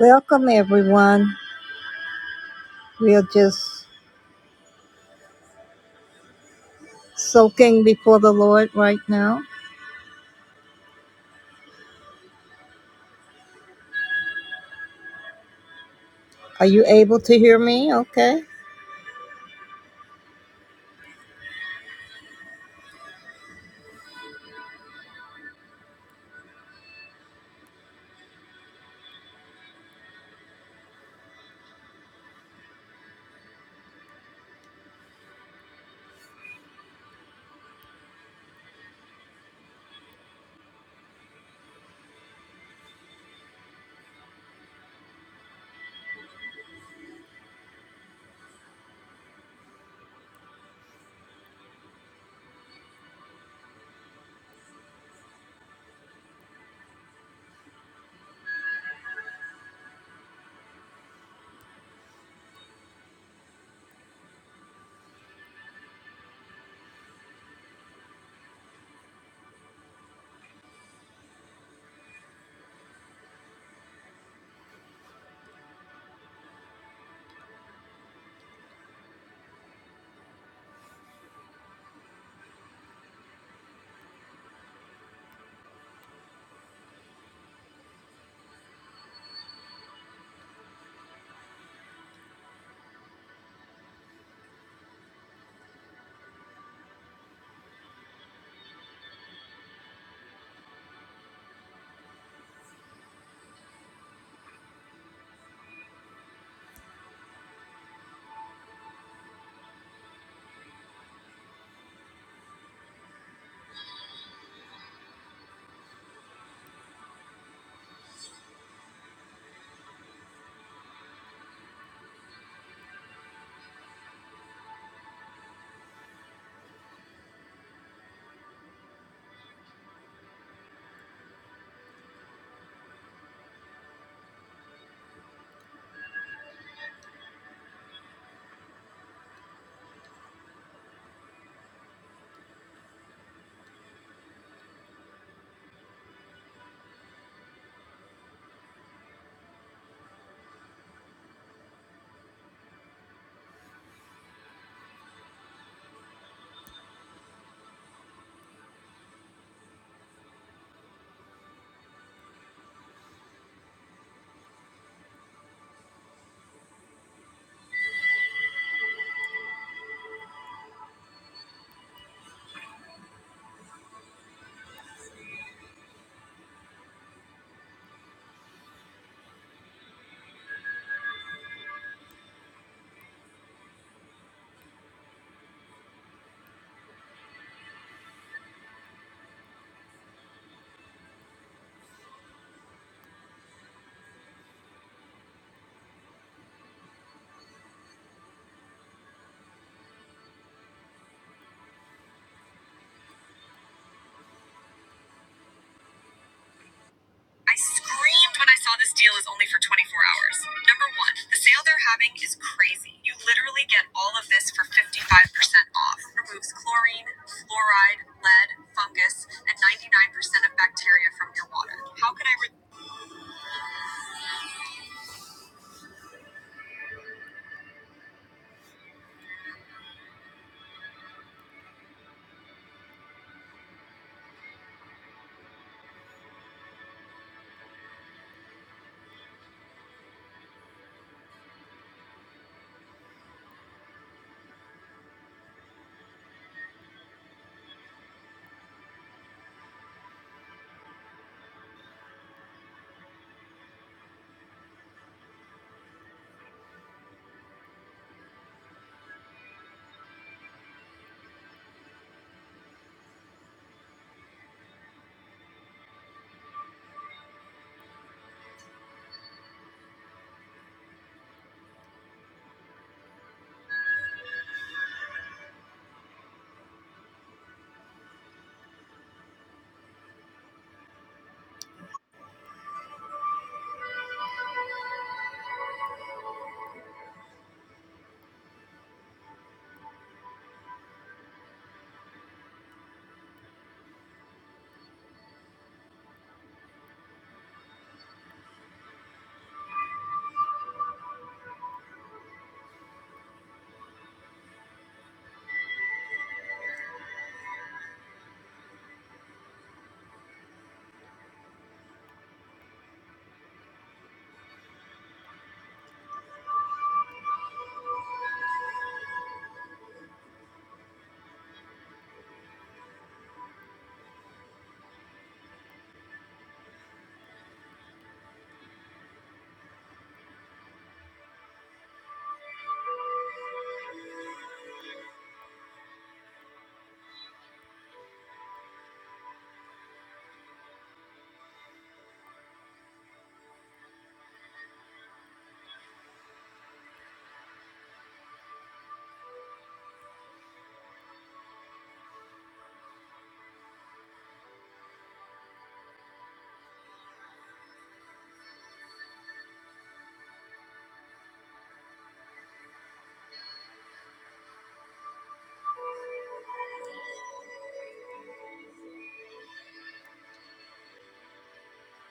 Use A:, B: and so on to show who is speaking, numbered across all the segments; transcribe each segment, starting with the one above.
A: Welcome, everyone. We are just soaking before the Lord right now. Are you able to hear me? Okay.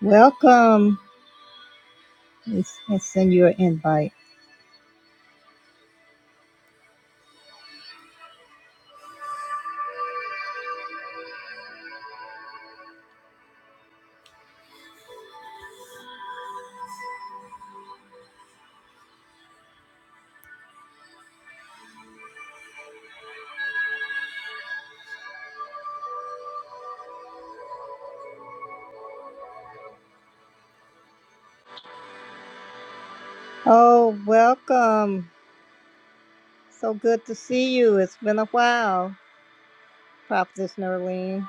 A: Welcome. Let's, let's send you an invite. Oh, welcome. So good to see you. It's been a while, Prophetess Nerlene.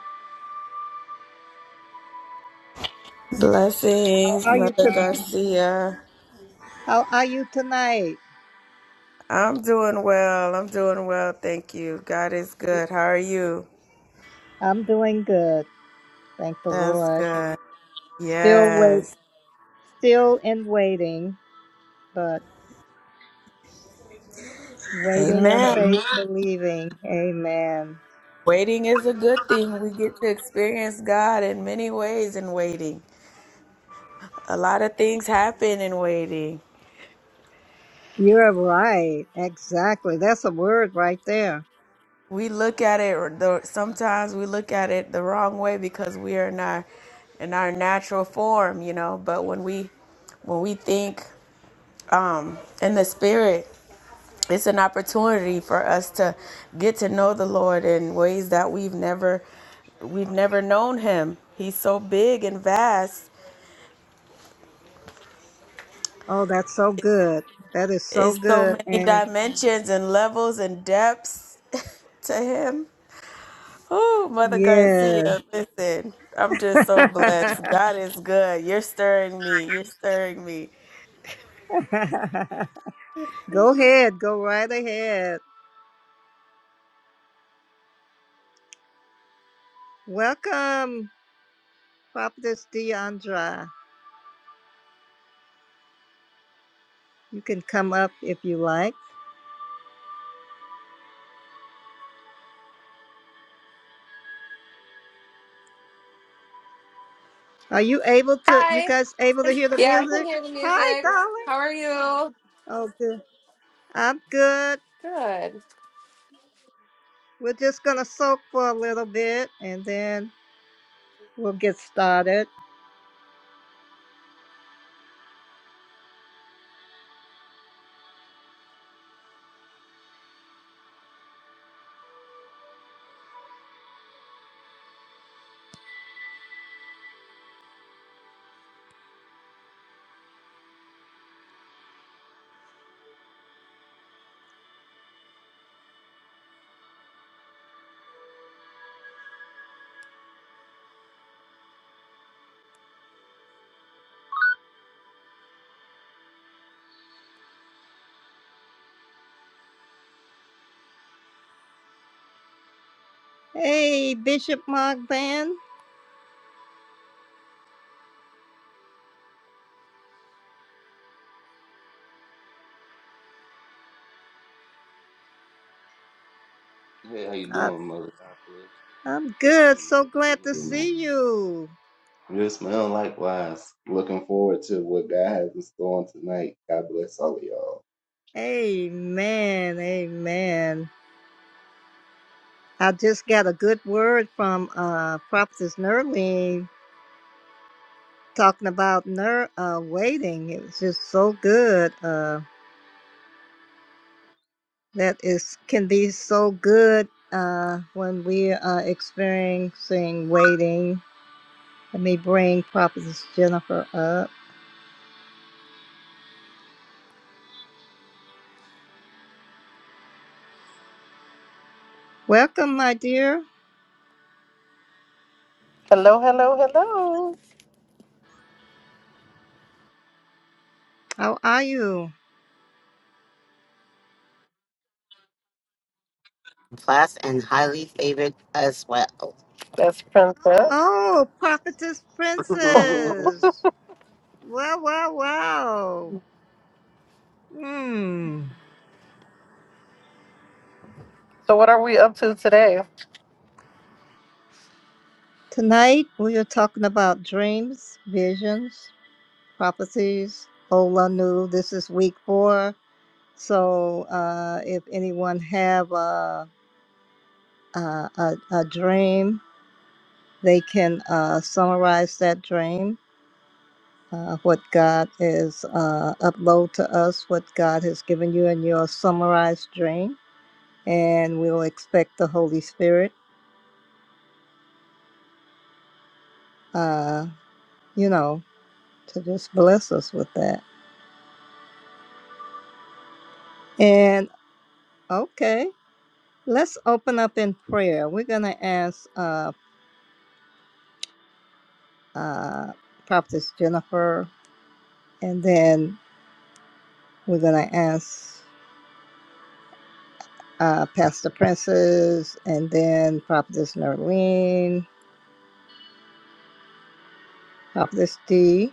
A: How
B: Blessings,
A: are you,
B: Mother
A: to-
B: Garcia.
A: how are you tonight?
B: I'm doing well. I'm doing well. Thank you. God is good. How are you?
A: I'm doing good. Thank the
B: That's
A: Lord.
B: good.
A: Still wait,
B: Yes.
A: still in waiting, but waiting in
B: Amen.
A: faith, believing. Amen.
B: Waiting is a good thing. We get to experience God in many ways in waiting. A lot of things happen in waiting.
A: You're right. Exactly. That's a word right there.
B: We look at it, or the, sometimes we look at it the wrong way because we are in our, in our natural form, you know. But when we when we think um, in the spirit. it's an opportunity for us to get to know the Lord in ways that we've never we've never known him. He's so big and vast.
A: Oh, that's so
B: It's
A: good. That is so
B: it's so
A: good.
B: many
A: And
B: dimensions and levels and depths to him. Oh, Mother
A: yeah.
B: Garcia, listen, I'm just so blessed. God is good. You're stirring me. You're stirring me.
A: go ahead. Go right ahead. Welcome, Prophetess Deandra. You can come up if you like. Are you able to, you
C: Hi.
A: guys able to hear the
C: Yeah, I can
A: music?
C: hear the
A: Hi,
C: music.
A: darling.
C: How are you?
A: Oh, good. I'm good.
C: Good.
A: We're just going to soak for a little bit and then we'll get started. Hey, Bishop Mogban.
D: Hey, how you
A: I-
D: doing, mother? God bless you.
A: I'm
D: Good to see
A: good.
D: you.
A: So
D: Good to be
A: glad
D: here
A: to
D: tonight.
A: see you.
D: You're smelling likewise. Looking forward to what God has in store tonight. God bless all of y'all.
A: Amen. Amen. I just got a good word from uh, Prophetess Nerline talking about ner- uh, waiting. It was just so good. Uh, that is can be so good uh, when we are experiencing waiting. Let me bring Prophetess Jennifer up. Welcome, my dear.
E: Hello, hello, hello.
A: How are you?
E: class and highly favored as well. That's Princess.
A: Oh, Prophetess Princess. Wow, wow, wow. Hmm.
E: So, what are we up to today?
A: Tonight we are talking about dreams, visions, prophecies, Ola Nu. This is week four. So uh, if anyone have a, a, a, a dream, they can uh, summarize that dream, uh, what God is uh, upload to us, what God has given you in your summarized dream and we'll expect the Holy Spirit, uh, you know, to just bless us with that. And okay, let's open up in prayer. We're gonna ask uh, uh, Prophetess Jennifer, and then we're gonna ask uh, Pastor Princess, and then Prophetess Nerlene, Prophetess D,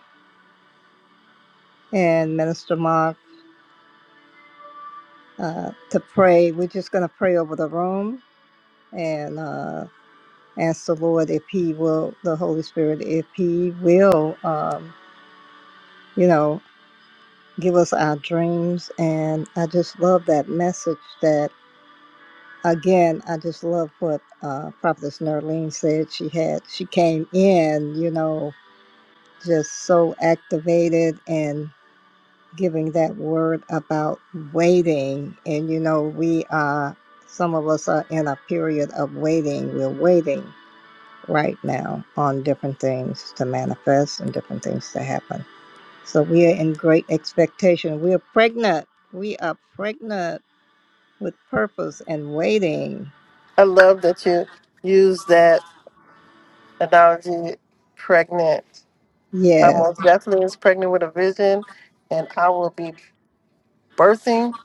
A: and Minister Mark uh, to pray. We're just gonna pray over the room and. uh, ask the Lord if He will, the Holy Spirit, if He will, um, you know, give us our dreams. And I just love that message that, again, I just love what uh, Prophetess Nerlene said. She had, she came in, you know, just so activated and giving that word about waiting. And, you know, we are, some of us are in a period of waiting. We're waiting right now on different things to manifest and different things to happen. So we are in great expectation. We are pregnant. We are pregnant with purpose and waiting.
E: I love that you use that analogy, pregnant. I
A: Yes.
E: most definitely is pregnant with a vision, and I will be birthing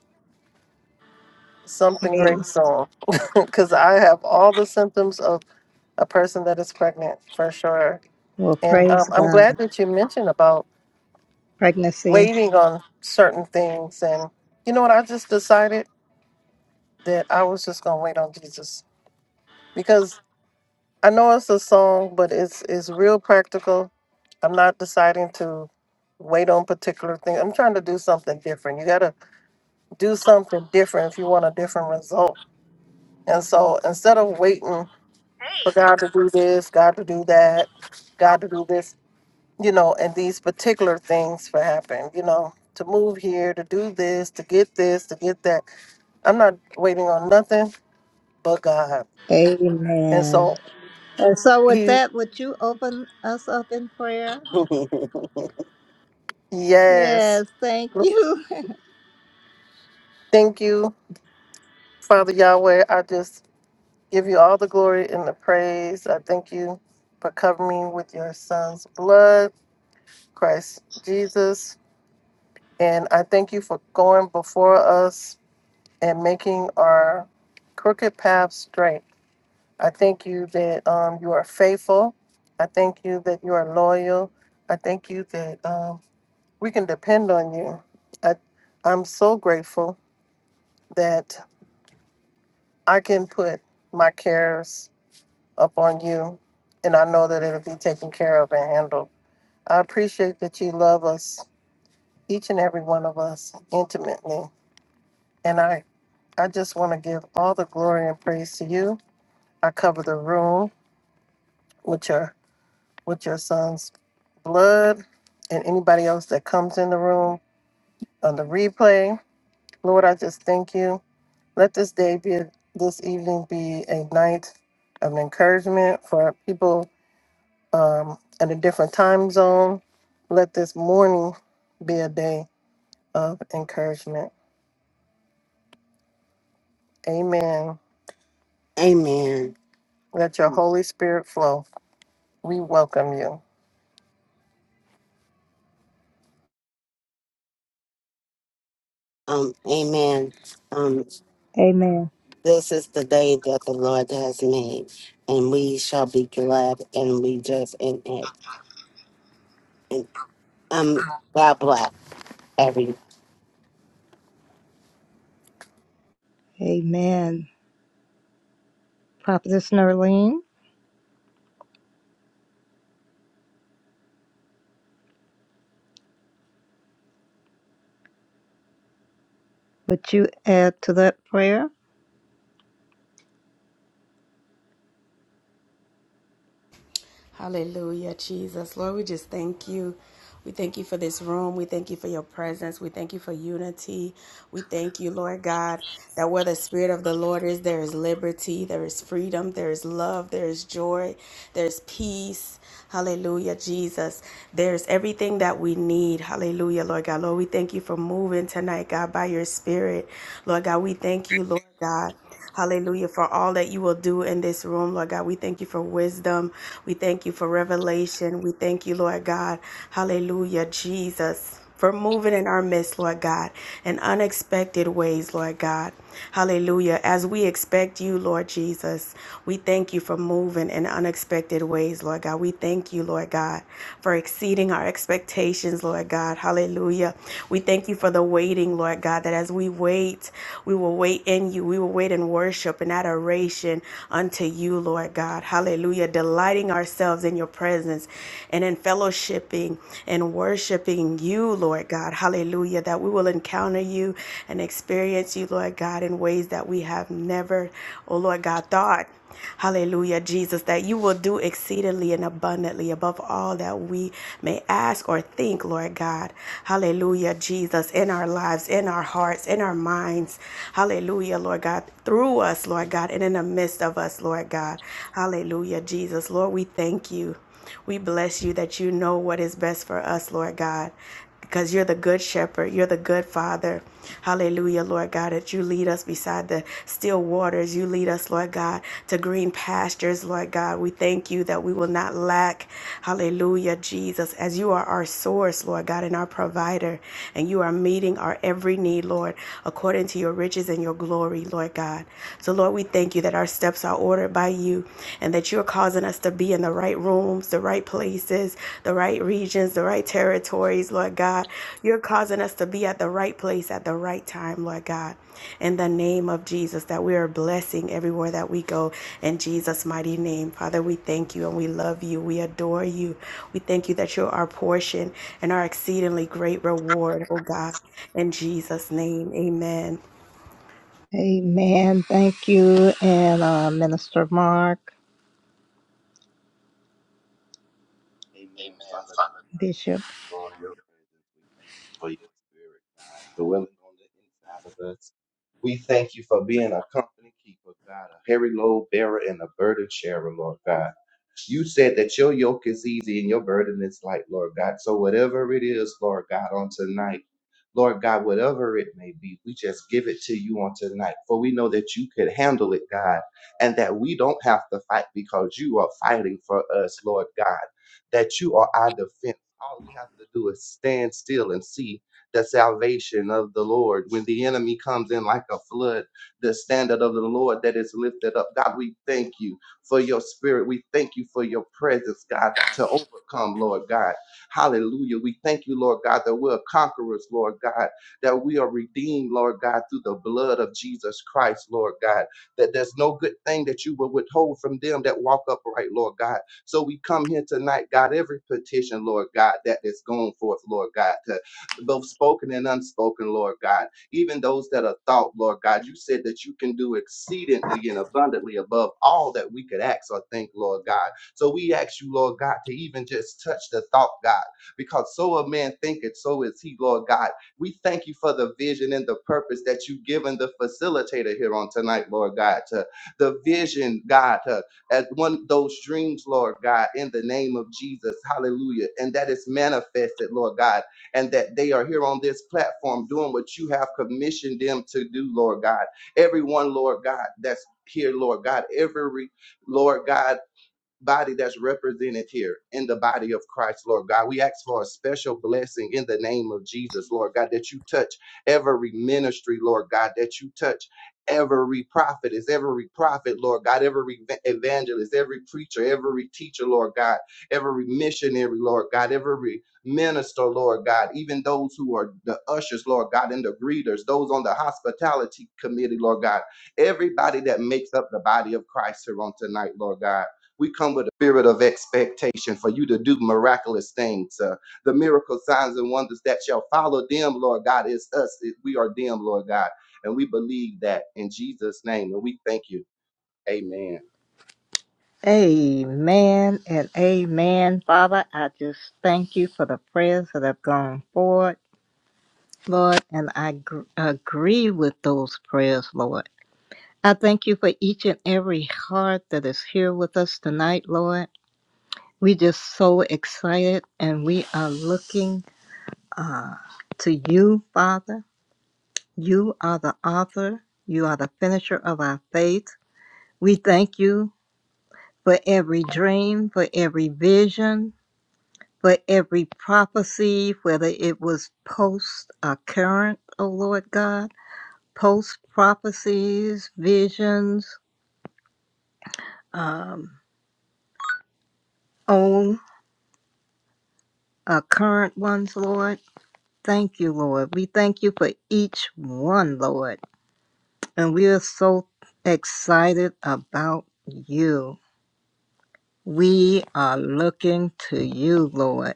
E: something
A: Hey,
E: great soon because I have all the symptoms of a person that is pregnant for sure.
A: Well,
E: And
A: praise
E: um, I'm glad
A: God.
E: that you mentioned about
A: Pregnancy.
E: waiting on certain things. And you know what? I just decided. that I was just gonna wait on Jesus because I know it's a song, but it's it's real practical. I'm not deciding to wait on particular things. I'm trying to do something different. You gotta do something different if you want a different result. And so instead of waiting for God to do this, God to do that, God to do this, you know, and these particular things for happen, you know, to move here, to do this, to get this, to get that. I'm not waiting on nothing but God. And
A: Amen.
E: so
A: And so, with
E: he
A: that, would you open us up in prayer? Yes.
E: Yes.
A: Thank you.
E: Thank you, Father Yahweh. I just give you all the glory and the praise. I thank you for covering me with your son's blood, Christ Jesus. And I thank you for going before us and making our crooked path straight. I thank you that um, you are faithful. I thank you that you are loyal. I thank you that um, we can depend on you. I, I'm so grateful that. I can put my cares up on you, and I know that it'll be taken care of and handled. I appreciate that you love us, each and every one of us, intimately. And I, I just want to give all the glory and praise to you. I cover the room with your with your son's blood and anybody else that comes in the room on the replay. Lord, I just thank you. Let this day be a- this evening be a night of encouragement for people um, at a different time zone. Let this morning be a day of encouragement. Amen. Amen. Let your Holy Spirit flow. We welcome you. Um, amen. Um,
A: Amen.
E: this is the day that the Lord has made, and we shall be glad and rejoice in it. And um, God bless everyone.
A: Amen. Prophetess Nerlene, would you add to that prayer?
B: Hallelujah, Jesus. Lord, we just thank you. We thank you for this room. We thank you for your presence. We thank you for unity. We thank you, Lord God, that where the Spirit of the Lord is, there is liberty, there is freedom, there is love, there is joy, there's peace. Hallelujah, Jesus. There's everything that we need. Hallelujah, Lord God. Lord, we thank you for moving tonight, God, by your Spirit. Lord God, we thank you, Lord God. Hallelujah. For all that you will do in this room, Lord God. We thank you for wisdom. We thank you for revelation. We thank you, Lord God. Hallelujah, Jesus. For moving in our midst, Lord God, in unexpected ways, Lord God. Hallelujah. As we expect you, Lord Jesus, we thank you for moving in unexpected ways, Lord God. We thank you, Lord God, for exceeding our expectations, Lord God. Hallelujah. We thank you for the waiting, Lord God, that as we wait, we will wait in you. We will wait in worship and adoration unto you, Lord God. Hallelujah. Delighting ourselves in your presence and in fellowshipping and worshiping you, Lord God. Hallelujah. That we will encounter you and experience you, Lord God, in ways that we have never, oh Lord God, thought. Hallelujah, Jesus, that you will do exceedingly and abundantly above all that we may ask or think, Lord God. Hallelujah, Jesus, in our lives, in our hearts, in our minds. Hallelujah, Lord God, through us, Lord God, and in the midst of us, Lord God. Hallelujah, Jesus. Lord, we thank you. We bless you that you know what is best for us, Lord God because you're the good shepherd, you're the good father. Hallelujah, Lord God, that you lead us beside the still waters. You lead us, Lord God, to green pastures, Lord God. We thank you that we will not lack. Hallelujah, Jesus, as you are our source, Lord God, and our provider, and you are meeting our every need, Lord, according to your riches and your glory, Lord God. So, Lord, we thank you that our steps are ordered by you and that you're causing us to be in the right rooms, the right places, the right regions, the right territories, Lord God. You're causing us to be at the right place at the right time, Lord God. In the name of Jesus, that we are blessing everywhere that we go. In Jesus' mighty name, Father, we thank you and we love you. We adore you. We thank you that you're our portion and our exceedingly great reward, oh God. In Jesus' name, amen.
A: Amen. Thank you. And uh, Minister Mark,
D: Amen. Father God, we thank
A: Bishop.
D: you for your presence. We thank you for your spirit, God, dwelling on the inside of us. We thank you for being a company keeper, God, a heavy load bearer and a burden sharer, Lord God. You said that your yoke is easy and your burden is light, Lord God. So whatever it is, Lord God, on tonight, Lord God, whatever it may be, we just give it to you on tonight. For we know that you could handle it, God, and that we don't have to fight because you are fighting for us, Lord God that you are our defense. All we have to do is stand still and see the salvation of the Lord. When the enemy comes in like a flood, the standard of the Lord that is lifted up. God, we thank you for your spirit. We thank you for your presence, God, to overcome, Lord God. Hallelujah. We thank you, Lord God, that we're conquerors, Lord God, that we are redeemed, Lord God, through the blood of Jesus Christ, Lord God, that there's no good thing that you will withhold from them that walk upright, Lord God. So we come here tonight, God, every petition, Lord God, that is going forth, Lord God, to both spoken and unspoken, Lord God, even those that are thought, Lord God, you said that you can do exceedingly and abundantly above all that we could ask or think, Lord God. So we ask you, Lord God, to even just touch the thought, God, because so a man thinketh, so is he, Lord God. We thank you for the vision and the purpose that you've given the facilitator here on tonight, Lord God, to the vision, God, uh, as one of those dreams, Lord God, in the name of Jesus. Hallelujah. And that is manifested, Lord God, and that they are here on this platform doing what you have commissioned them to do, Lord God. Everyone, Lord God, that's here, Lord God, every Lord God body that's represented here in the body of Christ, Lord God. We ask for a special blessing in the name of Jesus, Lord God, that you touch every ministry, Lord God, that you touch every prophet prophetess, every prophet, Lord God, every ev- evangelist, every preacher, every teacher, Lord God, every missionary, Lord God, every minister, Lord God, even those who are the ushers, Lord God, and the greeters, those on the hospitality committee, Lord God, everybody that makes up the body of Christ here on tonight, Lord God. We come with a spirit of expectation for you to do miraculous things. Uh, the miracle signs and wonders that shall follow them, Lord God, is us. We are them, Lord God. And we believe that in Jesus' name. And we thank you. Amen.
A: Amen and amen. Father, I just thank you for the prayers that have gone forward, Lord, and I gr- agree with those prayers, Lord. I thank you for each and every heart that is here with us tonight, Lord. We just so excited and we are looking uh, to you, Father. You are the author, you are the finisher of our faith. We thank you for every dream, for every vision, for every prophecy, whether it was post or current, O Lord God, post prophecies, visions, um, old or current ones, Lord. Thank you, Lord. We thank you for each one, Lord. And we are so excited about you. We are looking to you, Lord.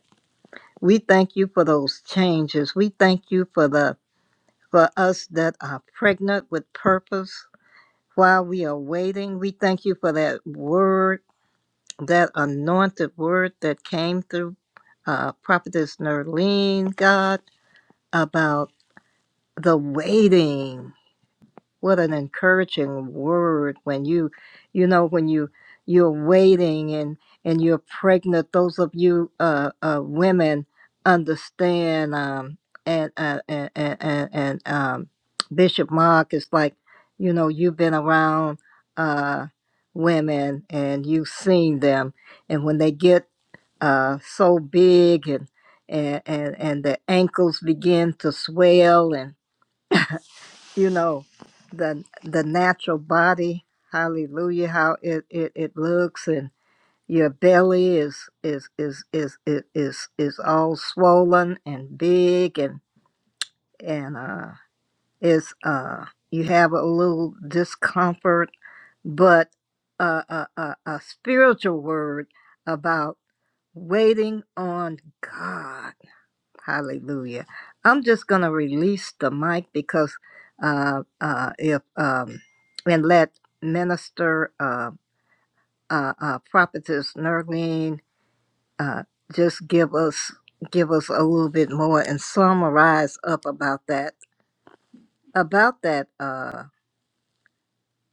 A: We thank you for those changes. We thank you for the for us that are pregnant with purpose while we are waiting. We thank you for that word, that anointed word that came through uh, Prophetess Nerlene, God, about the waiting. what an encouraging word when you you know when you you're waiting and and you're pregnant those of you uh, uh women understand um and uh, and and, and, and um bishop mark is like you know you've been around uh women and you've seen them and when they get uh so big and and and, and the ankles begin to swell and you know the the natural body hallelujah how it it, it looks and your belly is is is is is is, is all swollen and big and and uh it's uh you have a little discomfort but uh, a, a, a spiritual word about waiting on god Hallelujah. I'm just going to release the mic because uh, uh, if um, and let Minister uh, uh, uh, Prophetess Nerlene uh, just give us give us a little bit more and summarize up about that about that uh,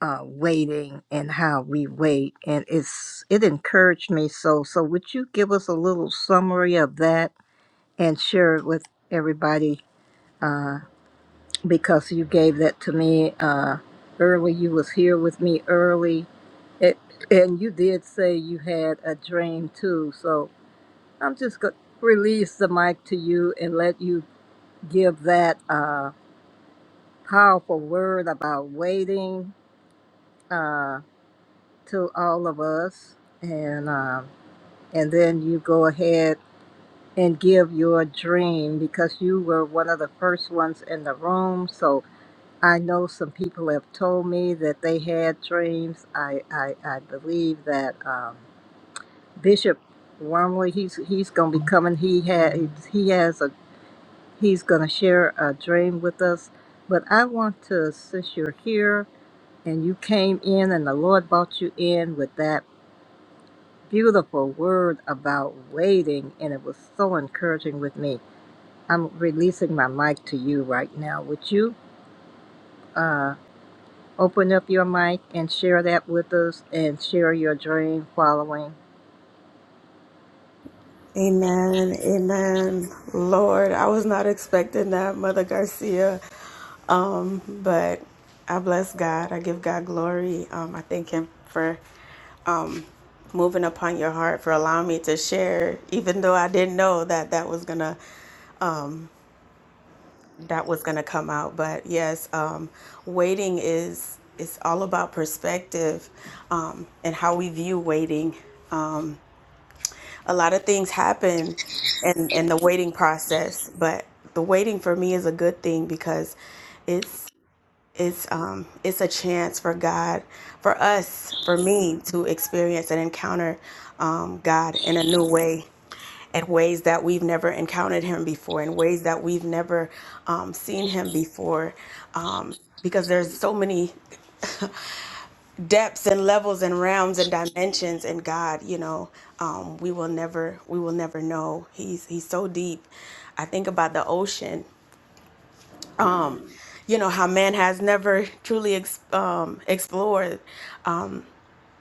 A: uh, waiting and how we wait and it's it encouraged me so so would you give us a little summary of that and share it with everybody uh, because you gave that to me uh, early. You was here with me early, it, and you did say you had a dream too. So I'm just gonna release the mic to you and let you give that uh, powerful word about waiting uh, to all of us, and um, and then you go ahead and give your dream because you were one of the first ones in the room. So I know some people have told me that they had dreams. I, I, I believe that um, Bishop Wormley, he's he's going to be coming. He had he has a he's going to share a dream with us. But I want to, since you're here and you came in and the Lord brought you in with that beautiful word about waiting, and it was so encouraging with me. I'm releasing my mic to you right now. Would you? uh, Open up your mic and share that with us and share your dream following.
B: Amen. Amen. Lord, I was not expecting that, Mother Garcia. Um, But I bless God. I give God glory. Um, I thank Him for moving upon your heart for allowing me to share, even though I didn't know that that was gonna that was gonna come out. But yes, um, waiting is it's all about perspective um, and how we view waiting. Um, a lot of things happen in in the waiting process, but the waiting for me is a good thing because. it's. it's um it's a chance for God, for us, for me to experience and encounter um, God in a new way, in ways that we've never encountered Him before, in ways that we've never um, seen Him before, um, because there's so many depths and levels and realms and dimensions in God, you know, um, we will never we will never know. He's he's so deep. I think about the ocean, you know, how man has never truly ex- um, explored.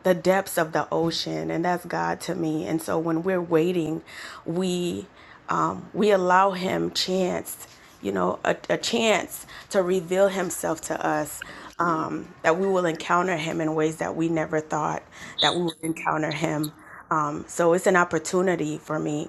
B: the depths of the ocean and that's god to me and so when we're waiting we um, we allow him chance you know a, a chance to reveal himself to us um, that we will encounter him in ways that we never thought that we would encounter him um, so it's an opportunity for me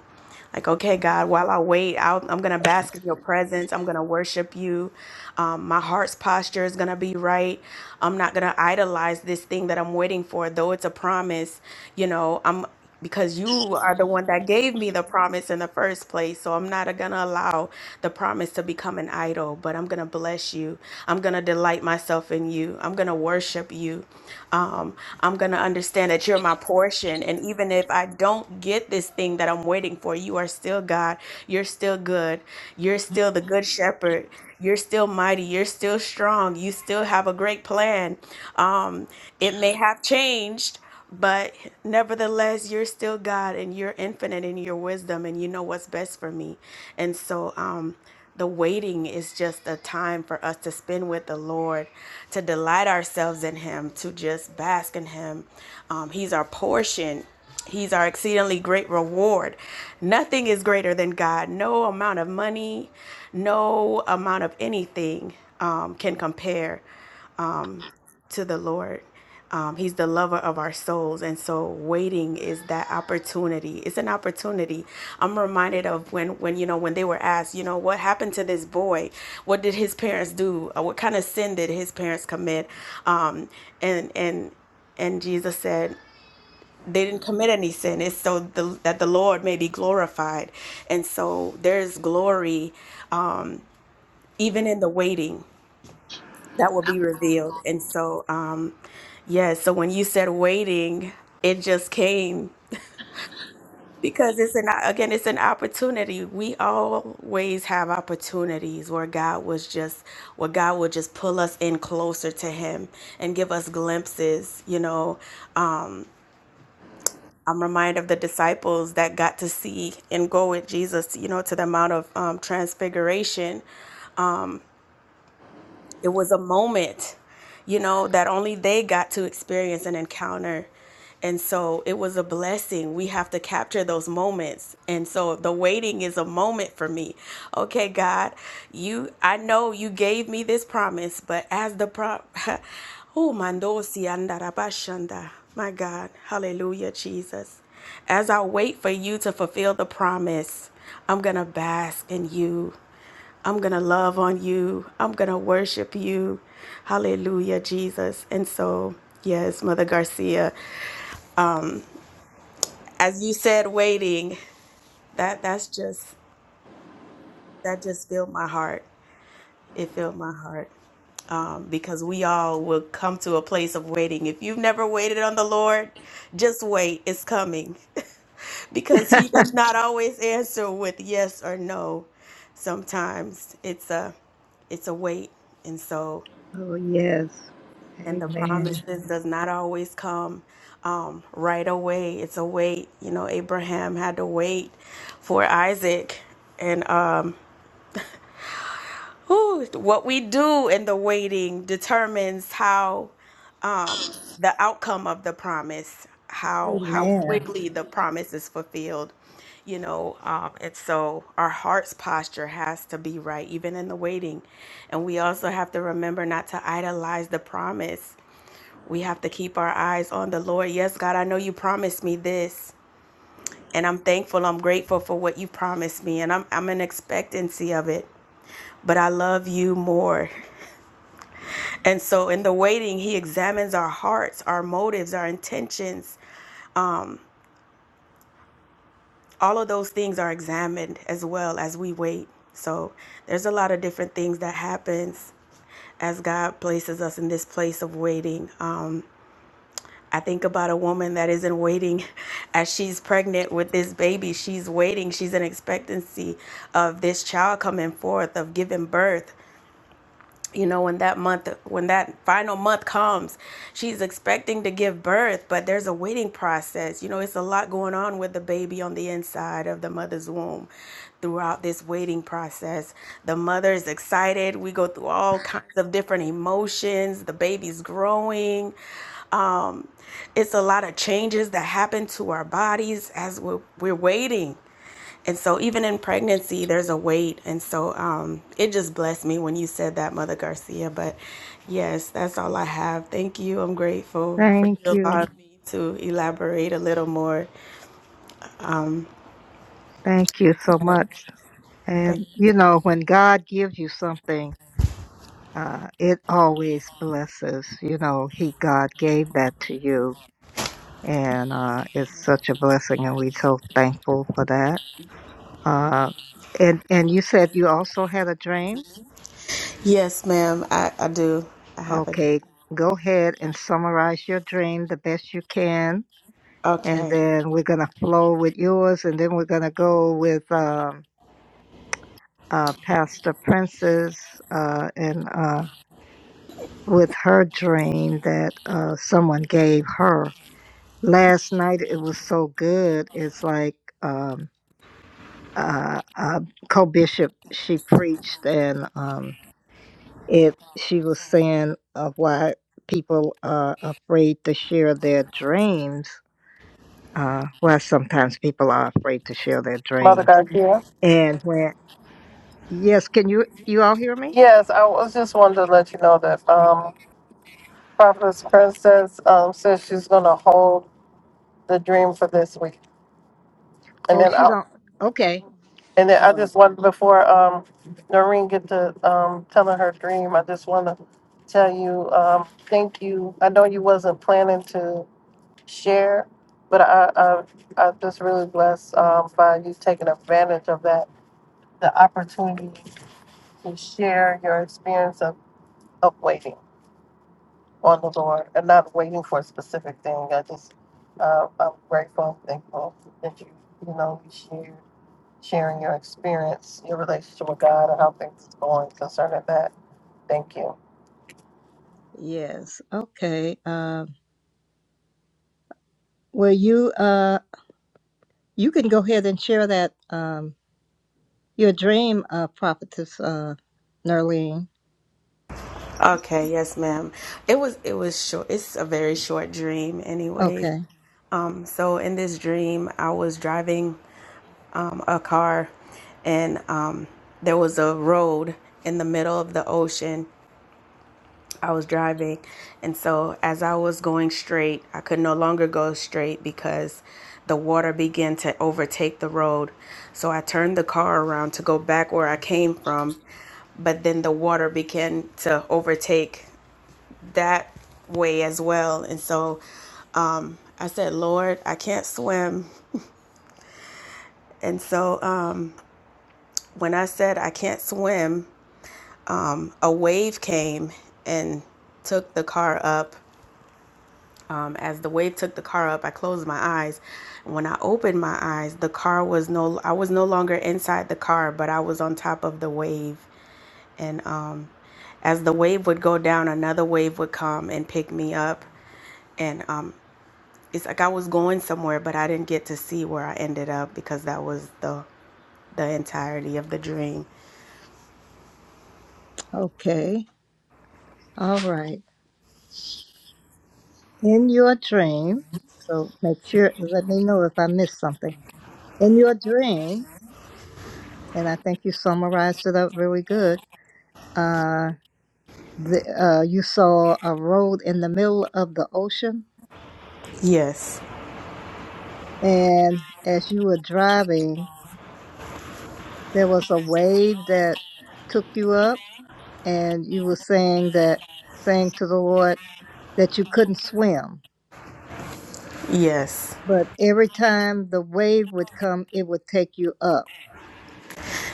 B: like, okay, God, while I wait, I'll, I'm going to bask in your presence. I'm going to worship you. Um, my heart's posture is going to be right. I'm not going to idolize this thing that I'm waiting for, though it's a promise. You know, I'm because you are the one that gave me the promise in the first place. So I'm not going to allow the promise to become an idol, but I'm going to bless you. I'm going to delight myself in you in you. I'm going to worship you. Um, I'm going to understand that you're my portion. And even if I don't get this thing that I'm waiting for, you are still God. You're still good. You're still the good shepherd. You're still mighty. You're still strong. You still have a great plan. Um, it may have changed but nevertheless, you're still God and you're infinite in your wisdom and you know what's best for me. And so um the waiting is just a time for us to spend with the Lord, to delight ourselves in Him, to just bask in Him. Um, he's our portion. He's our exceedingly great reward. Nothing is greater than God. No amount of money, no amount of anything um, can compare to the Lord. Um, he's the lover of our souls. And so waiting is that opportunity. It's an opportunity. I'm reminded of when, when, you know, when they were asked, you know, what happened to this boy? What did his parents do? Uh, What kind of sin did his parents commit? Um, and, and, and Jesus said, they didn't commit any sin. It's so the, that the Lord may be glorified. And so there's glory uh, even in the waiting that will be revealed. And so, um, Yes. So when you said waiting, it just came because it's an again, it's an opportunity. We always have opportunities where God was just where God will just pull us in closer to Him and give us glimpses. You know, um, I'm reminded of the disciples that got to see and go with Jesus. You know, to the Mount of um, Transfiguration It was a moment, you know, that only they got to experience and encounter. And so it was a blessing. We have to capture those moments. And so the waiting is a moment for me. Okay, God, you I know you gave me this promise, but as the pro Oh, mando si andarabashanda. My God. Hallelujah, Jesus. As I wait for you to fulfill the promise, I'm going to bask in you. I'm going to love on you. I'm going to worship you. Hallelujah, Jesus. And so, yes, Mother Garcia, as you said waiting, that that's just that just filled my heart. It filled my heart um, because we all will come to a place of waiting. If you've never waited on the Lord, just wait. It's coming because He does not always answer with yes or no. Sometimes it's a it's a wait, and so.
A: Oh, yes.
B: and the
A: Amen.
B: promises does not always come um, right away it's a wait you know abraham had to wait for isaac and um, whew, what we do in the waiting determines how the outcome of the promise how how Mhm.
A: Amen.
B: quickly the promise is fulfilled you know um, and so our heart's posture has to be right even in the waiting and we also have to remember not to idolize the promise We have to keep our eyes on the Lord. Yes, God, I know you promised me this, and I'm thankful, I'm grateful for what you promised me, and I'm, I'm in expectancy of it. But I love you more. And so, in the waiting, He examines our hearts, our motives, our intentions. All of those things are examined as well as we wait. So, there's a lot of different things that happens as God places us in this place of waiting. Um, I think about a woman that isn't waiting as she's pregnant with this baby. She's waiting. She's in expectancy of this child coming forth, of giving birth. You know, when that month, when that final month comes, she's expecting to give birth, but there's a waiting process. You know, it's a lot going on with the baby on the inside of the mother's womb throughout this waiting process. The mother is excited. We go through all kinds of different emotions. The baby's growing. Um, it's a lot of changes that happen to our bodies as we're, we're waiting. And so, even in pregnancy, there's a wait. And so, um, it just blessed me when you said that, Mother Garcia. But yes, that's all I have. Thank you. I'm grateful for
A: Thank
B: you
A: you.
B: allowing me to elaborate a little more.
A: Thank you so much.
B: But
A: And, you know,
B: yes,
A: when God gives you something, uh, it always blesses. You know, He, God gave that to you. And uh, it's such a blessing. And we're so thankful for that. Uh, and, and you said you also had a dream?
B: yes ma'am, I, I do. I have a dream.
A: Okay, go ahead and summarize your dream the best you can, and
B: Okay.
A: then we're gonna flow with yours, and then we're gonna go with um, uh, Pastor Princess uh, and uh, with her dream that uh, someone gave her last night. It was so good. It's like um, uh, uh, co-bishop she preached, and um, it she was saying uh, why people are afraid to share their dreams uh, where sometimes people are afraid to share their
E: Mother
A: dreams.
E: Garcia?
A: And when yes, can you you all hear me?
E: Yes, I was just wanted to let you know that um, Prophetess Princess um, says she's going to hold. the dream for this week, and
A: Oh,
E: then
A: she
E: I'll
A: don't. Okay,
E: and then I
A: all right.
E: just want before um Noreen get to um telling her dream, I just want to tell you um thank you. I know you wasn't planning to share, but I I I'm just really blessed um by you taking advantage of that the opportunity to share your experience of of waiting on the Lord and not waiting for a specific thing. I just uh, I'm grateful, thankful that you you know you shared. sharing your experience, your relationship with God, and how things are going concerning that. Thank you.
A: Yes, okay. Uh, well, you uh, you can go ahead and share that um, your dream, uh, prophetess uh, Nerlene.
B: Okay, yes, ma'am. It was it was short. It's a very short dream anyways.
A: Okay,
B: Um, so in this dream, I was driving um, a car, and um, there was a road in the middle of the ocean. I was driving, and so as I was going straight, I could no longer go straight because the water began to overtake the road. So I turned the car around to go back where I came from, but then the water began to overtake that way as well. And so I said, Lord, I can't swim. And so um When I said I can't swim, a wave came and took the car up. Um, as the wave took the car up, I closed my eyes. When I opened my eyes, the car was no I was no longer inside the car, but I was on top of the wave. And um, as the wave would go down, another wave would come and pick me up. And um, it's like I was going somewhere, but I didn't get to see where I ended up because that was the the entirety of the dream.
A: okay, all right. In your dream, so make sure let me know if I missed something. In your dream, and I think you summarized it up really good. Uh, the, uh, you saw a road in the middle of the ocean,
B: Yes,
A: and as you were driving, there was a wave that took you up, and you were saying that, saying to the Lord that you couldn't swim,
B: yes.
A: but every time the wave would come, it would take you up,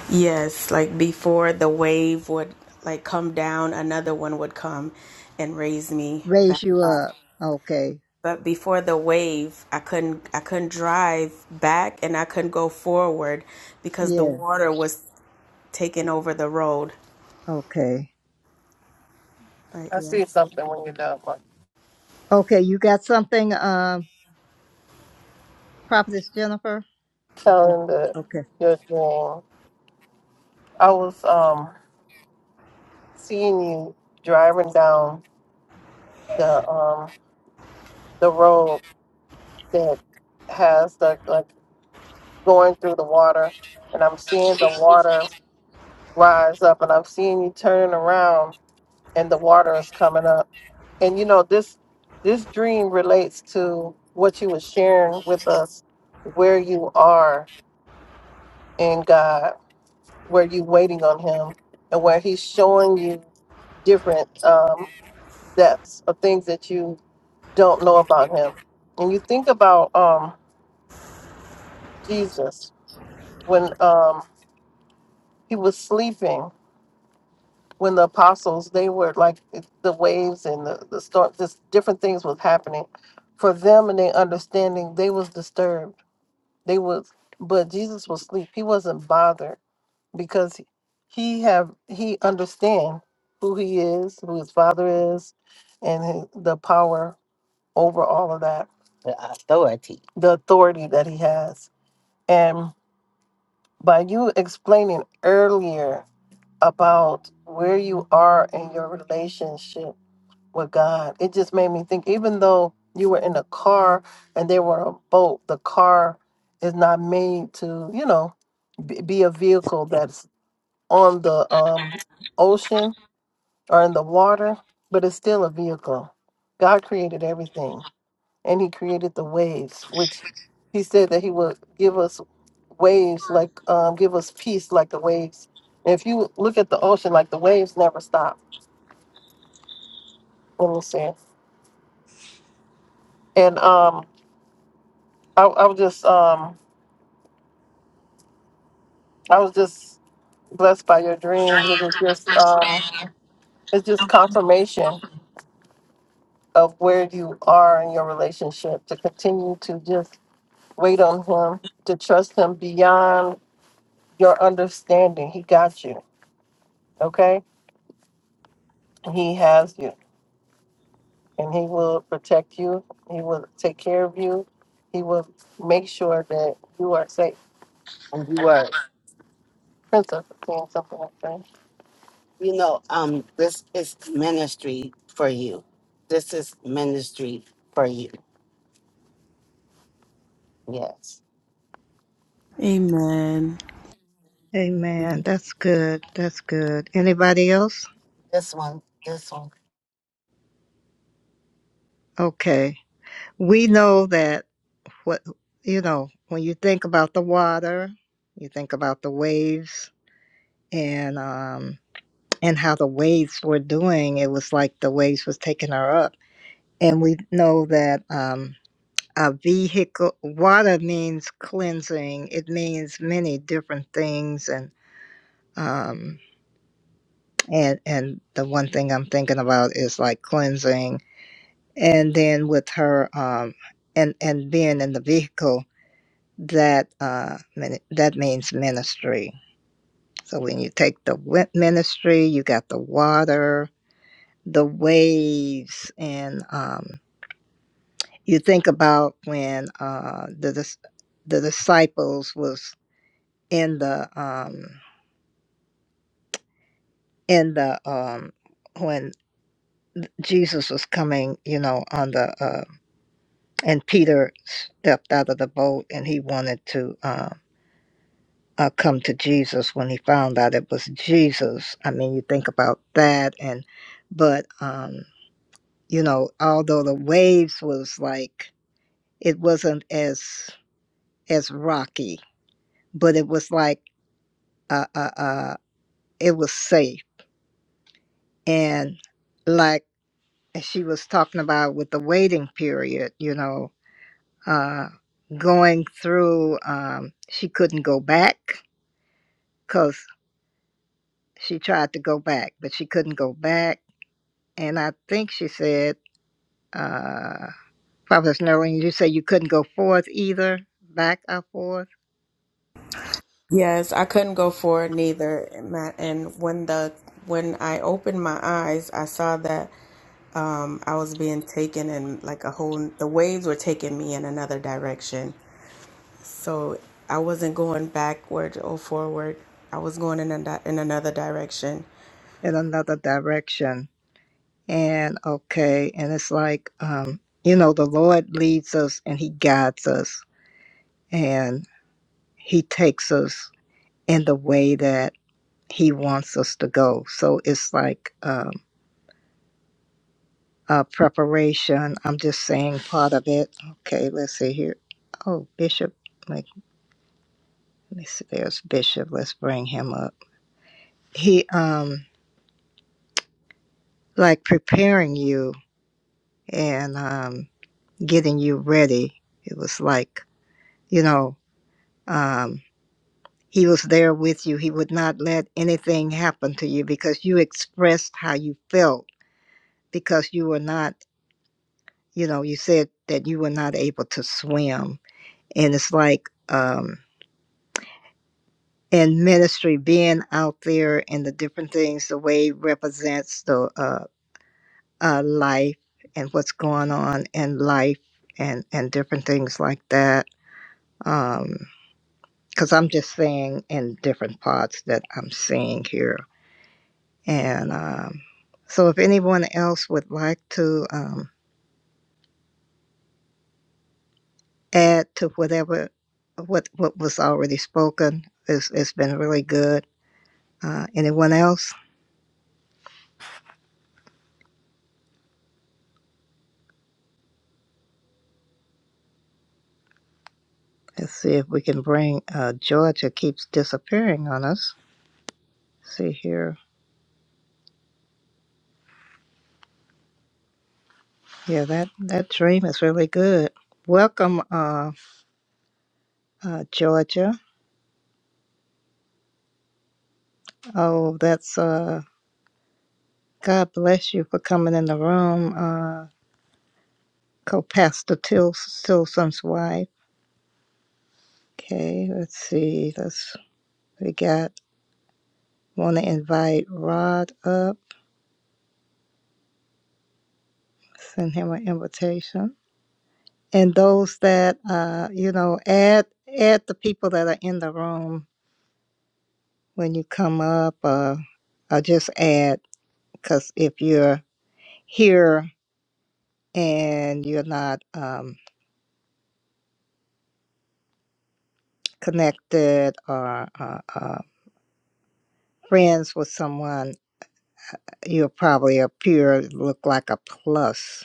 B: Yes, like before the wave would like come down, another one would come and raise me
A: raise
B: back
A: you
B: up.
A: up. Okay,
B: But before the wave, I couldn't I couldn't drive back and I couldn't go forward because the
A: yeah,
B: water was taking over the road.
A: okay,
B: But
E: I
B: yes.
E: see something when you're done. Mark.
A: okay. You got something, um, Prophetess Jennifer?
E: Telling the
A: Okay.
E: your dream. I was um seeing you driving down the um the road that has the like going through the water, and I'm seeing the water rise up, and I'm seeing you turning around, and the water is coming up and you know this this dream relates to what you were sharing with us where you are in god where you waiting on him and where he's showing you different um, depths of things that you don't know about him and you think about um, jesus when um, he was sleeping when the apostles they were like the waves and the, the storm just different things was happening for them and their understanding they was disturbed They was, but Jesus was asleep. He wasn't bothered because he have he understand who he is, who his father is, and his, the power over all of that, The authority. the authority that he has. And by you explaining earlier about where you are in your relationship with God. It just made me think, even though you were in a car and they were a boat, the car is not made to, you know, b- be a vehicle that's on the um, ocean or in the water, but it's still a vehicle. God created everything, and He created the waves, which He said that He would give us waves, like um, give us peace, like the waves. if you look at the ocean, like the waves never stop. You know what I'm saying? And um, I, I was just um, I was just blessed by your dreams. It is just um, it's just confirmation of where you are in your relationship. To continue to just wait on Him, to trust Him beyond your understanding. He got you. Okay, He has you, and He will protect you. He will take care of you. He will make sure that you are safe. And you are. Princess, saying something like that. You know, um, this is ministry for you. This is ministry for you. Yes.
B: Amen.
A: Amen. That's good. That's good. Anybody else?
E: This one, this one.
A: Okay. we know that what you know when you think about the water you think about the waves and um and how the waves were doing it was like the waves was taking her up and we know that um a vehicle water means cleansing it means many different things and um and and the one thing i'm thinking about is like cleansing and then with her um and and being in the vehicle that uh that means ministry so when you take the ministry you got the water the waves and um you think about when uh the dis- the disciples was in the um in the um when Jesus was coming, you know, on the uh, and Peter stepped out of the boat and he wanted to uh, uh, come to Jesus when he found out it was Jesus. I mean, you think about that, and but um, you know, although the waves was like it wasn't as as rocky, but it was like uh, uh, uh, it was safe, and like she was talking about with the waiting period, you know, uh, going through, um, she couldn't go back because she tried to go back, but she couldn't go back and I think she said, uh, Prophetess Noreen, you said you couldn't go forth either, back or forth
B: Yes, I couldn't go forward neither. And my- and when the when I opened my eyes, I saw that um I was being taken in like a whole the waves were taking me in another direction. So I wasn't going backward or forward. I was going in a, di- in another direction.
A: in another direction. And okay, and it's like, um, you know, the Lord leads us and He guides us and He takes us in the way that He wants us to go. So it's like um, uh, preparation. I'm just saying part of it. Okay, let's see here. Oh, Bishop, like, let's see, there's Bishop. Let's bring him up. he um like preparing you and um getting you ready it was like you know um he was there with you he would not let anything happen to you because you expressed how you felt because you were not you know you said that you were not able to swim and it's like um in ministry being out there and the different things the way represents the uh uh, life and what's going on in life and, and different things like that. Because I'm just saying in different parts that I'm seeing here. And um, so if anyone else would like to um, add to whatever what, what was already spoken, it's, it's been really good. Uh, anyone else? Let's see if we can bring uh, Georgia keeps disappearing on us. See here. Yeah, that, that dream is really good. Welcome, uh, uh, Georgia. Oh, that's, uh, God bless you for coming in the room, uh, co-pastor Til- Tilson's wife. Okay, let's see, Let's we got, want to invite Rod up, send him an invitation. And those that, uh, you know, add, add the people that are in the room when you come up, uh, or just add, because if you're here and you're not um, connected or uh, uh, friends with someone, you'll probably appear look like a plus.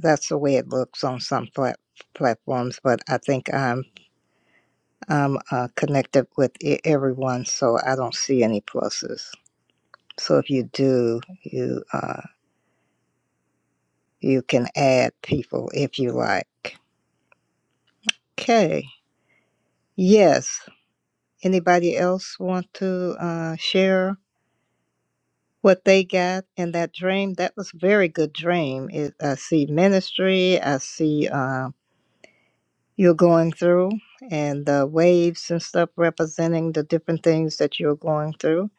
A: That's the way it looks on some plat- platforms, but I think I'm I'm uh, connected with e- everyone, so I don't see any pluses. So if you do, you uh, you can add people if you like. Okay. Yes. Anybody else want to uh, share? what they got in that dream. That was a very good dream. It, I see ministry. I see uh, you're going through and the waves and stuff representing the different things that you're going through.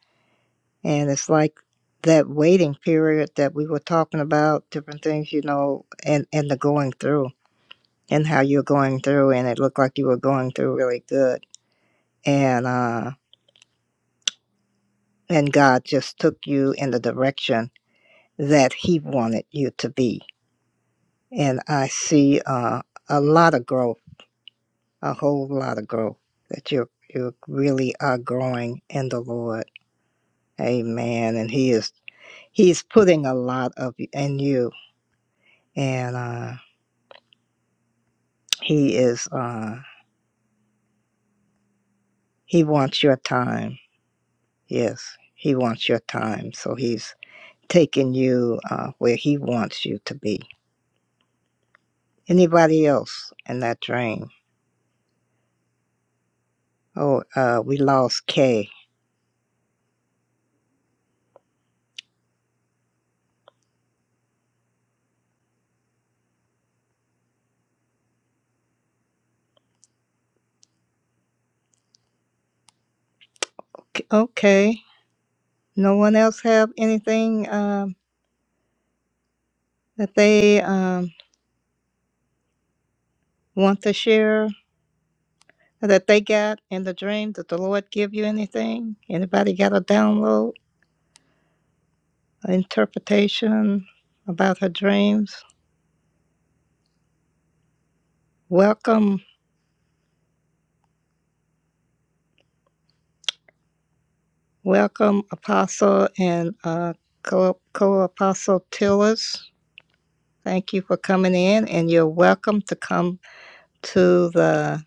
A: And it's like that waiting period that we were talking about, different things, you know, and, and the going through and how you're going through. And it looked like you were going through really good. And, uh, and God just took you in the direction that He wanted you to be and I see uh, a lot of growth, a whole lot of growth that you you really are growing in the Lord. Amen. And He is He's putting a lot of y- in you, and uh, He is uh, He wants your time. Yes, He wants your time. So He's taking you uh, where He wants you to be. Anybody else in that dream? Oh, uh, we lost Kay. K- Okay. No one else have anything? Um, that they um, want to share that they got in the dream? Did the Lord give you anything? Anybody got a download, an interpretation about her dreams? Welcome, welcome, Apostle and uh, co apostle Tillis. Thank you for coming in, and you're welcome to come to the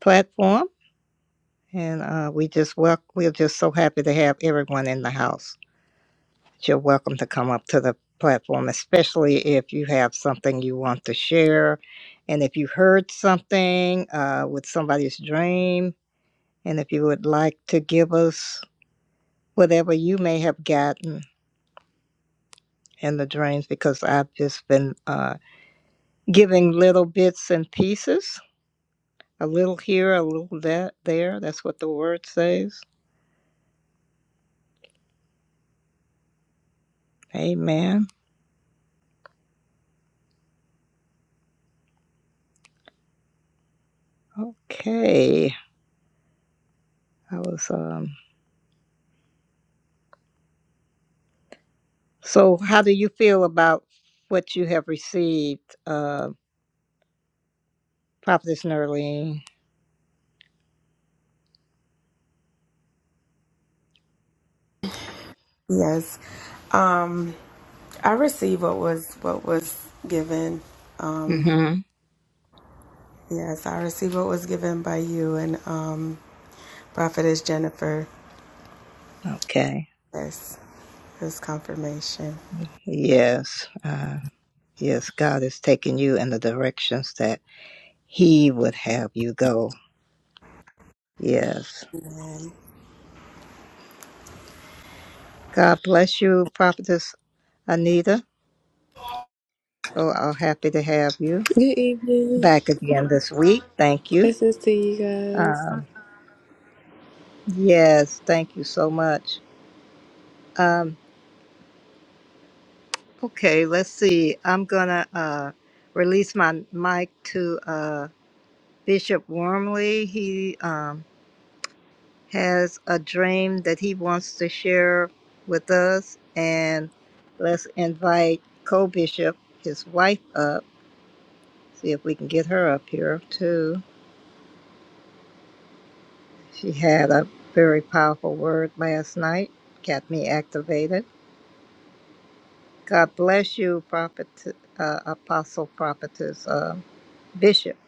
A: platform. And uh, we just wel- we're just so happy to have everyone in the house. You're welcome to come up to the platform, especially if you have something you want to share. And if you heard something uh, with somebody's dream, and if you would like to give us whatever you may have gotten in the dreams, because I've just been uh, giving little bits and pieces, a little here, a little that there. That's what the word says. Amen. Okay. I was. Um, So, how do you feel about what you have received, uh, Prophetess Nerlene?
B: Yes. Um I received what was what was given. Um
A: Mm-hmm.
B: yes, I received what was given by you and um Prophetess Jennifer.
A: Okay.
B: Yes, this confirmation.
A: Yes. Uh, yes, God is taking you in the directions that He would have you go. Yes.
B: Amen.
A: God bless you, Prophetess Anita. Oh, I'm happy to have you
F: Good evening.
A: back again this week. Thank you.
F: Blessings to you guys.
A: Um, yes, thank you so much. Um, Okay, let's see. I'm gonna uh, release my mic to uh, Bishop Wormley. He um, has a dream that he wants to share with us, and let's invite co-bishop, his wife, up. See if we can get her up here too. She had a very powerful word last night, got me activated. God bless you, prophet, uh, apostle, prophetess, uh, bishop,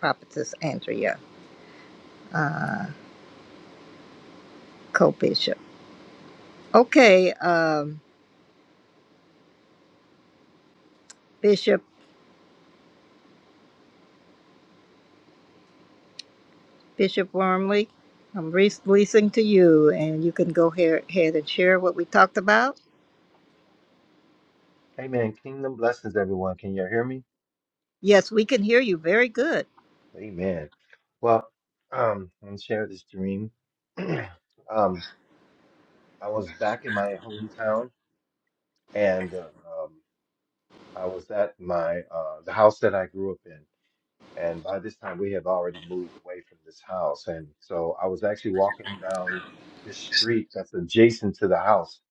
A: prophetess Andrea. uh, co-bishop. Okay, um, Bishop Bishop Wormley, I'm releasing to you, and you can go here, ahead and share what we talked about.
G: Amen. Kingdom blessings, everyone. Can you all hear me?
A: Yes, we can hear you very good.
G: Amen. Well, um, I'm gonna share this dream. um, I was back in my hometown, and uh, um, I was at my uh, the house that I grew up in. And by this time, we had already moved away from this house, and so I was actually walking down the street that's adjacent to the house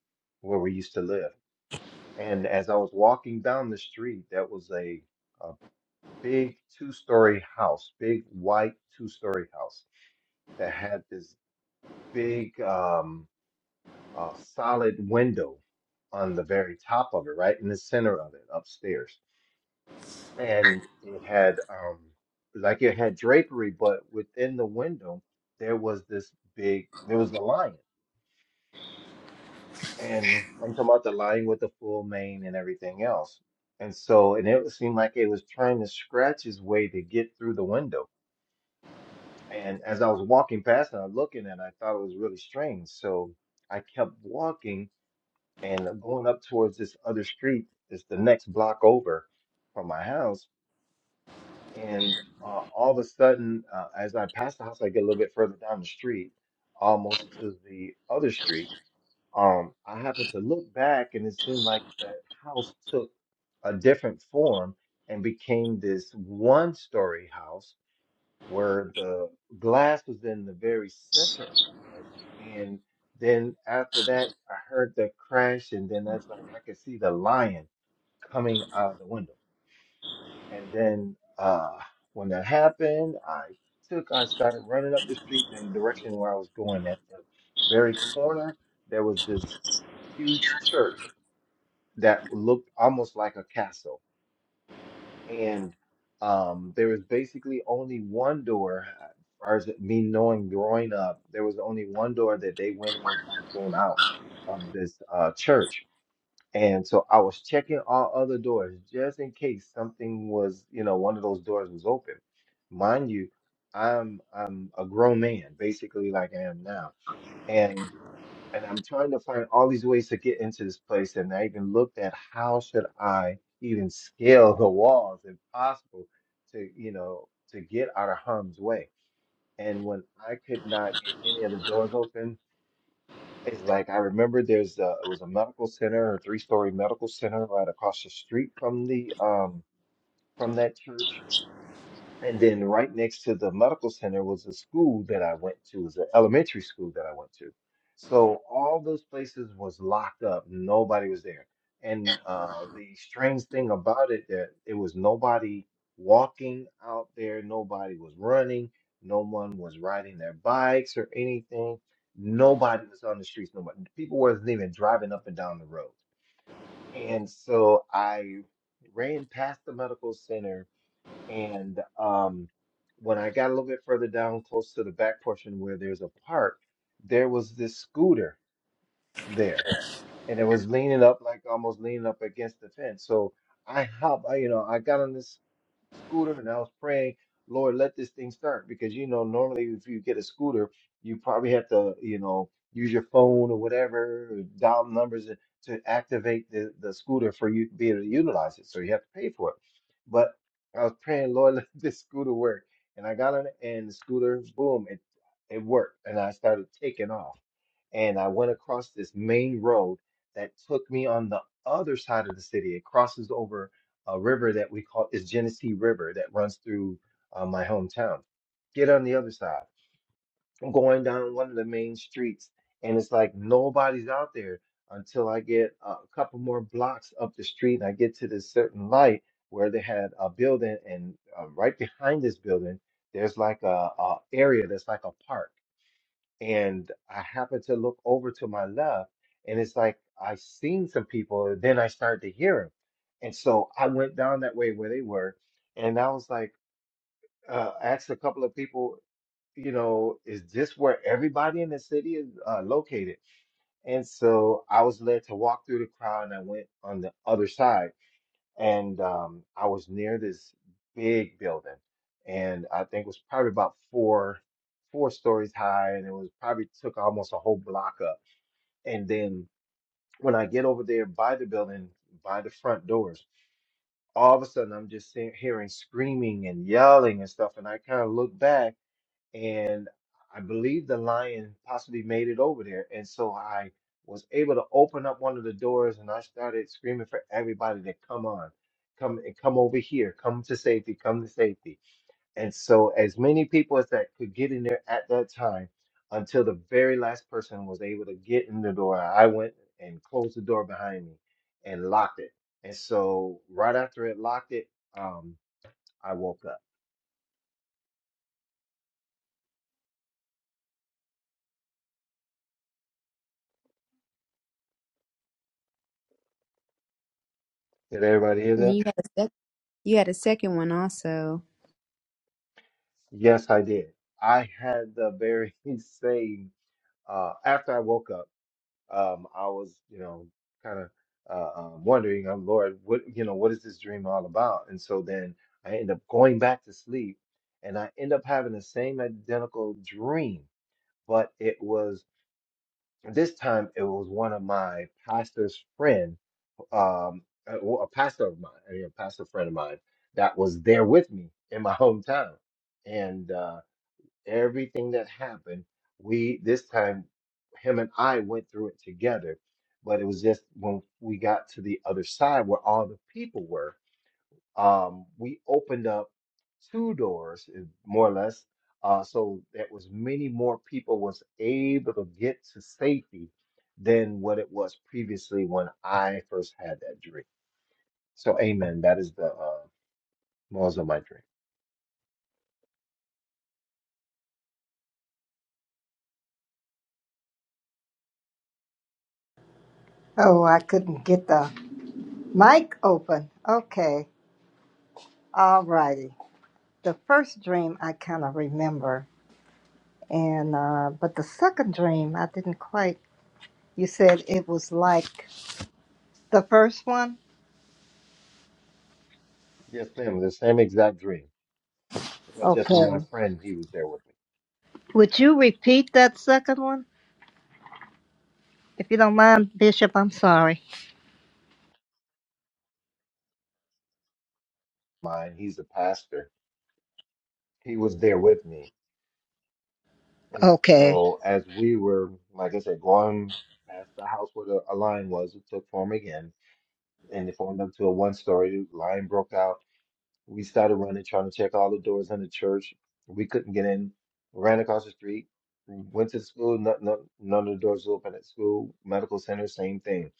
G: where we used to live. And as I was walking down the street, that was a uh, big two story house, big white two story house that had this big um, uh, solid window on the very top of it, right in the center of it, upstairs. And it had um, like it had drapery, but within the window there was this big, there was the lion. And I'm talking about the lion with the full mane and everything else. And so, and it seemed like it was trying to scratch its way to get through the window And as I was walking past and I was looking at it, I thought it was really strange. So I kept walking and going up towards this other street. It's the next block over from my house. And uh, all of a sudden, uh, as I pass the house, I get a little bit further down the street, almost to the other street. Um, I happened to look back and it seemed like that house took a different form and became this one-story house where the glass was in the very center of the house. And then after that, I heard the crash, and then that's like I could see the lion coming out of the window. And then uh, when that happened, I took, I started running up the street in the direction where I was going. At the very corner, there was this huge church that looked almost like a castle and um, there was basically only one door, as far as me knowing growing up, there was only one door that they went in and came out of this uh, church. And so I was checking all other doors just in case something was, you know, one of those doors was open. Mind you, I'm I'm a grown man, basically like I am now and I'm trying to find all these ways to get into this place. And I even looked at how should I even scale the walls, if possible, to you know to get out of harm's way. And when I could not get any of the doors open, it's like I remember there's a, it was a medical center, a three-story medical center right across the street from the um from that church and then right next to the medical center was a school that I went to, it was an elementary school that I went to. So all those places was locked up. Nobody was there. And uh, the strange thing about it that it was nobody walking out there, nobody was running, no one was riding their bikes or anything. Nobody was on the streets. Nobody people wasn't even driving up and down the road. And so I ran past the medical center and um, when I got a little bit further down, close to the back portion where there's a park, there was this scooter there and it was leaning up like almost leaning up against the fence. So I hop, I, you know, I got on this scooter and I was praying, Lord, let this thing start because you know normally if you get a scooter, you probably have to, you know, use your phone or whatever, or dial numbers to to activate the the scooter for you to be able to utilize it. So you have to pay for it. But I was praying, Lord, let this scooter work. And I got on it and the scooter, boom, it it worked and I started taking off and I went across this main road that took me on the other side of the city. It crosses over a river that we call is Genesee River that runs through uh, my hometown. Get on the other side. I'm going down one of the main streets, and it's like nobody's out there until I get a couple more blocks up the street and I get to this certain light where they had a building, and uh, right behind this building, there's like a, a area that's like a park and I happen to look over to my left, and it's like I seen some people, and then I started to hear them, and so I went down that way where they were, and I was like, uh, asked a couple of people, you know, is this where everybody in the city is uh, located? And so I was led to walk through the crowd, and I went on the other side and um, I was near this big building, and I think it was probably about four four stories high, and it was probably took almost a whole block up. And then when I get over there by the building, by the front doors, all of a sudden I'm just seeing, hearing screaming and yelling and stuff, and I kind of look back and I believe the lion possibly made it over there. And so I was able to open up one of the doors and I started screaming for everybody to come on, come and come over here, come to safety, come to safety. And so as many people as that could get in there at that time until the very last person was able to get in the door, I went and closed the door behind me and locked it. And so right after it locked it, um, I woke up. Did everybody hear
H: And
G: that?
H: You had a sec- you had a second one also.
G: Yes, I did. I had the very same uh after I woke up, um I was, you know, kind of uh um, wondering, um, Lord, what you know, what is this dream all about? And so then I end up going back to sleep and I end up having the same identical dream, but it was this time it was one of my pastor's friend, um a, a pastor of mine, I mean, a pastor friend of mine that was there with me in my hometown. And uh, everything that happened, we this time him and I went through it together. But it was just when we got to the other side where all the people were, um, we opened up two doors, eh, more or less, uh, so that was many more people was able to get to safety than what it was previously when I first had that dream. So, amen. That is the uh, most of my dream.
A: Oh, I couldn't get the mic open. Okay, all righty. The first dream I kind of remember, and uh, but the second dream I didn't quite. You said it was like the first one.
G: Yes, ma'am. The same exact dream. Well, just with my
A: Okay.
G: friend, he was there with me.
A: Would you repeat that second one? If you don't mind, Bishop, I'm sorry.
G: mine. He's a pastor. He was there with me. And
A: Okay,
G: so as we were, like I said, going past the house where the a line was, it took form again, and it formed up to a one story. The line broke out. We started running, trying to check all the doors in the church. We couldn't get in. Ran across the street. Went to the school. None, none, none of the doors open at school. Medical center, same thing.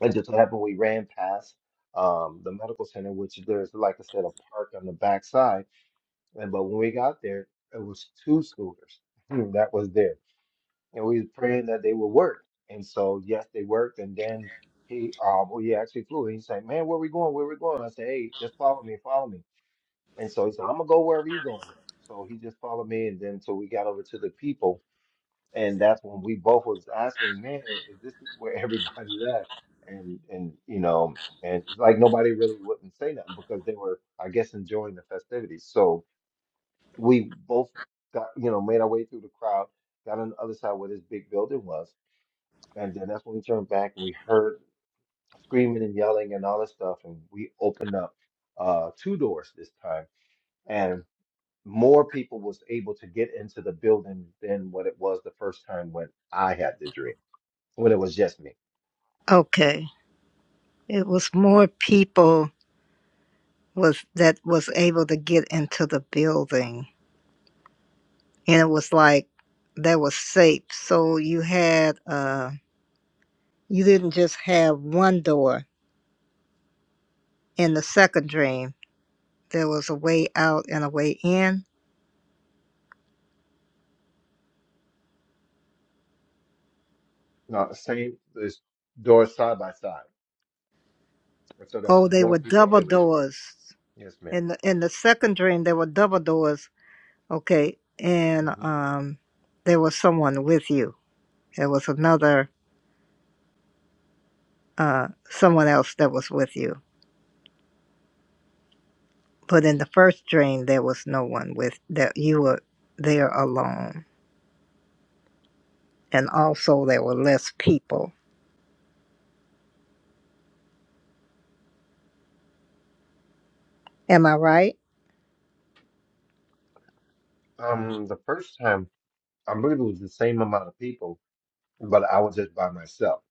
G: It just so happened we ran past um, the medical center, which there's, like I said, a park on the backside And but when we got there, it was two scooters that was there, and we was praying that they would work. And so yes, they worked. And then he, um, well, he actually flew. He's like, man, where we going? Where we going? I said, hey, just follow me, follow me. And so he said, I'm gonna go wherever you going. Then. So he just followed me, and then so we got over to the people, and that's when we both was asking, man, is this where everybody's at? And and you know, and it's like nobody really wouldn't say nothing because they were, I guess, enjoying the festivities. So we both got you know made our way through the crowd, got on the other side where this big building was, and then that's when we turned back and we heard screaming and yelling and all that stuff, and we opened up uh, two doors this time, and more people was able to get into the building than what it was the first time when I had the dream, when it was just me.
A: okay. It was more people was that was able to get into the building, and it was like that was safe. So you had uh, you didn't just have one door in the second dream. There was a way out and a way in.
G: Now, the same this doors side by side, and so there was
A: Oh, they
G: more
A: were
G: people
A: double
G: able to get in.
A: doors
G: Yes, madam
A: in the in the second dream. There were double doors. Okay, and
G: Mm-hmm.
A: um, there was someone with you. There was another. uh, someone else that was with you. But in the first dream, there was no one with that you were there alone, and also there were less people. Am I right?
G: Um, the first time I believe it was the same amount of people but I was just by myself.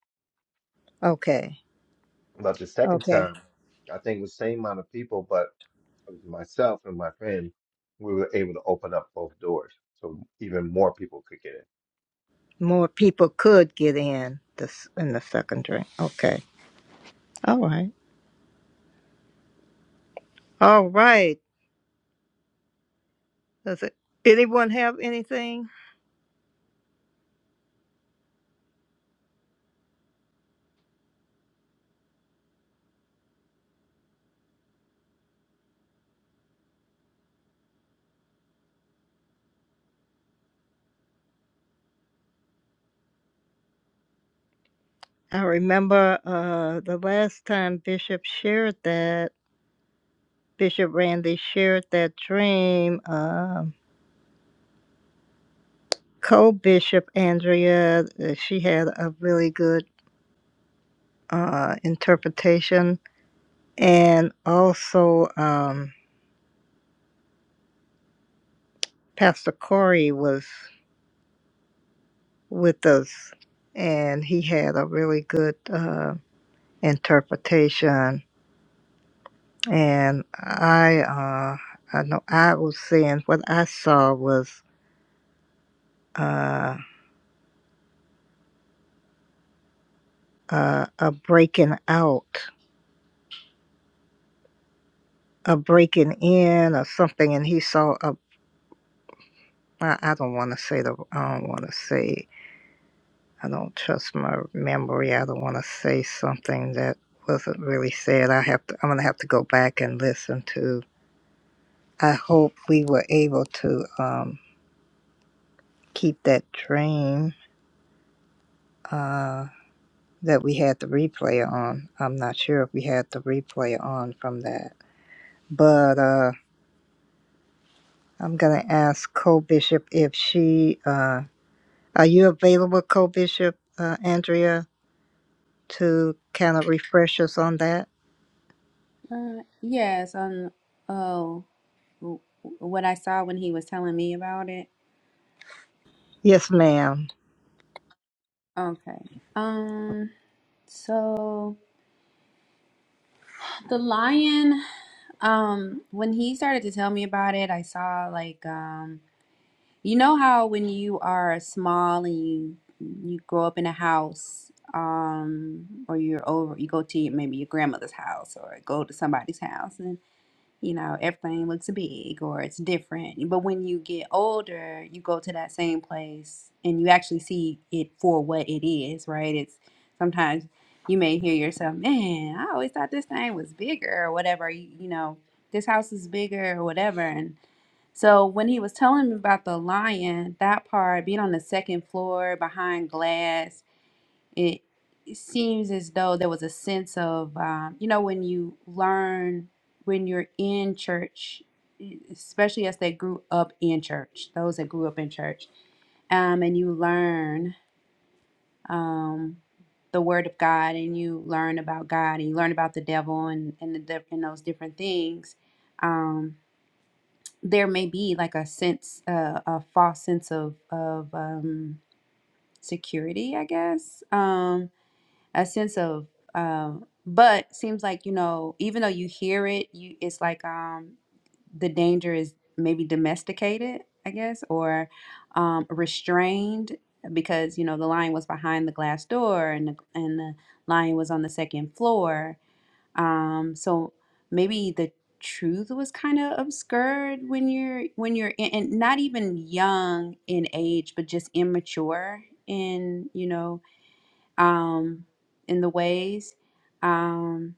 A: Okay,
G: But the second
A: okay.
G: time, I think it was same amount of people, but it was myself and my friend. We were able to open up both doors, so even more people could get in.
A: More people could get in this in the second dream. Okay, all right, all right. Does it, anyone have anything? I remember uh, the last time Bishop shared that Bishop Randy shared that dream. Um, co-bishop andrea uh, she had a really good uh, interpretation and also um, pastor corey was with us and he had a really good uh, interpretation and i uh, i know i was seeing what i saw was uh, uh, a breaking out a breaking in or something and he saw a i I don't want to say the i don't want to say I don't trust my memory. I don't want to say something that wasn't really said. I have to. I'm gonna have to go back and listen to. I hope we were able to um, keep that dream uh, that we had the replay on. I'm not sure if we had the replay on from that, but uh, I'm gonna ask Co Bishop if she. Uh, are you available, Co Bishop uh, Andrea, to kind of refresh us on that?
H: Uh, yes, on oh, w- what I saw when he was telling me about it.
A: Yes, ma'am.
H: Okay. Um, so the lion, um, when he started to tell me about it, I saw like um, you know how when you are small and you you grow up in a house, um, or you're over, you go to your, maybe your grandmother's house or go to somebody's house you know, everything looks big or it's different. But when you get older, you go to that same place and you actually see it for what it is, right? It's sometimes you may hear yourself, man, I always thought this thing was bigger or whatever, you, you know, this house is bigger or whatever. And so when he was telling me about the lion, that part being on the second floor behind glass it it seems as though there was a sense of um, you know when you learn when you're in church e, especially as they grew up in church those that grew up in church um, and you learn um, the word of god and you learn about god and you learn about the devil and and, the, diff- and those different things um, there may be like a sense uh, a false sense of of um, security i guess um a sense of um but seems like you know even though you hear it you it's like um the danger is maybe domesticated i guess or um restrained because you know the lion was behind the glass door and the, and the lion was on the second floor um so maybe the truth was kind of obscured when you're when you're in, and not even young in age but just immature in you know um, in the ways. Um,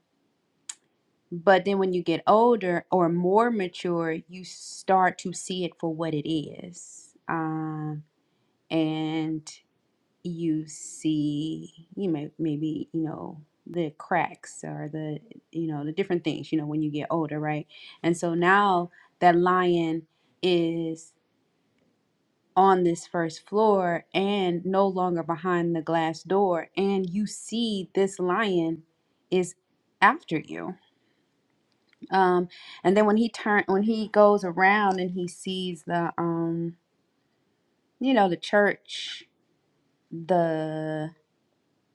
H: but then when you get older or more mature, you start to see it for what it is. Um, and you see, you may, maybe, you know, the cracks or the, you know, the different things, you know, when you get older, right? And so now that lion is on this first floor and no longer behind the glass door and you see this lion is after you um and then when he turn when he goes around and he sees the um you know the church the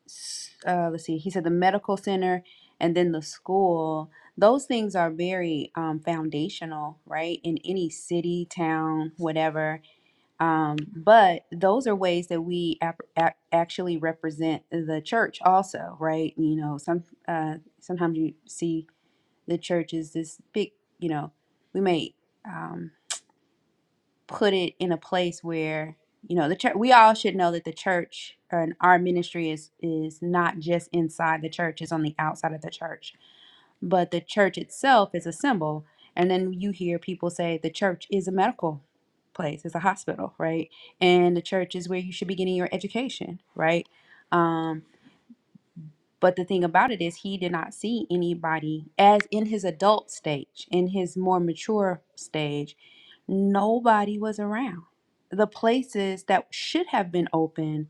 H: s- uh let's see he said the medical center and then the school those things are very um foundational right in any city town whatever Um, but those are ways that we ap- ac- actually represent the church, also, right? You know, some uh, sometimes you see the church is this big. You know, we may um, put it in a place where you know the church. We all should know that the church uh, and our ministry is is not just inside the church; it's on the outside of the church but the church itself is a symbol. And then you hear people say the church is a medical place, it's a hospital, right? And the church is where you should be getting your education, right? Um, but the thing about it is, he did not see anybody as in his adult stage, in his more mature stage, nobody was around. The places that should have been open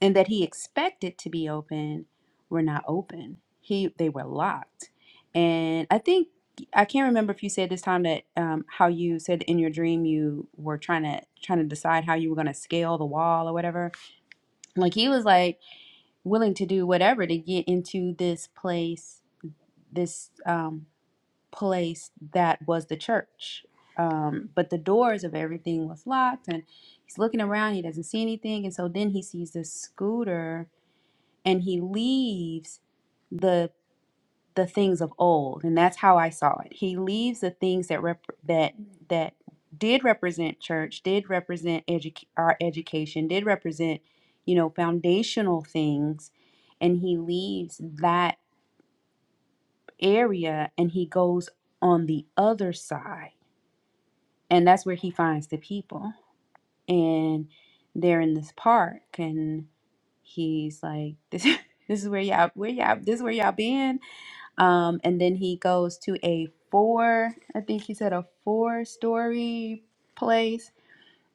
H: and that he expected to be open were not open. He they were locked, and I think I can't remember if you said this time that um, how you said in your dream you were trying to trying to decide how you were going to scale the wall or whatever. Like he was like willing to do whatever to get into this place, this um, place that was the church. Um, but the doors of everything was locked, and he's looking around. He doesn't see anything, and so then he sees this scooter and he leaves the the things of old and that's how i saw it he leaves the things that rep- that that did represent church did represent edu- our education did represent you know foundational things and he leaves that area and he goes on the other side and that's where he finds the people and they're in this park and he's like this this is where y'all where y'all this is where y'all been Um, and then he goes to a four, I think he said a four story place.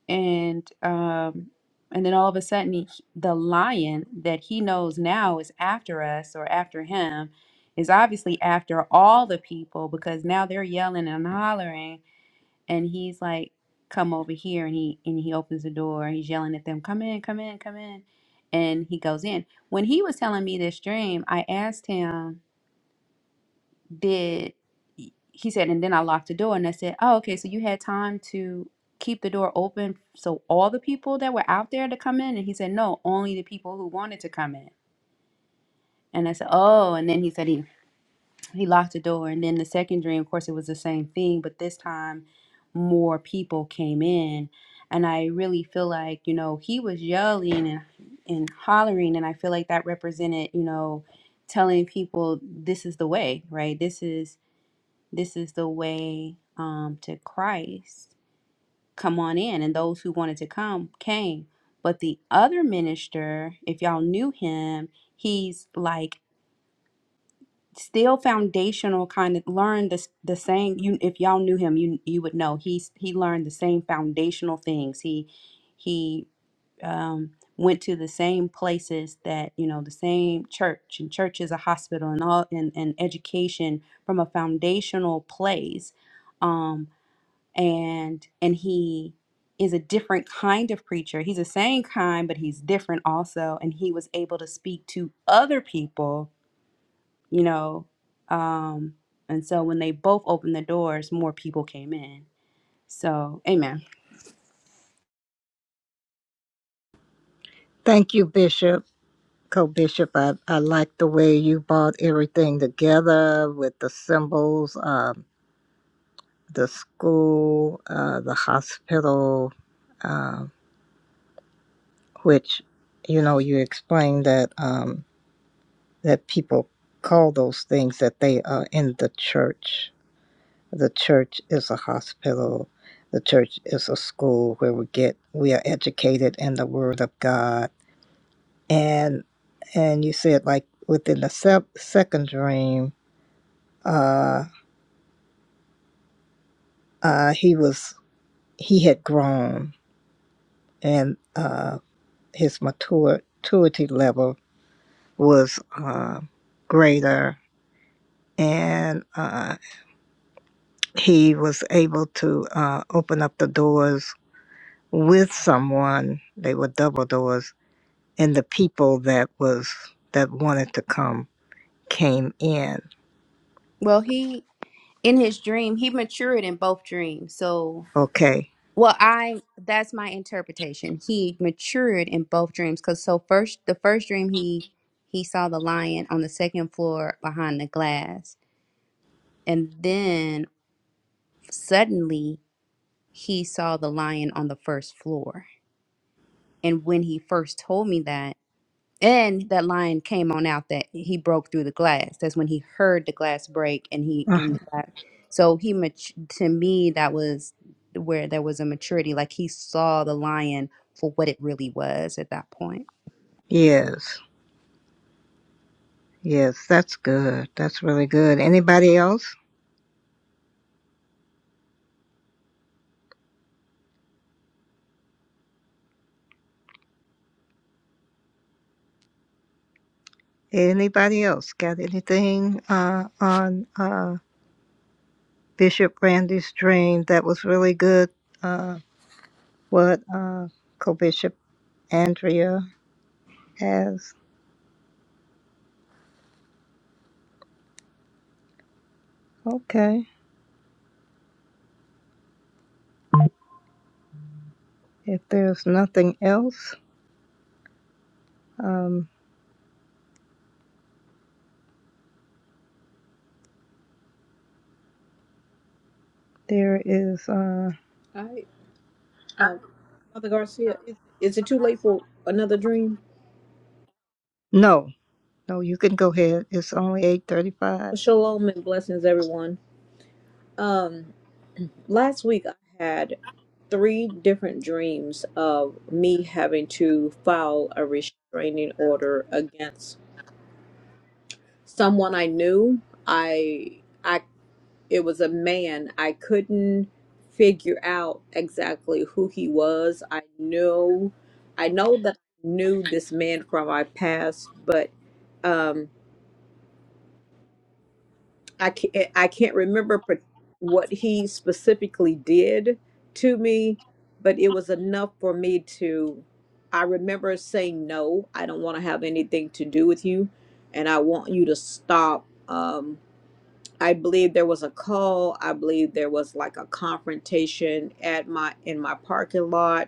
H: And um, and then all of a sudden, he, the lion that he knows now is after us or after him is obviously after all the people because now they're yelling and hollering. And he's like, come over here. And he, and he opens the door. and He's yelling at them, come in, come in, come in. And he goes in. When he was telling me this dream, I asked him did he said and then i locked the door and i said oh okay so you had time to keep the door open so all the people that were out there to come in and he said no only the people who wanted to come in and i said oh and then he said he he locked the door and then the second dream of course it was the same thing but this time more people came in and i really feel like you know he was yelling and and hollering and i feel like that represented you know telling people this is the way right this is this is the way um, to Christ. Come on in. And those who wanted to come came. But the other minister, if y'all knew him, he's like still foundational kind of learn this the same you if y'all knew him you you would know he's he learned the same foundational things he he um went to the same places that you know the same church and church is a hospital and all and, and education from a foundational place um and and he is a different kind of preacher he's the same kind but he's different also and he was able to speak to other people you know um and so when they both opened the doors more people came in so amen
A: Thank you, Bishop. Co-Bishop, I, I like the way you brought everything together with the symbols, um, the school, uh, the hospital, um, which, you know, you explained that um, that people call those things that they are in the church. The church is a hospital. The church is a school where we get we are educated in the Word of God, and and you said like within the sep- second dream. uh, uh, he was he had grown and uh, his maturity level was uh, greater and uh, he was able to uh, open up the doors with someone they were double doors and the people that was that wanted to come came in
H: well he in his dream he matured in both dreams so
A: okay
H: well i that's my interpretation he matured in both dreams because so first the first dream he he saw the lion on the second floor behind the glass and then suddenly he saw the lion on the first floor and when he first told me that and that lion came on out that he broke through the glass that's when he heard the glass break and he in
A: uh-huh.
H: the glass so he mat- to me that was where there was a maturity like he saw the lion for what it really was at that point
A: yes yes that's good that's really good anybody else Anybody else got anything uh, on uh, Bishop Randy's dream that was really good? Uh, what uh, Co-Bishop Andrea has? Okay. If there's nothing else, um, there is uh,
I: I, uh, Mother Garcia, is, is it too late for another dream?
A: no, no. You can go ahead. It's only eight thirty-five.
I: Well, Shalom and blessings, everyone. Um, last week I had three different dreams of me having to file a restraining order against someone I knew. I, I, it was a man. I couldn't figure out exactly who he was. I knew, I know that I knew this man from my past, but. um I can't I can't remember par- what he specifically did to me, but it was enough for me to I remember saying no, I don't want to have anything to do with you and I want you to stop um I believe there was a call, I believe there was like a confrontation at my in my parking lot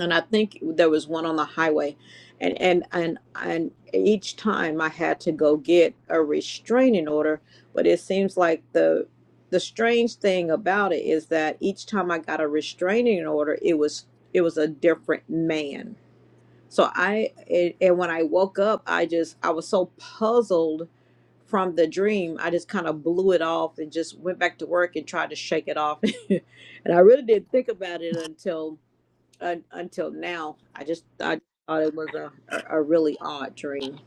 I: and I think there was one on the highway, and and and and each time I had to go get a restraining order. But it seems like the the strange thing about it is that each time I got a restraining order, it was it was a different man. So I it, and when I woke up, I just I was so puzzled from the dream. I just kind of blew it off and just went back to work and tried to shake it off. and I really didn't think about it until un until now. I just I thought it was a, a a really odd dream.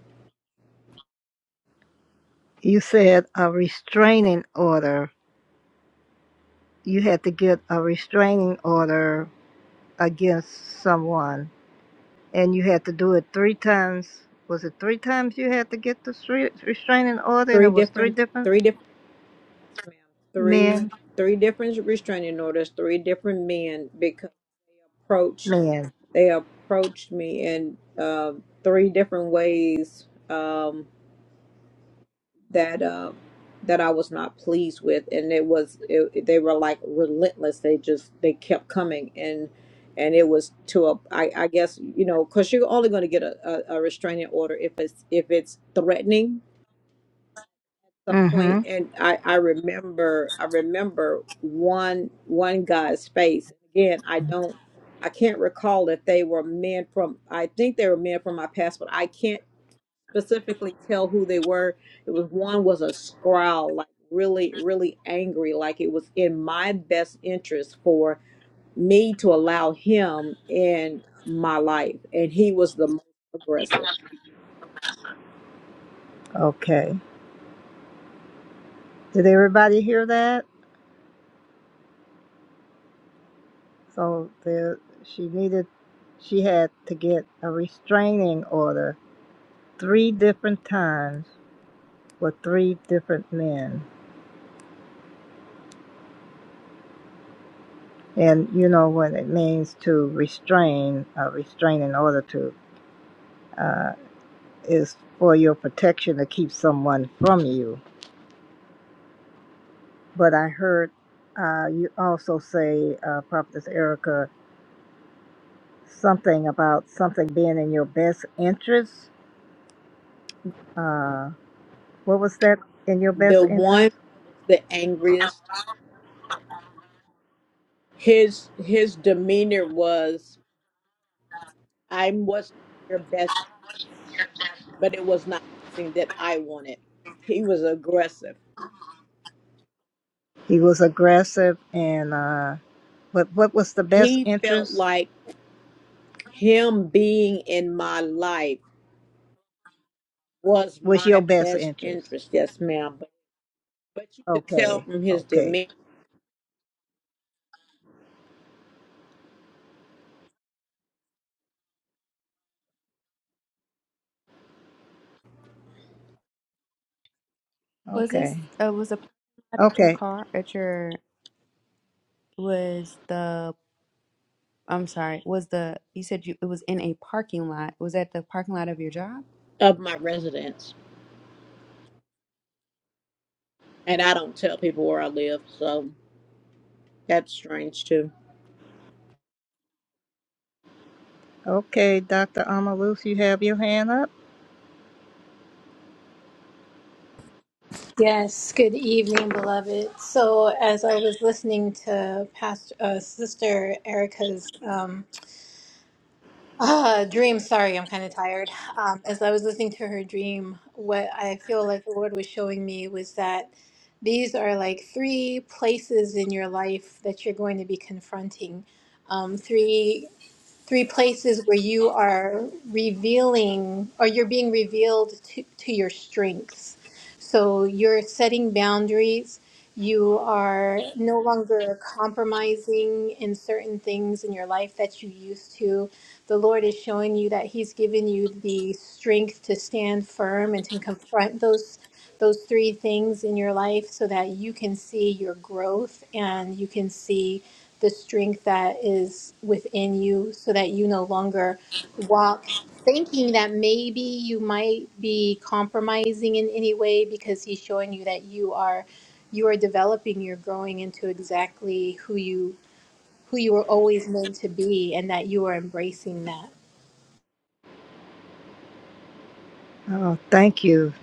A: You said a restraining order. You had to get a restraining order against someone and you had to do it three times. Was it three times you had to get the stre- restraining order, and it
I: Three
A: was three
I: different,
A: different
I: three different, yes, ma'am.
A: men?
I: Three three different restraining orders. Three different men because they approached
A: Men.
I: they approached me in uh, three different ways. Um, that uh, that I was not pleased with, and it was it, they were like relentless. They just they kept coming, and and it was to a I, I guess you know because you're only going to get a, a, a restraining order if it's if it's threatening at some
A: Mm-hmm.
I: point. And I I remember I remember one one guy's face again. I don't. I can't recall if they were men from. I think they were men from my past, but I can't specifically tell who they were. It was one was a scowl, like really, really angry, like it was in my best interest for me to allow him in my life. And he was the most aggressive.
A: Okay. Did everybody hear that? So there, she needed, she had to get a restraining order three different times for three different men. And you know what it means to restrain, a restraining order to, uh, is for your protection to keep someone from you But I heard uh, you also say, uh, Prophetess Erica, something about something being in your best interest. Uh, what was that in your best
I: The
A: interest?
I: one that was the angriest, his his demeanor was I'm what's your best but it was not something that I wanted. He was aggressive.
A: He was aggressive, and uh, but what was the best
I: He felt
A: interest?
I: like him being in my life. was
A: Was your
I: my
A: best
I: best
A: interest?
I: interest, yes, ma'am. But, but you could tell
A: Okay,
I: from his
A: okay,
I: demeanor
H: Was this
A: okay,
H: uh, was the parking lot at your
A: okay,
H: car at your was the I'm sorry, was the you said you it was in a parking lot. Was that the parking lot of your job?
I: of my residence. And I don't tell people where I live, so that's strange too.
A: okay. Dr. Amalus, you have your hand up.
J: Yes, good evening, beloved. So, as I was listening to Pastor uh, Sister Erica's um, uh, dream, sorry, I'm kind of tired. Um, as I was listening to her dream, what I feel like the Lord was showing me was that these are like three places in your life that you're going to be confronting. Um, three three places where you are revealing or you're being revealed to, to your strengths. So you're setting boundaries. You are no longer compromising in certain things in your life that you used to the Lord is showing you that He's given you the strength to stand firm and to confront those those three things in your life so that you can see your growth and you can see the strength that is within you so that you no longer walk thinking that maybe you might be compromising in any way because he's showing you that you are you are developing you're growing into exactly who you who you were always meant to be and that you are embracing that
A: Oh, thank you,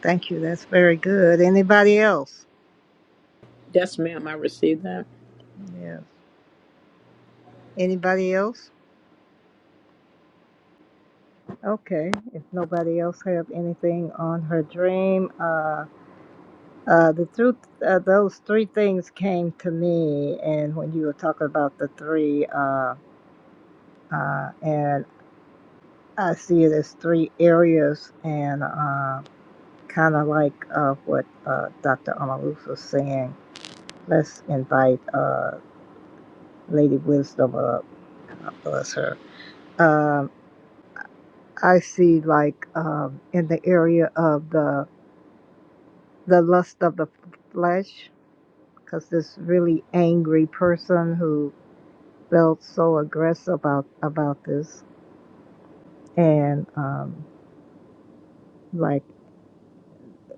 A: thank you. That's very good. Anybody else?
I: Yes, ma'am, I received that.
A: Yes. Anybody else? Okay, if nobody else have anything on her dream, uh, uh, the truth, uh, those three things came to me, and when you were talking about the three, uh, uh, and I see it as three areas, and uh, kind of like uh, what uh, Dr. Amalus was saying. Let's invite uh, Lady Wisdom up, bless her. Um, I see like um, in the area of the the lust of the flesh because this really angry person who felt so aggressive about about this and um like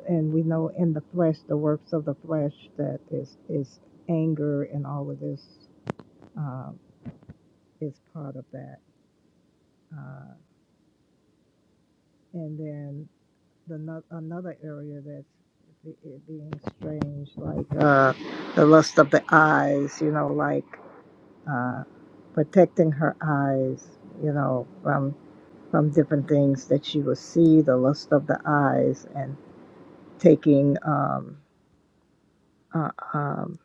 A: and we know in the flesh the works of the flesh that is is anger and all of this um, is part of that uh, and then the no- another area that's be- it being strange like uh the lust of the eyes you know like uh, protecting her eyes, you know, from from different things that she will see, the lust of the eyes, and taking um, uh, um,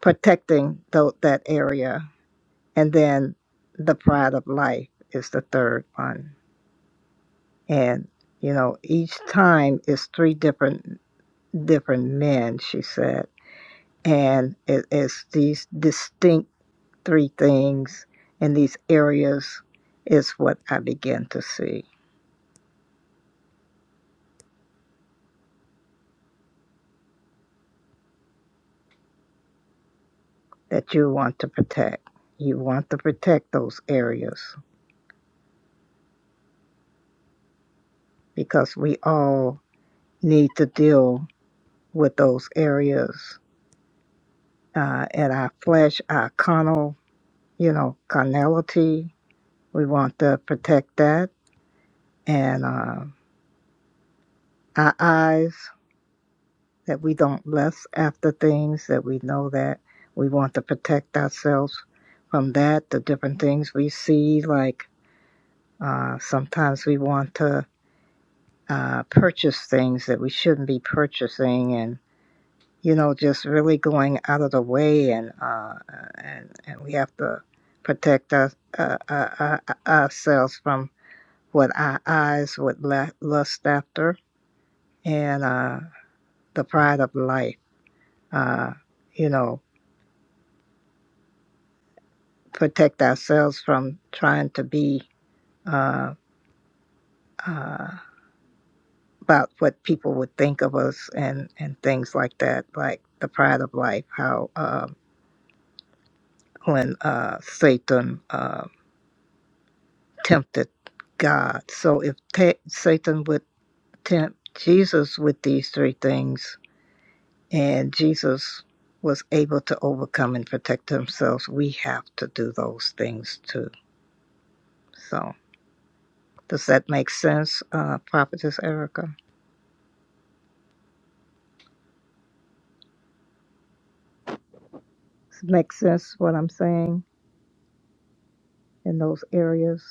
A: protecting tho- that area, and then the pride of life is the third one, and you know, each time is three different different men. She said, and it is these distinct three things in these areas is what I begin to see that you want to protect. You want to protect those areas because we all need to deal with those areas uh, in our flesh, our carnal, you know, carnality. We want to protect that and uh, our eyes. that we don't lust after things that we know that we want to protect ourselves from that the different things we see like uh, sometimes we want to uh, purchase things that we shouldn't be purchasing and you know just really going out of the way and uh, and, and we have to protect our, uh, uh, uh, ourselves from what our eyes would lust after and uh, the pride of life uh, you know protect ourselves from trying to be uh, uh, about what people would think of us and, and things like that, like the pride of life, how uh, when uh, Satan uh, tempted God. So if ta Satan would tempt Jesus with these three things, and Jesus was able to overcome and protect themselves, we have to do those things too. So does that make sense, uh, Prophetess Erica? Make sense what I'm saying in those areas.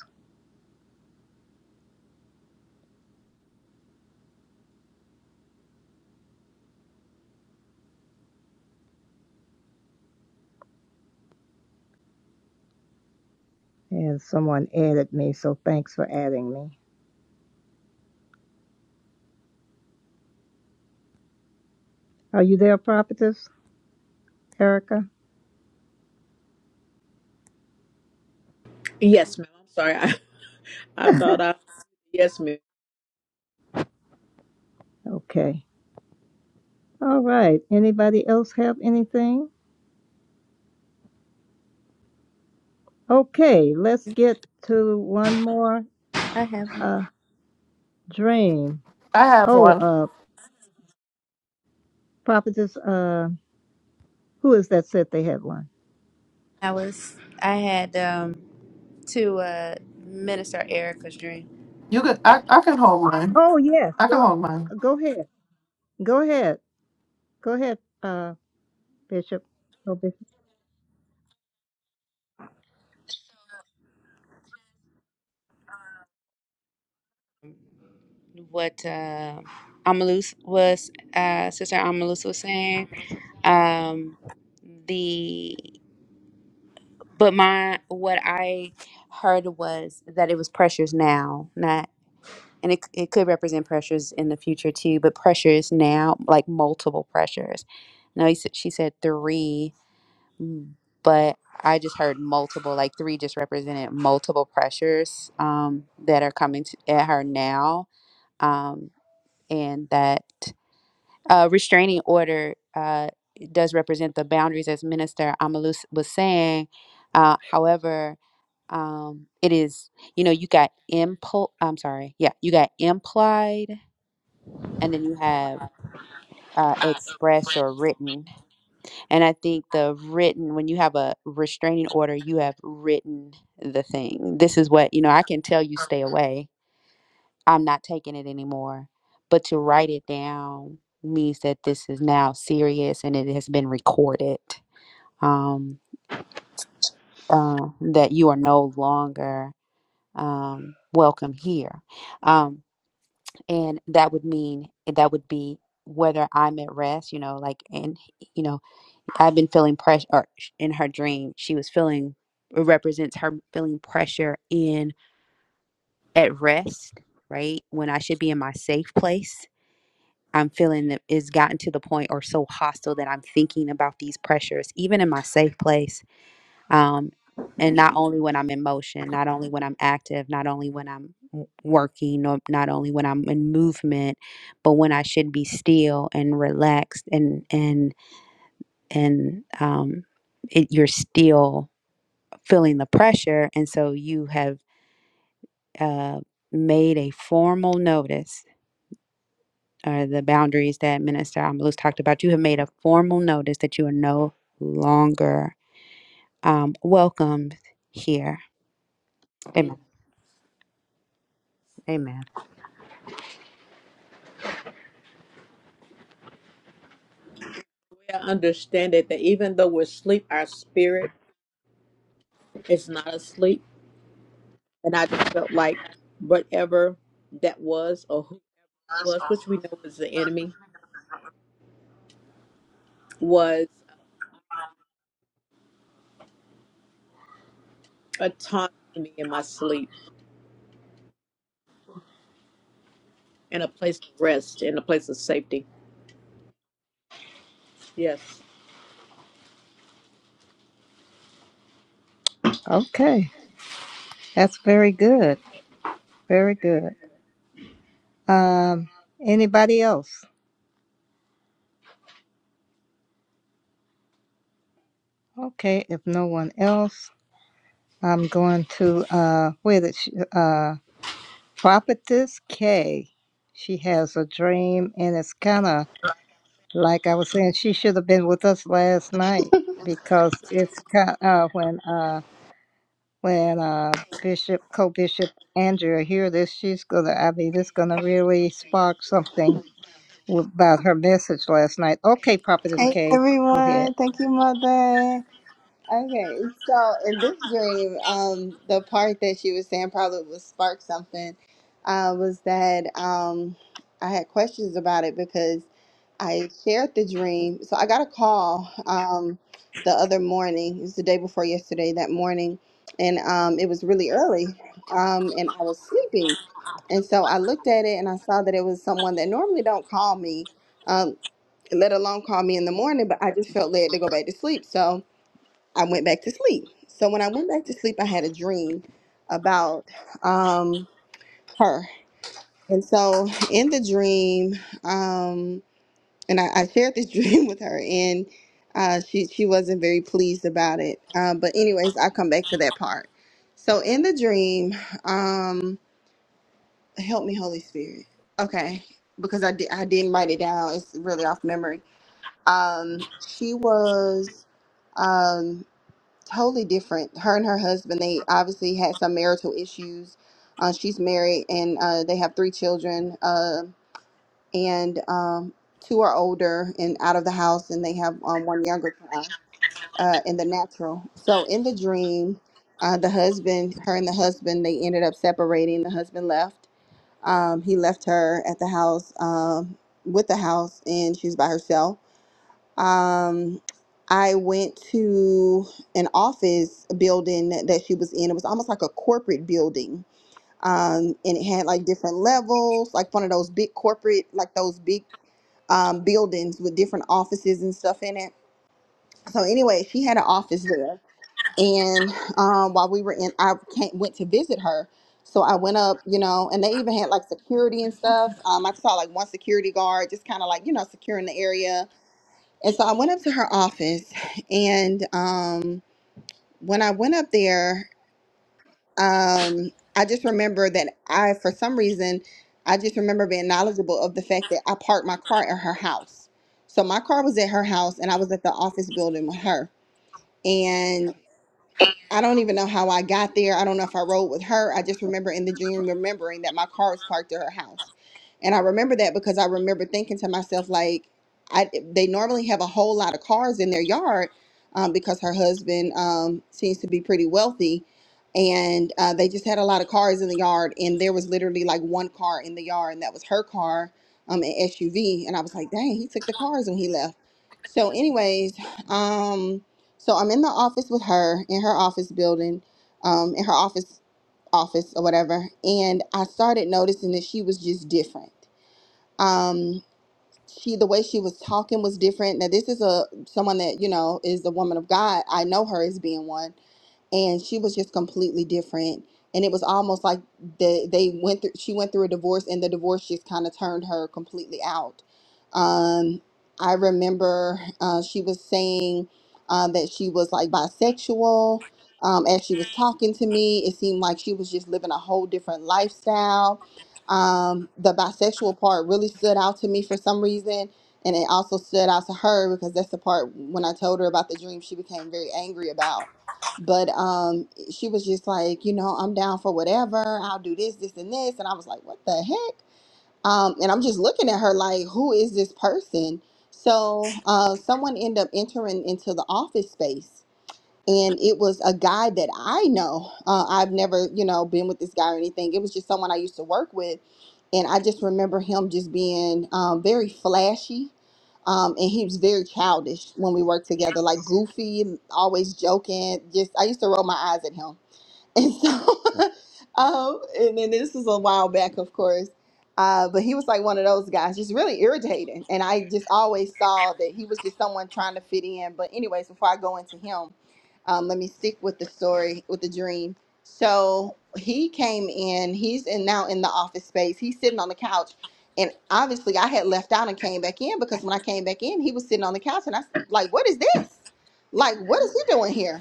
A: And someone added me, so thanks for adding me. Are you there, prophetess Erica?
I: Yes, ma'am. I'm sorry. I, I thought I, yes, ma'am.
A: Okay. All right. Anybody else have anything? Okay, let's get to one more
H: i have
A: uh dream.
E: I have
A: Oh,
E: one.
A: uh prophetess uh who is that said they had one?
H: i was i had um to uh minister erica's dream
E: You could. I, I can hold mine.
A: Oh yes.
E: I can
A: Go
E: hold mine.
A: go ahead. Go ahead. Go ahead, uh Bishop. Oh, Bishop.
H: what uh, Amalus was, uh, Sister Amalus was saying. Um, the but my what I heard was that it was pressures now, not and it it could represent pressures in the future too, but pressures now, like multiple pressures. No, he said she said three, mm, but I just heard multiple, like three just represented multiple pressures um, that are coming to, at her now, um, and that. A restraining order uh, does represent the boundaries, as Minister Amalus was saying. Uh, however, um, it is you know you got impl. I'm sorry, yeah, you got implied, and then you have uh, expressed or written. And I think the written, when you have a restraining order, you have written the thing. This is what you know. I can tell you stay away I'm not taking it anymore. But to write it down means that this is now serious and it has been recorded. Um, uh, that you are no longer um, welcome here. Um, and that would mean that would be whether I'm at rest, you know, like, and, you know, I've been feeling pressure or sh- in her dream. She was feeling, it represents her feeling pressure in at rest, right? When I should be in my safe place I'm feeling that it's gotten to the point or so hostile that I'm thinking about these pressures, even in my safe place. Um, and not only when I'm in motion, not only when I'm active, not only when I'm w- working, or not only when I'm in movement, but when I should be still and relaxed and and and um, it, you're still feeling the pressure, and so you have uh, made a formal notice uh, the boundaries that Minister Amalus talked about, you have made a formal notice that you are no longer um, welcomed here. Amen. Amen.
I: The I understand it that even though we're asleep, our spirit is not asleep. And I just felt like whatever that was or who it was, which we know was the enemy, was uh, taunting me in my sleep and a place of rest and a place of safety. Yes.
A: Okay. That's very good. Very good. Um, anybody else? Okay, if no one else, I'm going to uh, where did she, uh, Prophetess K. She has a dream, and it's kind of like I was saying. She should have been with us last night because it's kind uh, when uh, when uh, Bishop Co-Bishop Andrea hear this, she's gonna. I mean, this gonna really spark something w- about her message last night. Okay, Prophetess
K: Hey
A: K. Go ahead.
K: everyone, thank you, mother. Okay, so in this dream, um, the part that she was saying probably would spark something. Uh, was that um, I had questions about it because I shared the dream. So I got a call um, the other morning. It was the day before yesterday. That morning, and um, it was really early, um, and I was sleeping. And so I looked at it and I saw that it was someone that normally don't call me um, let alone call me in the morning, but I just felt led to go back to sleep. So I went back to sleep. So when I went back to sleep, I had a dream about um, her. And so in the dream, um, and I, I shared this dream with her, and uh, she, she wasn't very pleased about it. Um, but, anyways, I'll come back to that part. So in the dream, um, help me, Holy Spirit. Okay, because I, di- I didn't write it down. It's really off memory Um, she was um, totally different. Her and her husband, they obviously had some marital issues. Uh, she's married and uh, they have three children, uh, and um, two are older and out of the house, and they have um, one younger child uh, in the natural. So in the dream, uh, the husband, her and the husband, they ended up separating. The husband left. Um, he left her at the house um, with the house, and she's by herself um, I went to an office building that she was in. It was almost like a corporate building. Um, and it had like different levels, like one of those big corporate, like those big um, buildings with different offices and stuff in it. So anyway, she had an office there. And um, while we were in, I came, went to visit her. So I went up, you know, and they even had like security and stuff. Um, I saw like one security guard just kind of like, you know, securing the area and so I went up to her office, and um, when I went up there, um, I just remember that I, for some reason, I just remember being knowledgeable of the fact that I parked my car at her house. So my car was at her house, and I was at the office building with her. I don't even know how I got there. I don't know if I rode with her. I just remember in the dream remembering that my car was parked at her house. And I remember that because I remember thinking to myself, like, I, they normally have a whole lot of cars in their yard um, because her husband um, seems to be pretty wealthy. And uh, they just had a lot of cars in the yard. And there was literally like one car in the yard, and that was her car, um, an SUV. And I was like, dang, he took the cars when he left. So, anyways, um. So I'm in the office with her in her office building, um, in her office office or whatever, and I started noticing that she was just different. Um, she the way she was talking was different. Now this is a someone that, you know, is the woman of God. I know her as being one. And she was just completely different. And it was almost like they they went through she went through a divorce and the divorce just kind of turned her completely out. Um I remember uh, she was saying uh, that she was like bisexual. Um, as she was talking to me, it seemed like she was just living a whole different lifestyle um, the bisexual part really stood out to me for some reason, and it also stood out to her because that's the part when I told her about the dream she became very angry about. But um, she was just like, you know, I'm down for whatever. I'll do this, this, and this. And I was like, what the heck? Um, and I'm just looking at her like, who is this person? So uh, someone ended up entering into the office space and it was a guy that I know. Uh, I've never, you know, been with this guy or anything. It was just someone I used to work with, and I just remember him just being um, very flashy, um, and he was very childish when we worked together, like goofy, always joking. Just I used to roll my eyes at him and so, um, and then this was a while back, of course. Uh, but he was like one of those guys, just really irritating. And I just always saw that he was just someone trying to fit in. But, anyways, before I go into him, um, let me stick with the story, with the dream. So he came in, he's in now in the office space. He's sitting on the couch. And obviously, I had left out and came back in because when I came back in, he was sitting on the couch. And I s- like, what is this? Like, what is he doing here?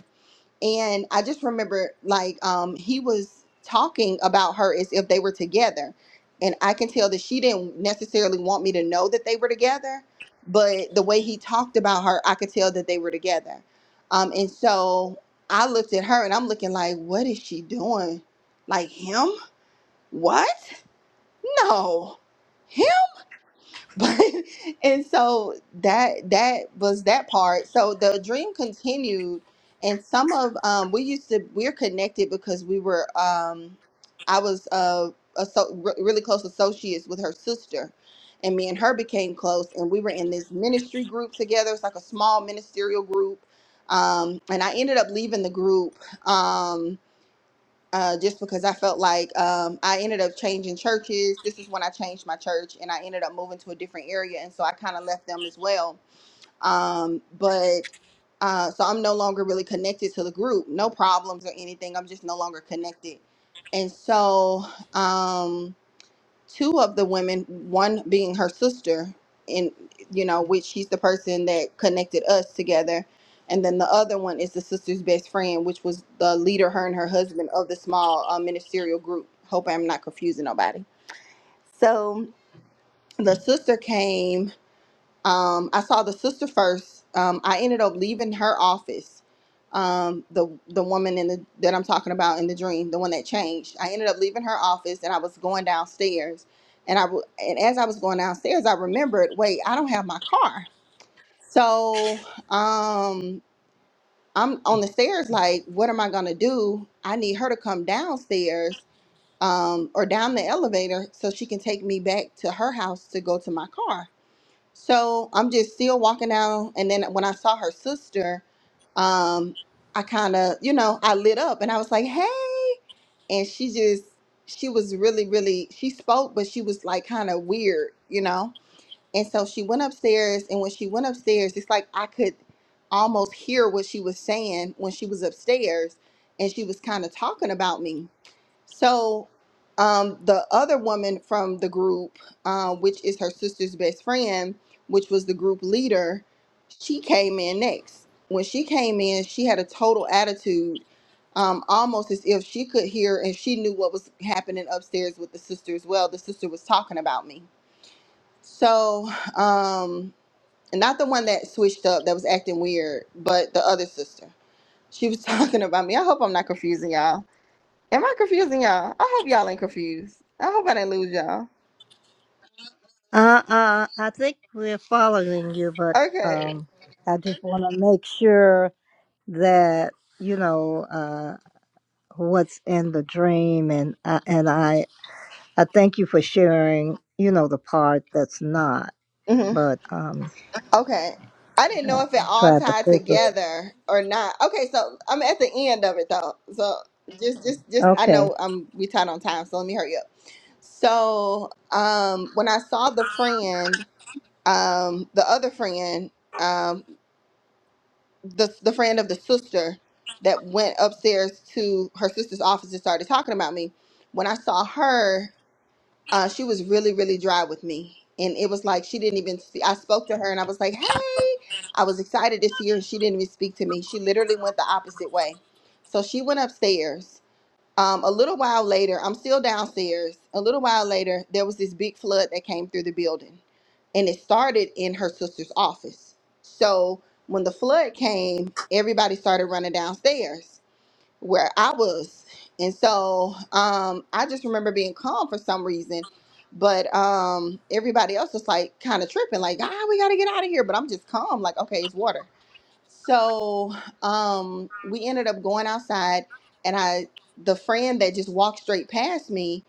K: and I just remember like um he was talking about her as if they were together. And I can tell that she didn't necessarily want me to know that they were together, but the way he talked about her, I could tell that they were together. Um and so I looked at her and I'm looking like, what is she doing? Like him? What? No but and so that that was that part so the dream continued and some of um we used to we're connected because we were um i was uh a so, re- really close associates with her sister and me and her became close and we were in this ministry group together it's like a small ministerial group um and i ended up leaving the group Um uh, just because I felt like um, I ended up changing churches. This is when I changed my church and I ended up moving to a different area. And so I kind of left them as well. Um, but uh, so I'm no longer really connected to the group. No problems or anything. I'm just no longer connected. And so. Um, two of the women, one being her sister, and you know, which she's the person that connected us together, and then the other one is the sister's best friend, which was the leader, her and her husband of the small uh, ministerial group. Hope I'm not confusing nobody. So the sister came um, I saw the sister first. Um, I ended up leaving her office. Um, the the woman in the that I'm talking about in the dream, the one that changed. I ended up leaving her office, and I was going downstairs. And I w- and as I was going downstairs, I remembered, wait, I don't have my car. So um, I'm on the stairs, like, what am I gonna do? I need her to come downstairs um, or down the elevator so she can take me back to her house to go to my car. So I'm just still walking down, and then when I saw her sister, um, I kind of, you know, I lit up, and I was like, "Hey!" And she just, she was really, really, she spoke, but she was like kind of weird, you know. And so she went upstairs, and when she went upstairs, it's like I could almost hear what she was saying when she was upstairs, and she was kind of talking about me. So, um, the other woman from the group, uh, which is her sister's best friend, which was the group leader, she came in next. When she came in, she had a total attitude, um, almost as if she could hear and she knew what was happening upstairs with the sister as well. The sister was talking about me. So, um, and not the one that switched up that was acting weird, but the other sister. She was talking about me. I hope I'm not confusing y'all Am I confusing y'all? I hope y'all ain't confused. I hope I didn't lose y'all.
A: Uh, uh, I think we're following you, but
K: Okay.
A: um, I just want to make sure that you know uh, what's in the dream, and uh, and I I thank you for sharing. You know the part that's not,
K: hmm
A: but um,
K: Okay. I didn't know if it all
A: try to
K: tied
A: focus.
K: together or not. Okay, so I'm at the end of it though. So just, just, just. I
A: Okay,
K: know I'm we tied on time, so let me hurry up. So, um, when I saw the friend, um, the other friend, um, the the friend of the sister that went upstairs to her sister's office and started talking about me. When I saw her. uh, she was really, really dry with me. And it was like she didn't even see. I spoke to her and I was like, hey, I was excited to see her. and She didn't even speak to me. She literally went the opposite way. So she went upstairs. Um, a little while later, I'm still downstairs. A little while later, there was this big flood that came through the building. And it started in her sister's office. So when the flood came, everybody started running downstairs where I was. And so um, I just remember being calm for some reason. But um, everybody else was like kind of tripping, like, ah, we got to get out of here. But I'm just calm, like, okay, it's water. So um, we ended up going outside, and I, the friend that just walked straight past me,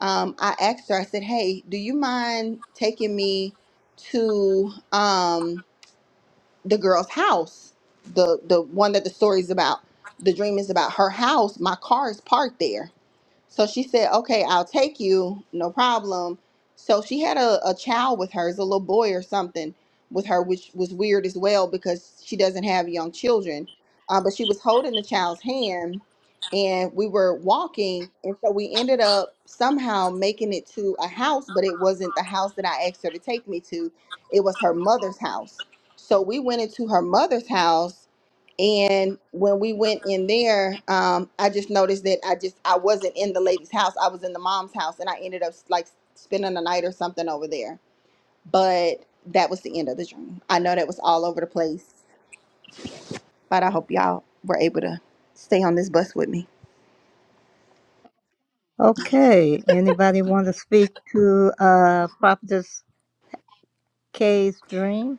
K: um, I asked her, I said, hey, do you mind taking me to. Um, the girl's house the the one that the story's about the dream is about her house my car is parked there so she said, Okay, I'll take you, no problem. So she had a, a child with her, it's a little boy or something with her, which was weird as well because she doesn't have young children. Uh, but she was holding the child's hand and we were walking. And so we ended up somehow making it to a house, but it wasn't the house that I asked her to take me to, it was her mother's house. So we went into her mother's house and when we went in there, um, I just noticed that I just I wasn't in the lady's house. I was in the mom's house, and I ended up like spending the night or something over there. But that was the end of the dream. I know that was all over the place, but I hope y'all were able to stay on this bus with me.
A: okay. Anybody want to speak to uh, Prophetess Kay's dream?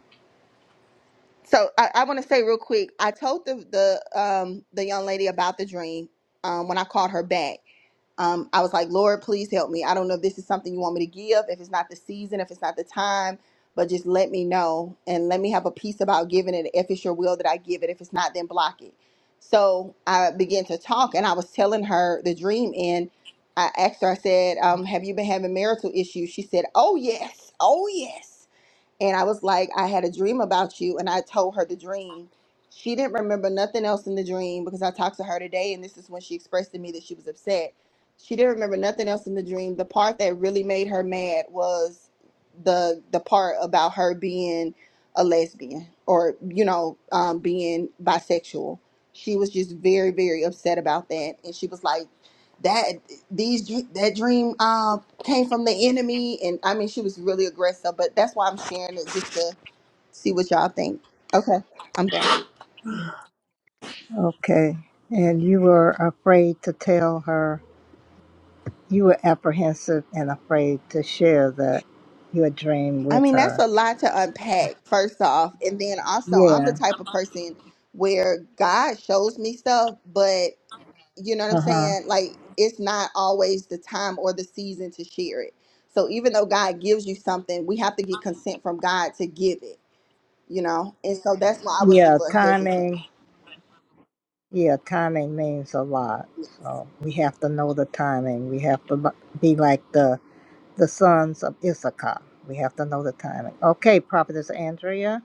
K: So I, I want to say real quick, I told the the um, the young lady about the dream um, when I called her back um, I was like, Lord, please help me. I don't know if this is something you want me to give, if it's not the season, if it's not the time, but just let me know and let me have a peace about giving it. If it's your will that I give it, if it's not, then block it. So I began to talk and I was telling her the dream. And I asked her, I said, um, Have you been having marital issues? She said, Oh, yes. Oh, yes. And I was like, I had a dream about you. And I told her the dream. She didn't remember nothing else in the dream because I talked to her today. And this is when she expressed to me that she was upset. She didn't remember nothing else in the dream. The part that really made her mad was the the part about her being a lesbian or you know um, being bisexual. She was just very very upset about that, and she was like that these that dream uh, came from the enemy, and I mean she was really aggressive. But that's why I'm sharing it just to see what y'all think. Okay, I'm done.
A: Okay, and you were afraid to tell her. You were apprehensive and afraid to share the your dream
K: I
A: with
K: mean that's
A: her.
K: a lot to unpack. First off, and then also I'm the
A: Yeah.
K: type of person where God shows me stuff, but you know what I'm
A: Uh huh.
K: saying. Like it's not always the time or the season to share it. So even though God gives you something, we have to get consent from God to give it. You know, and so that's why I was a
A: Yeah.
K: little hesitant.
A: Timing. Yeah. Timing means a lot. So we have to know the timing. We have to li- be like the the sons of Issachar. We have to know the timing. Okay, Prophetess Andrea.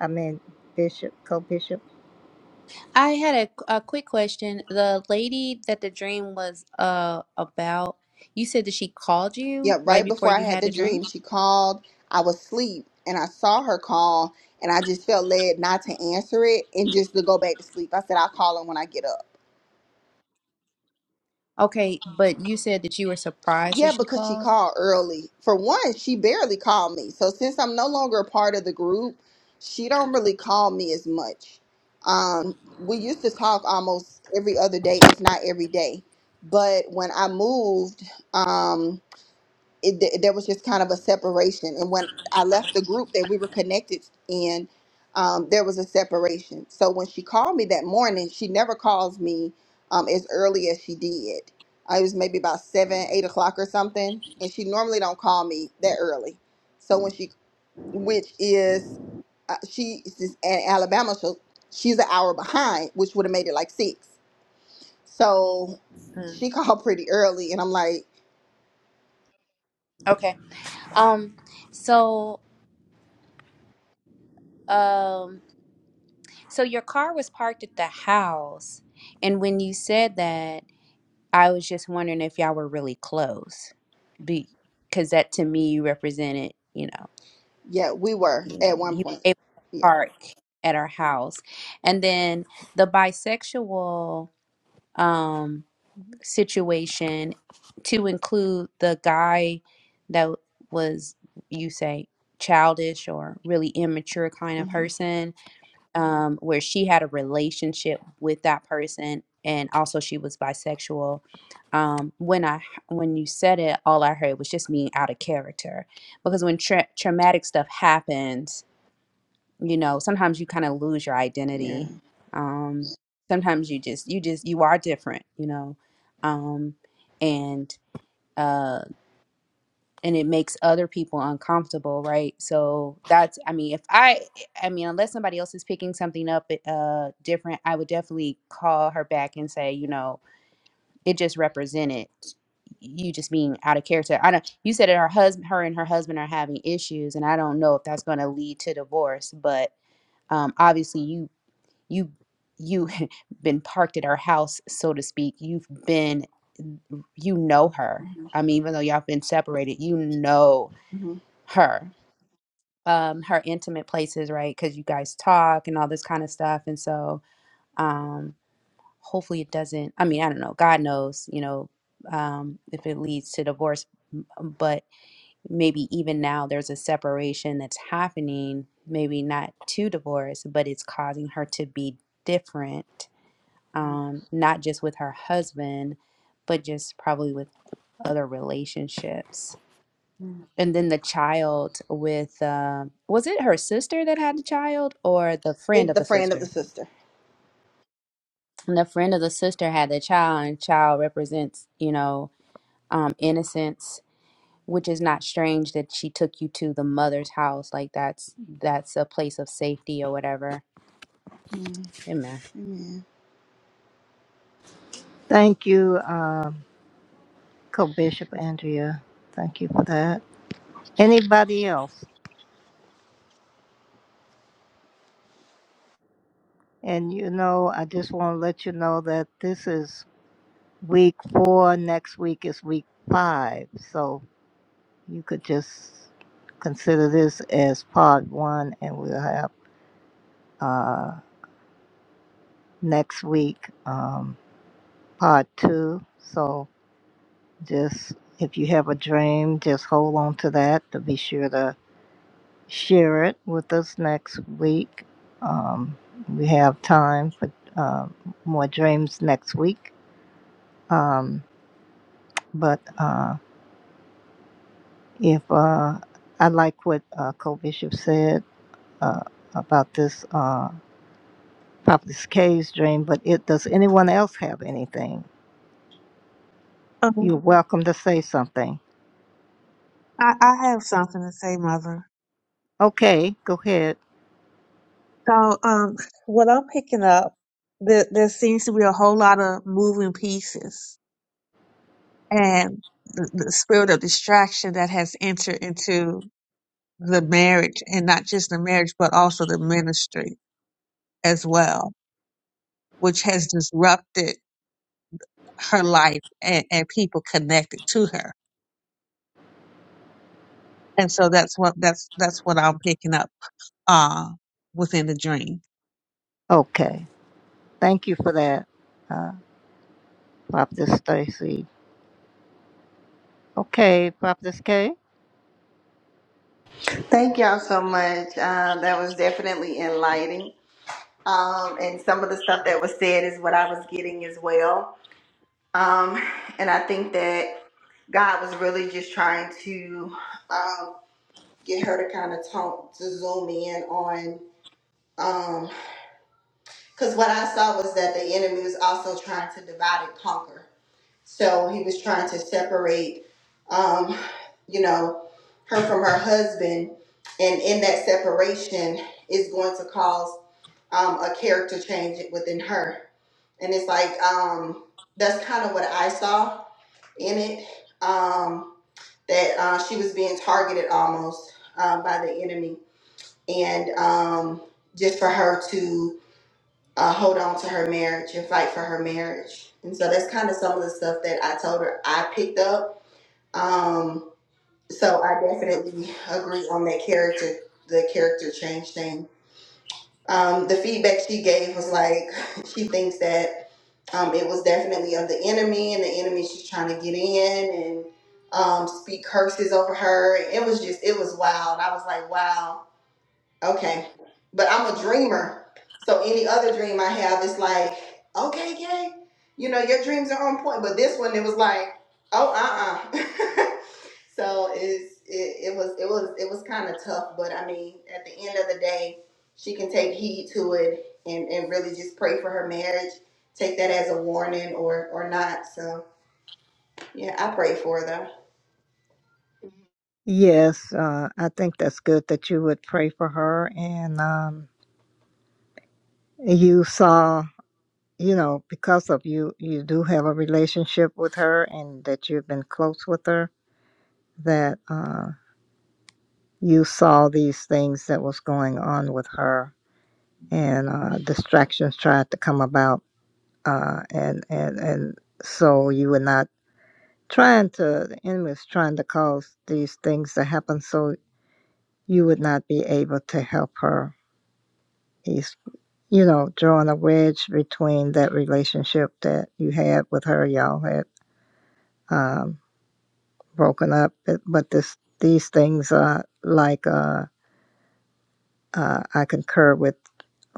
A: I mean Bishop, Co-Bishop.
H: I had a, a quick question. The lady that the dream was uh about, you said that she called
K: Yeah, right
H: you
K: before I
H: you
K: had
H: had
K: the
H: the dream.
K: dream, she called. I was asleep and I saw her call and I just felt led not to answer it and just to go back to sleep. I said, I'll call her when I get up.
H: Okay, but you said that you were surprised that
K: Yeah,
H: she
K: because she
H: called.
K: called early. For one, she barely called me. So since I'm no longer a part of the group, she don't really call me as much. Um, we used to talk almost every other day, if not every day. But when I moved, um, it, th- there was just kind of a separation. And when I left the group that we were connected in, um, there was a separation. So when she called me that morning, she never calls me um, as early as she did. Uh, It was maybe about seven, eight o'clock or something, and she normally don't call me that early. So when she, which is, uh, she is in Alabama, so she's an hour behind, which would have made it like six. So
H: Mm,
K: she called pretty early, and I'm like,
H: okay. Um. So um. So your car was parked at the house, and when you said that. I was just wondering if y'all were really close, because that to me you represented, you know,
K: yeah, we were
H: you
K: at
H: know,
K: one
H: you were
K: point.
H: able to
K: Yeah.
H: park at our house, and then the bisexual um situation to include the guy that was you say childish or really immature kind of
K: hmm
H: person um, where she had a relationship with that person, and also she was bisexual. Um, when I when you said it, all I heard was just me out of character, because when tra- traumatic stuff happens, you know, sometimes you kind of lose your
K: Yeah.
H: identity. Um, sometimes you just you just you are different, you know, um, and. uh, and it makes other people uncomfortable right so that's i mean if i i mean unless somebody else is picking something up eh, uh different i would definitely call her back and say you know it just represented you just being out of character i don't you said that her husband her and her husband are having issues and i don't know if that's going to lead to divorce but um obviously you you you been parked at her house so to speak you've been you know her
K: hmm
H: i mean even though y'all been separated you know
K: hmm
H: her um her intimate places right because you guys talk and all this kind of stuff and so um hopefully it doesn't i mean i don't know god knows you know um if it leads to divorce m- um, but maybe even now there's a separation that's happening maybe not to divorce but it's causing her to be different um not just with her husband but just probably with other relationships
K: hmm
H: And then the child with, uh, was it her sister that had the child or the
K: Maybe
H: friend of
K: the
H: the
K: friend of the
H: sister?
K: sister.
H: And the friend of the sister had the child, and child represents, you know, um, innocence, which is not strange that she took you to the mother's house. Like that's that's a place of safety or whatever.
K: Mm.
H: Amen.
K: Amen.
A: Thank you, um, Co-Bishop Andrea. Thank you for that. Anybody else? And you know, I just want to let you know that this is week four. Next week is week five. So you could just consider this as part one, and we'll have uh, next week um, part two. So just if you have a dream, just hold on to that to be sure to share it with us next week. Um, we have time for uh, more dreams next week. Um, but Uh, If uh, I like what uh, Co-Bishop said uh, about this uh, Prophetess K's dream, but it does anyone else have anything?
L: Um,
A: You're welcome to say something.
L: I, I have something to say, Mother.
A: Okay, go ahead.
L: So, um, what I'm picking up, there, there seems to be a whole lot of moving pieces and the, the spirit of distraction that has entered into the marriage and not just the marriage, but also the ministry as well, which has disrupted her life and, and people connected to her. And so that's what, that's, that's what I'm picking up, uh, within the dream.
A: Okay, thank you for that, uh, Prophetess Stacy. Okay, Prophetess K.
K: Thank y'all so much. Um, that was definitely enlightening. Um, and some of the stuff that was said is what I was getting as well. Um, and I think that God was really just trying to um, get her to kind of talk, to zoom in on. Because what I saw was that the enemy was also trying to divide and conquer. So he was trying to separate, um, you know, her from her husband. And in that separation is going to cause um, a character change within her. And it's like, um, that's kind of what I saw in it um, that uh, she was being targeted almost uh, by the enemy. And um, just for her to uh, hold on to her marriage and fight for her marriage. And so that's kind of some of the stuff that I told her I picked up. Um, so I definitely agree on that character, the character change thing. Um, the feedback she gave was like she thinks that um, it was definitely of the enemy and the enemy she's trying to get in and um, speak curses over her. It was just it was wild. I was like, wow Okay. But I'm a dreamer. So any other dream I have is like, okay, yay. You know, your dreams are on point. But this one it was like, oh uh uh so it's it, it was it was it was kinda tough, but I mean, at the end of the day, she can take heed to it and, and really just pray for her marriage. Take that as a warning or or not. So yeah, I pray for her though.
A: Yes, uh, I think that's good that you would pray for her, and um, you saw you know, because of you, you do have a relationship with her and that you've been close with her that uh, you saw these things that was going on with her and uh, distractions tried to come about uh, and and and so you were not trying to the enemy was trying to cause these things to happen so you would not be able to help her he's you know drawing a wedge between that relationship that you had with her y'all had um, broken up but but this these things are like uh, uh, i concur with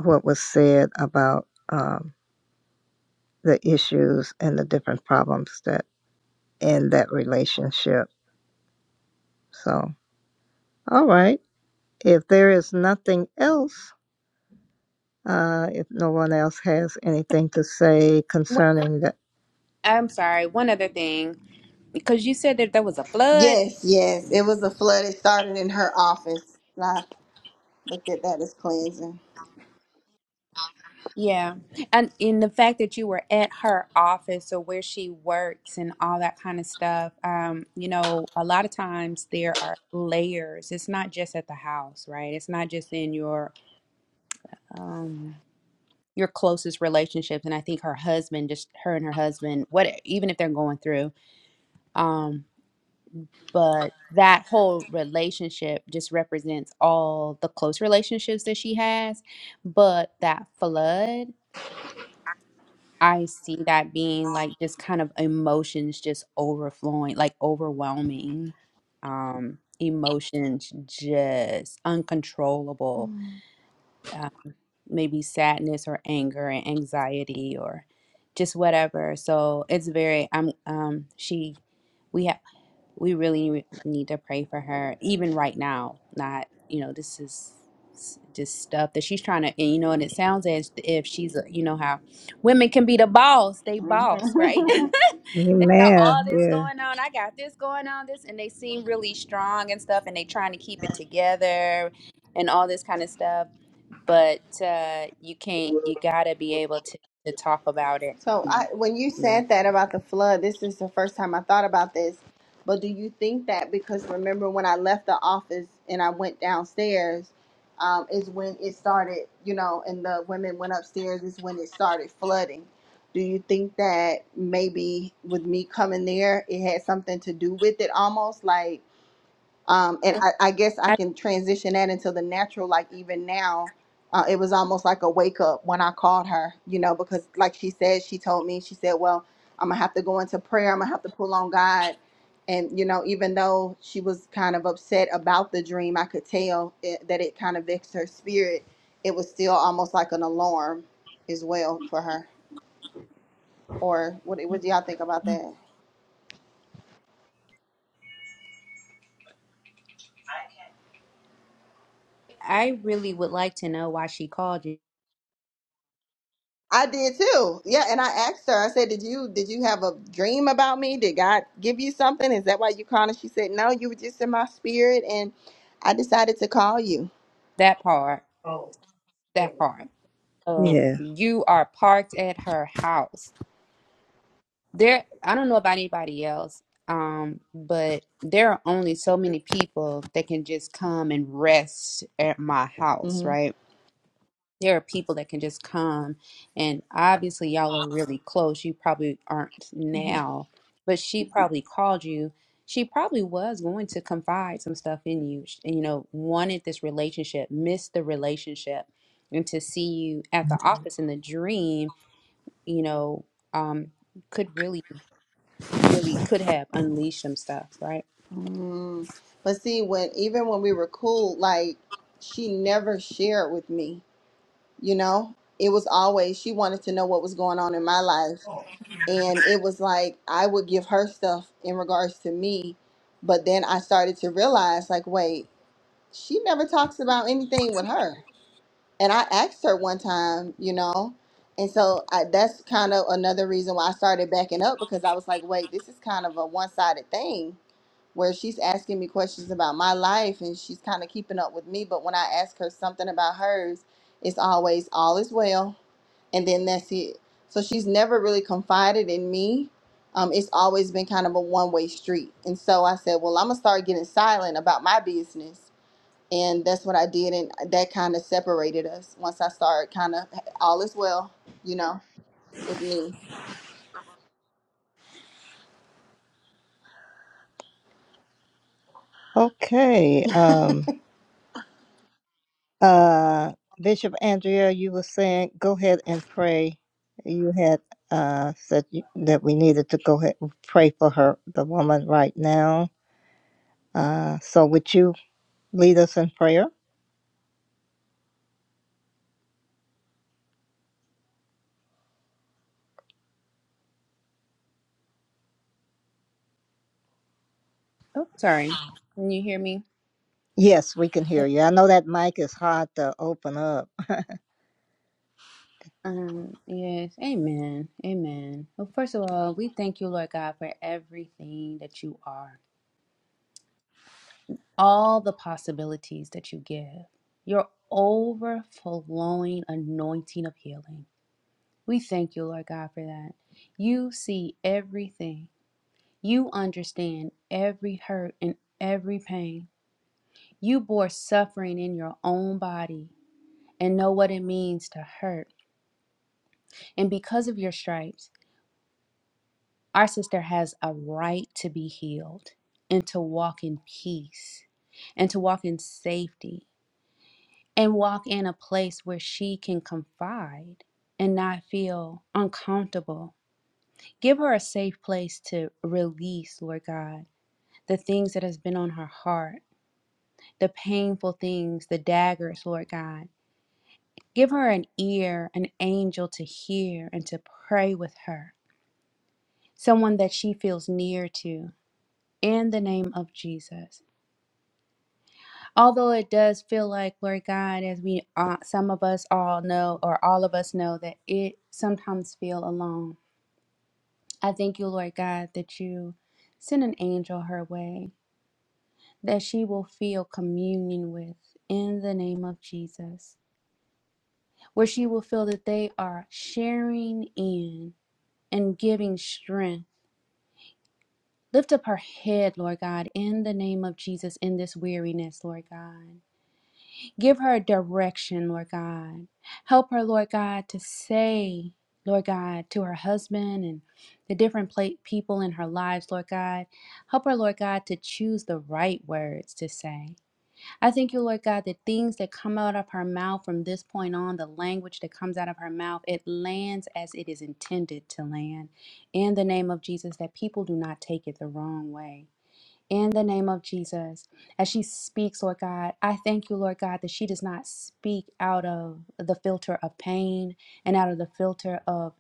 A: what was said about um, the issues and the different problems that in that relationship. So, all right. If there is nothing else, uh, if no one else has anything to say
H: One-
A: concerning that,
H: I'm sorry. One other thing, because you said that there was a flood.
K: Yes, yes. It was a flood. It started in her office. I looked at that as cleansing.
H: Yeah. And in the fact that you were at her office or where she works and all that kind of stuff, um, you know, a lot of times there are layers. It's not just at the house, right? It's not just in your um your closest relationships. And I think her husband, just her and her husband, what even if they're going through, um, but that whole relationship just represents all the close relationships that she has. But that flood. I see that being like just kind of emotions just overflowing, like overwhelming um emotions just uncontrollable,
K: Mm.
H: uh, maybe sadness or anger and anxiety or just whatever. So it's very I'm um she We have we really re- need to pray for her even right now not you know this is s- just stuff that she's trying to and you know and it sounds as if she's a, you know how women can be the boss they boss right
K: Mhm.
H: they got
A: Amen.
H: all this
A: Yeah,
H: going on i got this going on this and they seem really strong and stuff and they trying to keep it together and all this kind of stuff but uh you can't you gotta be able to to talk about it
K: so I, when you
H: man
K: said that about the flood, this is the first time I thought about this. But do you think that because remember when I left the office and I went downstairs, um, is when it started, you know, and the women went upstairs is when it started flooding. Do you think that maybe with me coming there, it had something to do with it almost like Um, and I, I guess I
H: i
K: can transition that into the natural. Like even now, uh, it was almost like a wake up when I called her, you know, because like she said, she told me, she said, well, I'm gonna have to go into prayer. I'm gonna have to pull on God. And, you know, even though she was kind of upset about the dream, I could tell it, that it kind of vexed her spirit. It was still almost like an alarm as well for her. Or what, what do y'all think about that?
H: i really would like to know why she called you
K: I did too. Yeah, and I asked her. I said, "Did you did you have a dream about me? Did God give you something? Is that why you called?" And she said, "No, you were just in my spirit, and I decided to call you."
H: that part that part. So
A: yeah.
H: you are parked at her house. There, I don't know about anybody else, um, but there are only so many people that can just come and rest at my house,
K: hmm
H: right? there are people that can just come and obviously y'all are really close you probably aren't
K: hmm
H: now but she Mhm. probably called you she probably was going to confide some stuff in you Sh- and you know wanted this relationship missed the relationship and to see you at the Mhm. office in the dream you know um could really really could have unleashed some stuff right
K: mm But see, when even when we were cool, like she never shared with me. You know, it was always she wanted to know what was going on in my life, and it was like I would give her stuff in regards to me, but then I started to realize, like, wait. she never talks about anything with her. And I asked her one time, you know, and so I, that's kind of another reason why I started backing up because I was like, wait, this is kind of a one sided thing where she's asking me questions about my life and she's kind of keeping up with me. But when I ask her something about hers, it's always all is well. And then that's it. So she's never really confided in me. Um, it's always been kind of a one way street. And so I said, well, I'm going to start getting silent about my business and that's what I did, and that kind of separated us. Once I started, kind of, all is well, you know, with me.
A: Okay. Um, uh, Bishop Andrea, you were saying, go ahead and pray. You had uh, said you- that we needed to go ahead and pray for her, the woman, right now. Uh, so would you lead us in prayer?
H: oh sorry can you hear me
A: Yes, we can hear you. I know that mic is hard to open up.
H: Um, yes, amen, amen. Well, first of all, we thank you, Lord God, for everything that you are, all the possibilities that you give, your overflowing anointing of healing. We thank you, Lord God, for that. You see everything, you understand every hurt and every pain. You bore suffering in your own body and know what it means to hurt. And because of your stripes, Our sister has a right to be healed and to walk in peace and to walk in safety and walk in a place where she can confide and not feel uncomfortable. Give her a safe place to release, Lord God, the things that has been on her heart, the painful things, the daggers, Lord God. Give her an ear, an angel to hear and to pray with her, someone that she feels near to. In the name of Jesus. Although it does feel like, Lord God, as we uh, some of us all know, or all of us know, that it sometimes feel alone. I thank you, Lord God, that you send an angel her way, that she will feel communion with in the name of Jesus, where she will feel that they are sharing in and giving strength. Lift up her head, Lord God, in the name of Jesus, in this weariness, Lord God. Give her direction, Lord God. Help her, Lord God, to say, Lord God, to her husband and the different pla people in her lives, Lord God. Help her, Lord God, to choose the right words to say. I thank you, Lord God, that things that come out of her mouth from this point on, the language that comes out of her mouth, it lands as it is intended to land. In the name of Jesus, that people do not take it the wrong way in the name of Jesus. As she speaks, Lord God, I thank you, Lord God, that she does not speak out of the filter of pain and out of the filter of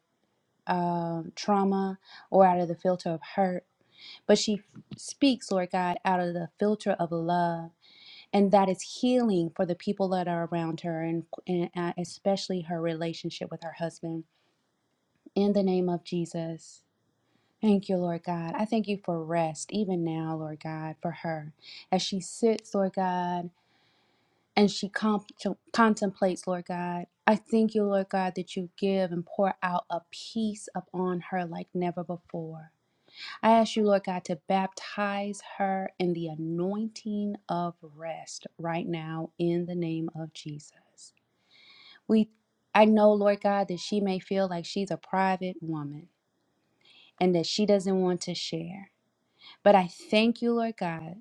H: um, trauma or out of the filter of hurt, but she speaks, Lord God, out of the filter of love, and that is healing for the people that are around her and, and uh, especially her relationship with her husband. In the name of Jesus. Thank you, Lord God. I thank you for rest, even now, Lord God, for her. As she sits, Lord God, and she comp- contemplates, Lord God, I thank you, Lord God, that you give and pour out a peace upon her like never before. I ask you, Lord God, to baptize her in the anointing of rest right now in the name of Jesus. We I know, Lord God, that she may feel like she's a private woman and that she doesn't want to share. But I thank you, Lord God,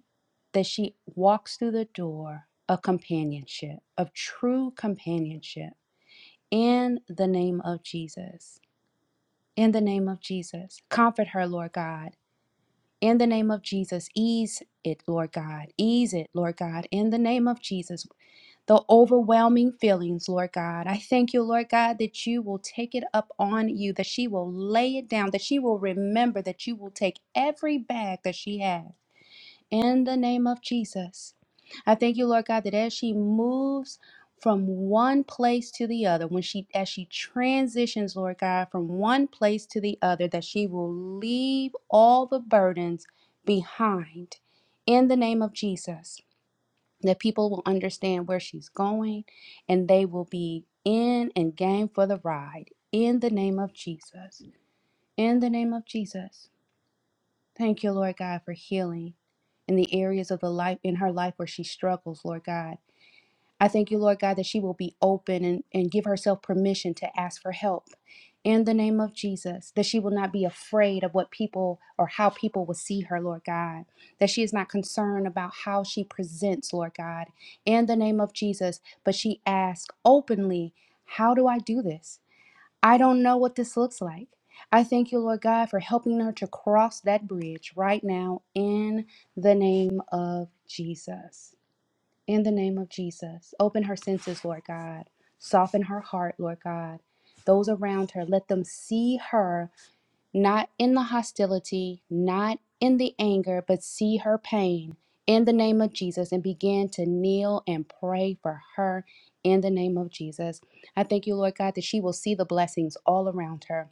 H: that she walks through the door of companionship, of true companionship, in the name of Jesus. In the name of Jesus. Comfort her, Lord God. In the name of Jesus, ease it, Lord God. Ease it, Lord God. In the name of Jesus, the overwhelming feelings, Lord God. I thank you, Lord God, that you will take it up on you, that she will lay it down, that she will remember that you will take every bag that she has in the name of Jesus. I thank you, Lord God, that as she moves from one place to the other, when she as she transitions, Lord God, from one place to the other, that she will leave all the burdens behind in the name of Jesus. That people will understand where she's going and they will be in and game for the ride in the name of Jesus. In the name of Jesus. Thank you, Lord God, for healing in the areas of the life in her life where she struggles, Lord God. I thank you, Lord God, that she will be open and, and give herself permission to ask for help in the name of Jesus, that she will not be afraid of what people or how people will see her, Lord God, that she is not concerned about how she presents, Lord God, in the name of Jesus, but she asks openly, How do I do this? I don't know what this looks like. I thank you, Lord God, for helping her to cross that bridge right now in the name of Jesus. In the name of Jesus. Open her senses, Lord God. Soften her heart, Lord God. Those around her, let them see her not in the hostility, not in the anger, but see her pain in the name of Jesus and begin to kneel and pray for her in the name of Jesus. I thank you, Lord God, that she will see the blessings all around her,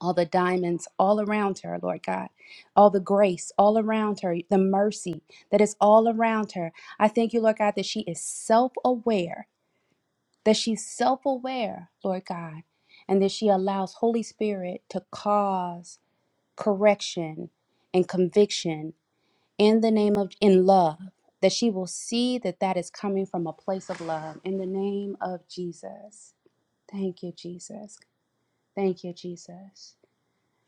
H: all the diamonds all around her, Lord God, all the grace all around her, the mercy that is all around her. I thank you, Lord God, that she is self aware, that she's self aware, Lord God, and that she allows Holy Spirit to cause correction and conviction in the name of in love that she will see that that is coming from a place of love in the name of Jesus. Thank you Jesus. Thank you Jesus.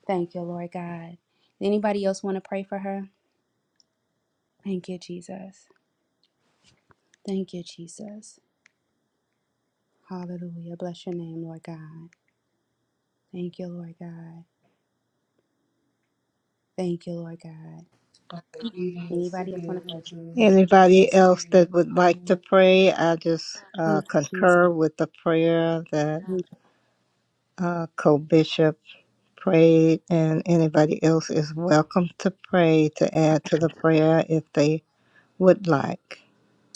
H: Thank you Lord God. Anybody else want to pray for her? Thank you Jesus. Thank you Jesus. Hallelujah. Bless your name Lord God. Thank you Lord God. Thank you Lord God. Anybody else want to pray? Thank you
A: Anybody
H: Jesus.
A: else that would like to pray? I just uh,
H: Thank you
A: concur
H: Jesus.
A: with the prayer that
H: Thank
A: uh, co-bishop prayed, and anybody else is welcome to pray to add to the prayer if they would like.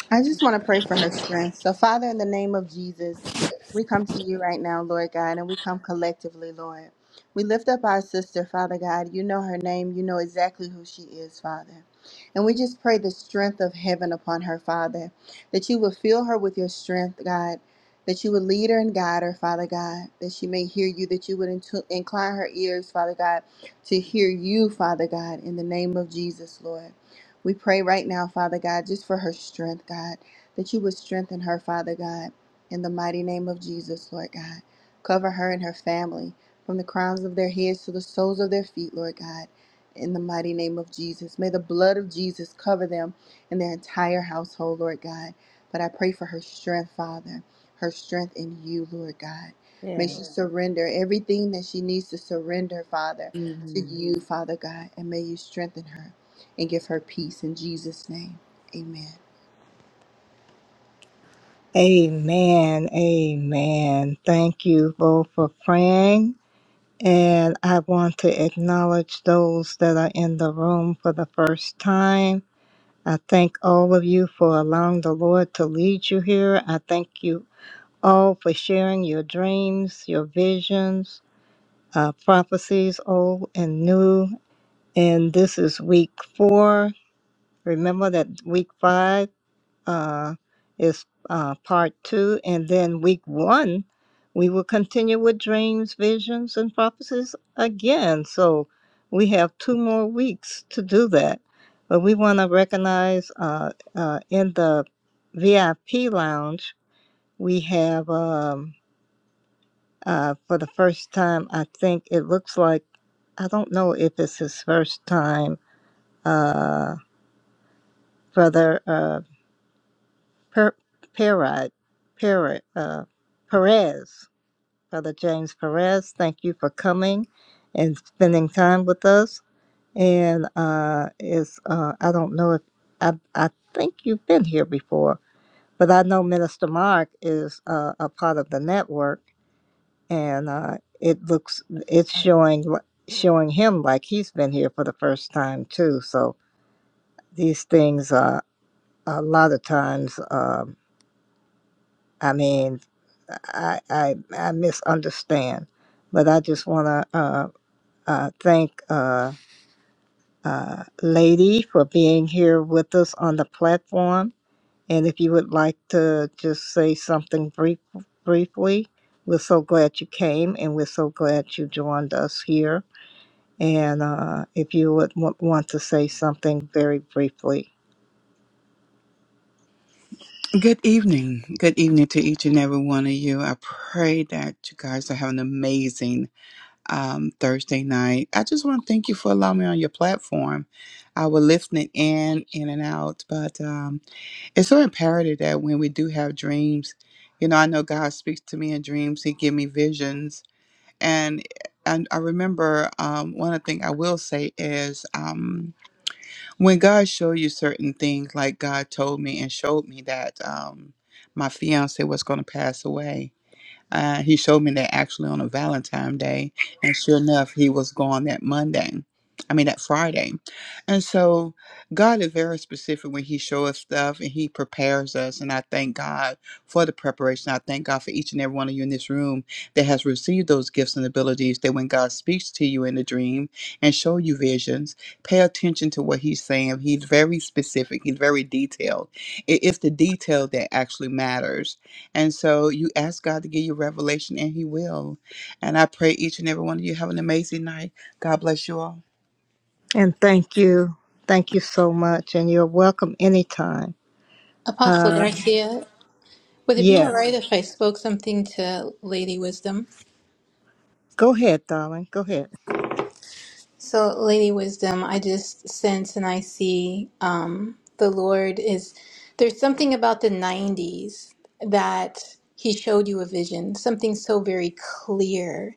K: I just want to pray for her strength. So, Father, in the name of Jesus, we come to you right now, Lord God, and we come collectively, Lord. We lift up our sister, Father God. You know her name, you know exactly who she is, Father. And we just pray the strength of heaven upon her, Father, that you will fill her with your strength, God, that you would lead her and guide her, Father God, that she may hear you, that you would intu- incline her ears, Father God, to hear you, Father God, in the name of Jesus, Lord. We pray right now, Father God, just for her strength, God, that you would strengthen her, Father God, in the mighty name of Jesus, Lord God. Cover her and her family from the crowns of their heads to the soles of their feet, Lord God, in the mighty name of Jesus. May the blood of Jesus cover them and their entire household, Lord God. But I pray for her strength, Father, her strength in you, Lord God.
H: you.
K: May
H: Yeah.
K: she surrender everything that she needs to surrender, Father, to
H: Mhm.
K: you, Father God, and may you strengthen her and give her peace in Jesus' name. Amen.
A: Amen. Amen. Thank you both for praying. And I want to acknowledge those that are in the room for the first time. I thank all of you for allowing the Lord to lead you here. I thank you all for sharing your dreams, your visions, uh, prophecies, old and new. And this is week four. Remember that week five uh, is uh, part two. And then week one, we will continue with dreams, visions, and prophecies again. So we have two more weeks to do that. But we want to recognize uh, uh, in the VIP lounge, we have um, uh, for the first time, I think it looks like, I don't know if it's his first time, uh, Brother. uh, Per, Perrot, Perrot, uh, Perez, Brother James Perez, thank you for coming and spending time with us. And uh, it's, uh, I don't know if, I, I think you've been here before, but I know Minister Mark is uh, a part of the network and uh, it looks, it's showing, showing him like he's been here for the first time too. So these things, uh, a lot of times, um I mean, I I, I misunderstand, but I just want to uh, uh, thank uh, uh, Lady for being here with us on the platform. And if you would like to just say something brief, briefly, we're so glad you came, and we're so glad you joined us here. And uh, if you would w- want to say something very briefly,
M: Good evening. Good evening to each and every one of you. I pray that you guys are having an amazing um, Thursday night. I just want to thank you for allowing me on your platform. I was listening in, in and out, but um, it's so imperative that when we do have dreams, you know, I know God speaks to me in dreams. He give me visions, and and I remember um, one of the things I will say is. Um, when God showed you certain things, like God told me and showed me that um, my fiance was going to pass away, uh, he showed me that actually on a Valentine day, and sure enough, he was gone that Monday. I mean that Friday, and so God is very specific when He shows us stuff and He prepares us. And I thank God for the preparation. I thank God for each and every one of you in this room that has received those gifts and abilities. That when God speaks to you in a dream and show you visions, pay attention to what He's saying. He's very specific. He's very detailed. It is the detail that actually matters and so you ask God to give you revelation, and He will. And I pray each and every one of you have an amazing night. God bless you all.
A: and thank you, thank you so much, and you're welcome anytime.
J: Apostle
A: Uh,
J: Garcia, would it be all
A: yes.
J: right if I spoke something to Lady Wisdom?
A: Go ahead, darling. Go ahead.
J: So, Lady Wisdom, I just sense and I see um, the Lord is there's something about the 90s that He showed you a vision, something so very clear.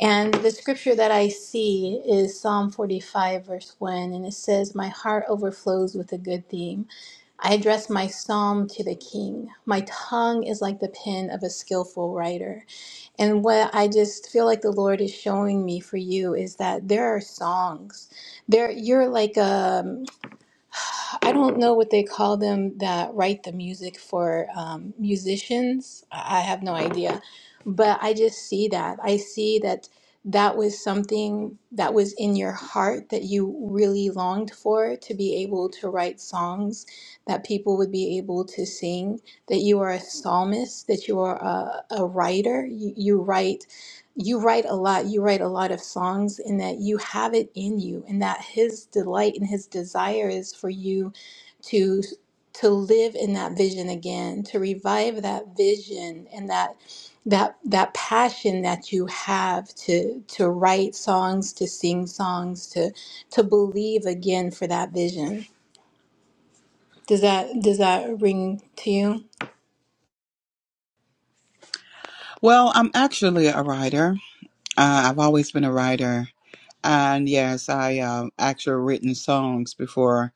J: And the scripture that I see is Psalm 45, verse 1, and it says, My heart overflows with a good theme. I address my psalm to the king. My tongue is like the pen of a skillful writer. And what I just feel like the Lord is showing me for you is that there are songs. There you're like um I don't know what they call them that write the music for um, musicians. I I have no idea. But I just see that. I see that that was something that was in your heart that you really longed for to be able to write songs that people would be able to sing, that you are a psalmist, that you are a, a writer. You, you write you write a lot you write a lot of songs in that you have it in you and that his delight and his desire is for you to to live in that vision again to revive that vision and that that that passion that you have to to write songs to sing songs to to believe again for that vision does that does that ring to you
M: Well, I'm actually a writer. Uh, I've always been a writer, and yes, I um actually written songs before.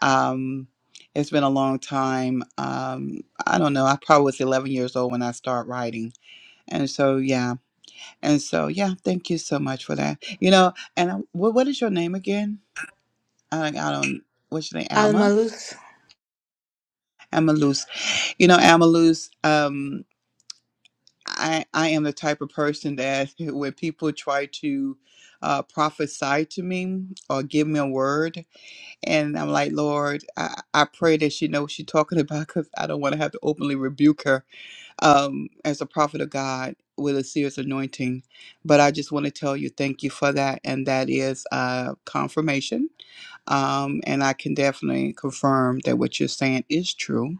M: Um, it's been a long time. Um, I don't know. I probably was 11 years old when I started writing, and so yeah, and so yeah. Thank you so much for that. You know, and I, what what is your name again? I, I don't. What's your name?
J: alma
M: Alma.
J: luz
M: Alma You know, Amalus, um, I, I am the type of person that when people try to uh, prophesy to me or give me a word, and I'm like, Lord, I, I pray that she knows what she's talking about because I don't want to have to openly rebuke her um, as a prophet of God with a serious anointing. But I just want to tell you thank you for that. And that is uh, confirmation. Um, and I can definitely confirm that what you're saying is true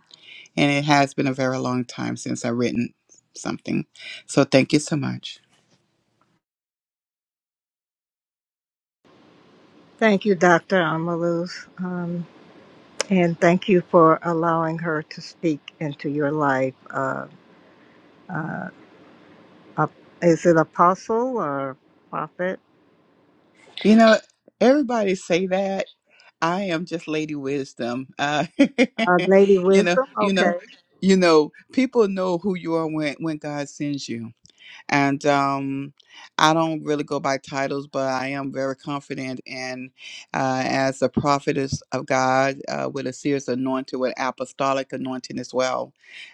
M: and it has been a very long time since I've written something. So thank you so much.
A: Thank you, Dr. Amaluz. Um, and thank you for allowing her to speak into your life. Uh, uh, ap- is it apostle or prophet?
M: You know, everybody say that. I am just Lady Wisdom. Uh,
A: Uh, Lady
M: you know,
A: Wisdom?
M: you know,
A: Okay.
M: you know. People know who you are when when God sends you. and um, I don't really go by titles, but I am very confident in uh, as a prophetess of God uh, with a serious anointing, with apostolic anointing as well.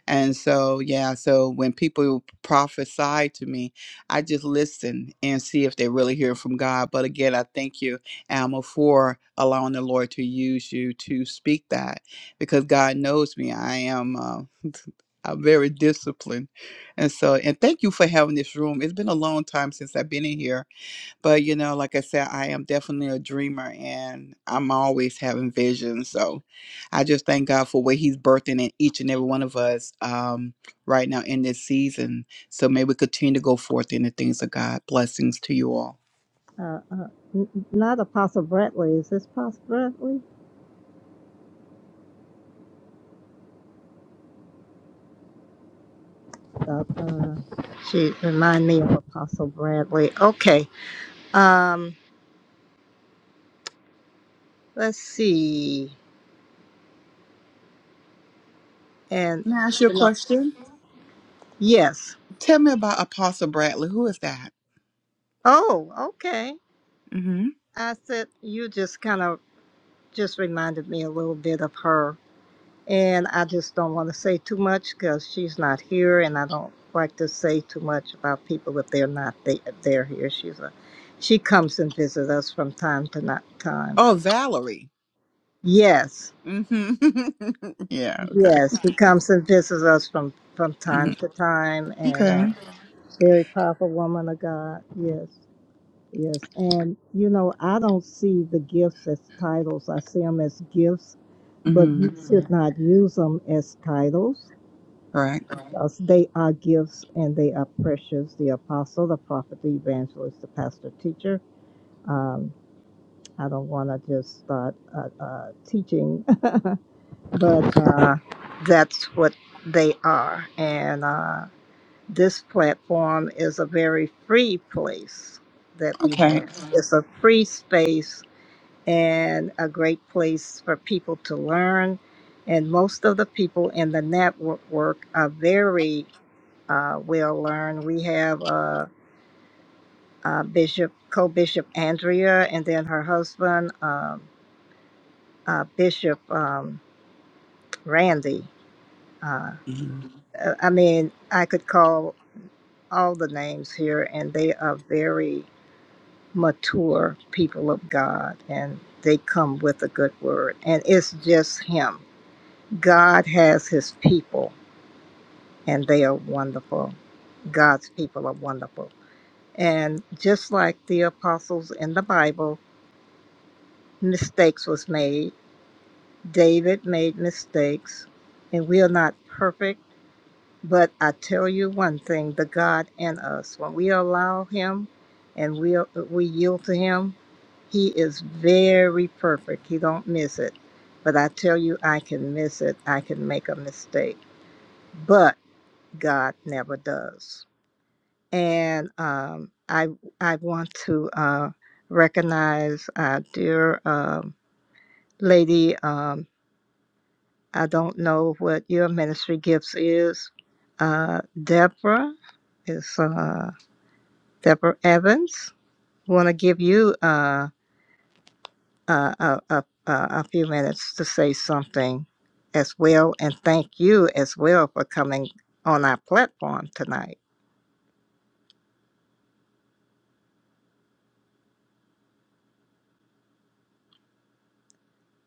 M: And so, yeah, so when people prophesy to me, I just listen and see if they really hear from God. But again, I thank you, Alma, for allowing the Lord to use you to speak that because God knows me. I am. Uh, I'm very disciplined and so, and thank you for having this room. It's been a long time since I've been in here, but you know, like I said, I am definitely a dreamer and I'm always having visions. So I just thank God for what He's birthing in each and every one of us um, right now in this season. So may we continue to go forth in the things of God. Blessings to you all.
A: Uh, uh, n- n- not Apostle Bradley. Is this Apostle Bradley? Uh, uh, she remind me of Apostle Bradley. Okay. Um, let's see. And,
M: Can I ask you a
A: you know,
M: question?
A: yes.
M: Tell me about Apostle Bradley. Who is that?
A: Oh, okay.
M: hmm
A: I said you just kind of just reminded me a little bit of her, and I just don't want to say too much because she's not here, and I don't like to say too much about people if they're not they, they're here. She's a she comes and visits us from time to not time.
M: Oh, Valerie.
A: Yes,
M: hmm yeah, okay.
A: yes, she comes and visits us from from time
M: hmm
A: to time, and uh,
M: Okay.
A: very powerful woman of God. Yes. Yes, and you know, I don't see the gifts as titles. I see them as gifts, but
M: hmm
A: you should not use them as titles
M: Correct.
A: because they are gifts and they are precious. The apostle, the prophet, the evangelist, the pastor, teacher. Um, I don't want to just start uh, uh, teaching, but uh, that's what they are. And uh, this platform is a very free place that we
M: Okay.
A: have. It's a free space and a great place for people to learn. And most of the people in the network are very uh, well learned. We have uh, uh, Bishop, co Bishop Andrea, and then her husband, um, uh, Bishop um, Randy. Uh,
M: Mhm.
A: uh, I mean, I could call all the names here, and they are very mature people of God, and they come with a good word. And it's just him. God has his people, and they are wonderful. God's people are wonderful. And just like the apostles in the Bible, mistakes was made. David made mistakes, and we are not perfect, but I tell you one thing, the God in us, when we allow him and we we yield to him, he is very perfect. He don't miss it. But I tell you I can miss it. I can make a mistake. but. God never does. And um, I I want to uh, recognize our dear um, lady. Um, I don't know what your ministry gifts is. Uh, Deborah is uh, Deborah Evans. Want to give you uh, uh, a, a, a a few minutes to say something as well, and thank you as well for coming on our platform tonight.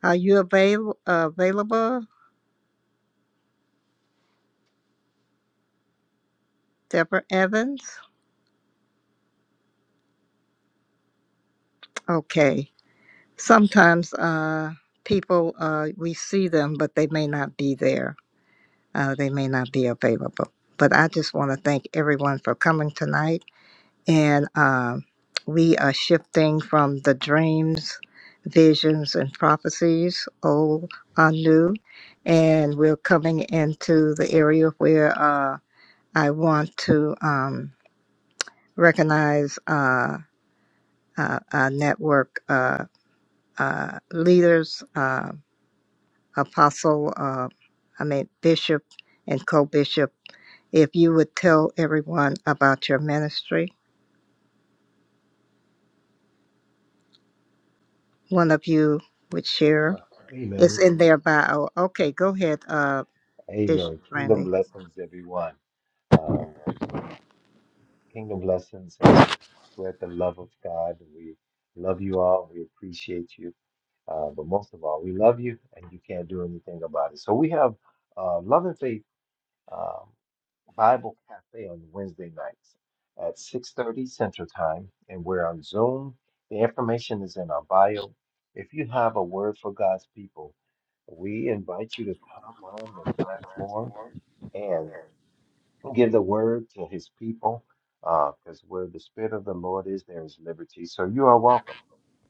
A: Are you avail- available? Deborah Evans. Okay. Sometimes uh, people, uh, we see them, but they may not be there. Uh, they may not be available. But I just want to thank everyone for coming tonight. And um, we are shifting from the dreams, visions, and prophecies, old on new. And we're coming into the area where uh, I want to um, recognize uh, uh, a network. Uh, uh, leaders, uh, apostle, uh, I mean, bishop and co bishop, if you would tell everyone about your ministry, one of you would share.
G: Wow.
A: It's
G: Amen.
A: in their bio. Okay, go ahead, uh, Bishop
G: Amen. Kingdom
A: Randy.
G: blessings, everyone. Um, kingdom blessings, and spread the love of God. We love you all. We appreciate you. Uh, but most of all, we love you, and you can't do anything about it. So we have uh, love and faith um, Bible Cafe on Wednesday nights at 6:30 Central Time, and we're on Zoom. The information is in our bio. If you have a word for God's people, we invite you to come on the platform and give the word to His people, because where the Spirit of the Lord is, there is liberty. So you are welcome.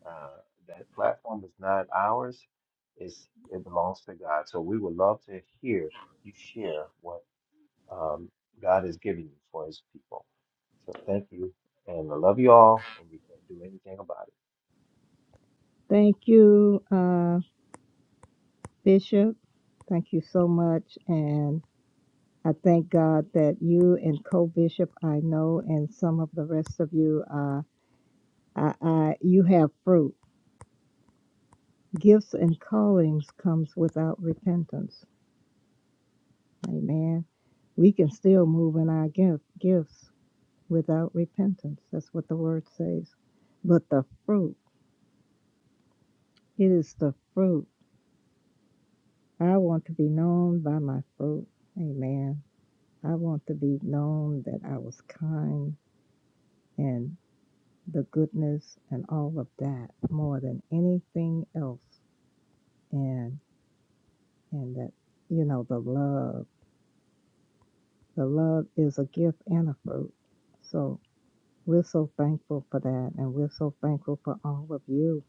G: Uh, that platform is not ours; it's, it belongs to God. So we would love to hear you share what um, God is giving you for his people. So thank you. And I love you all, and you can't do anything about it.
A: Thank you, uh, Bishop. Thank you so much. And I thank God that you and co bishop, I know, and some of the rest of you, uh, I, I, you have fruit gifts and callings comes without repentance. Amen. We can still move in our gift, gifts without repentance. That's what the word says. But the fruit, it is the fruit. I want to be known by my fruit. Amen. I want to be known that I was kind and the goodness and all of that more than anything else. And and that, you know, the love. The love is a gift and a fruit. So We're so thankful for that, and we're so thankful for all of you.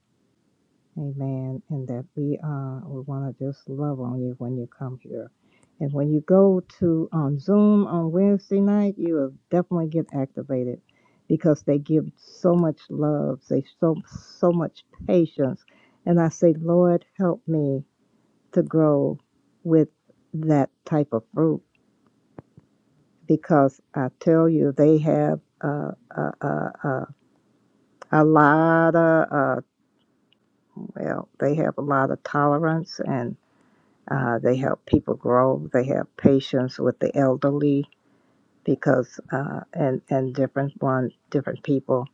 A: Amen. And that we uh we want to just love on you when you come here, and when you go to on Zoom on Wednesday night, you will definitely get activated, because they give so much love, they so so much patience, and I say, Lord, help me to grow with that type of fruit, because I tell you, they have uh, uh, uh, uh, a lot of uh, well they have a lot of tolerance and uh, they help people grow they have patience with the elderly because uh, and and different one different people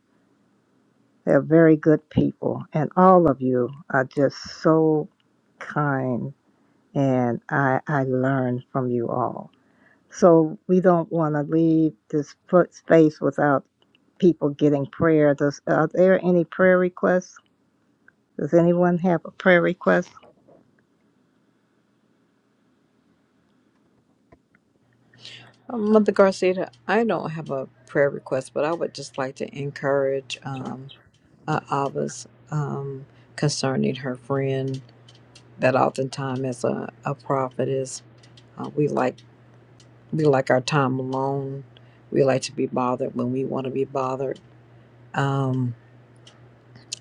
A: they're very good people and all of you are just so kind and i i learn from you all so we don't want to leave this foot space without people getting prayer does are there any prayer requests does anyone have a prayer request
I: Uh, Mother Garcia, I don't have a prayer request, but I would just like to encourage um, uh, Abba's um, concerning her friend that oftentimes as a, a prophetess, uh, we like we like our time alone. We like to be bothered when we want to be bothered. Um,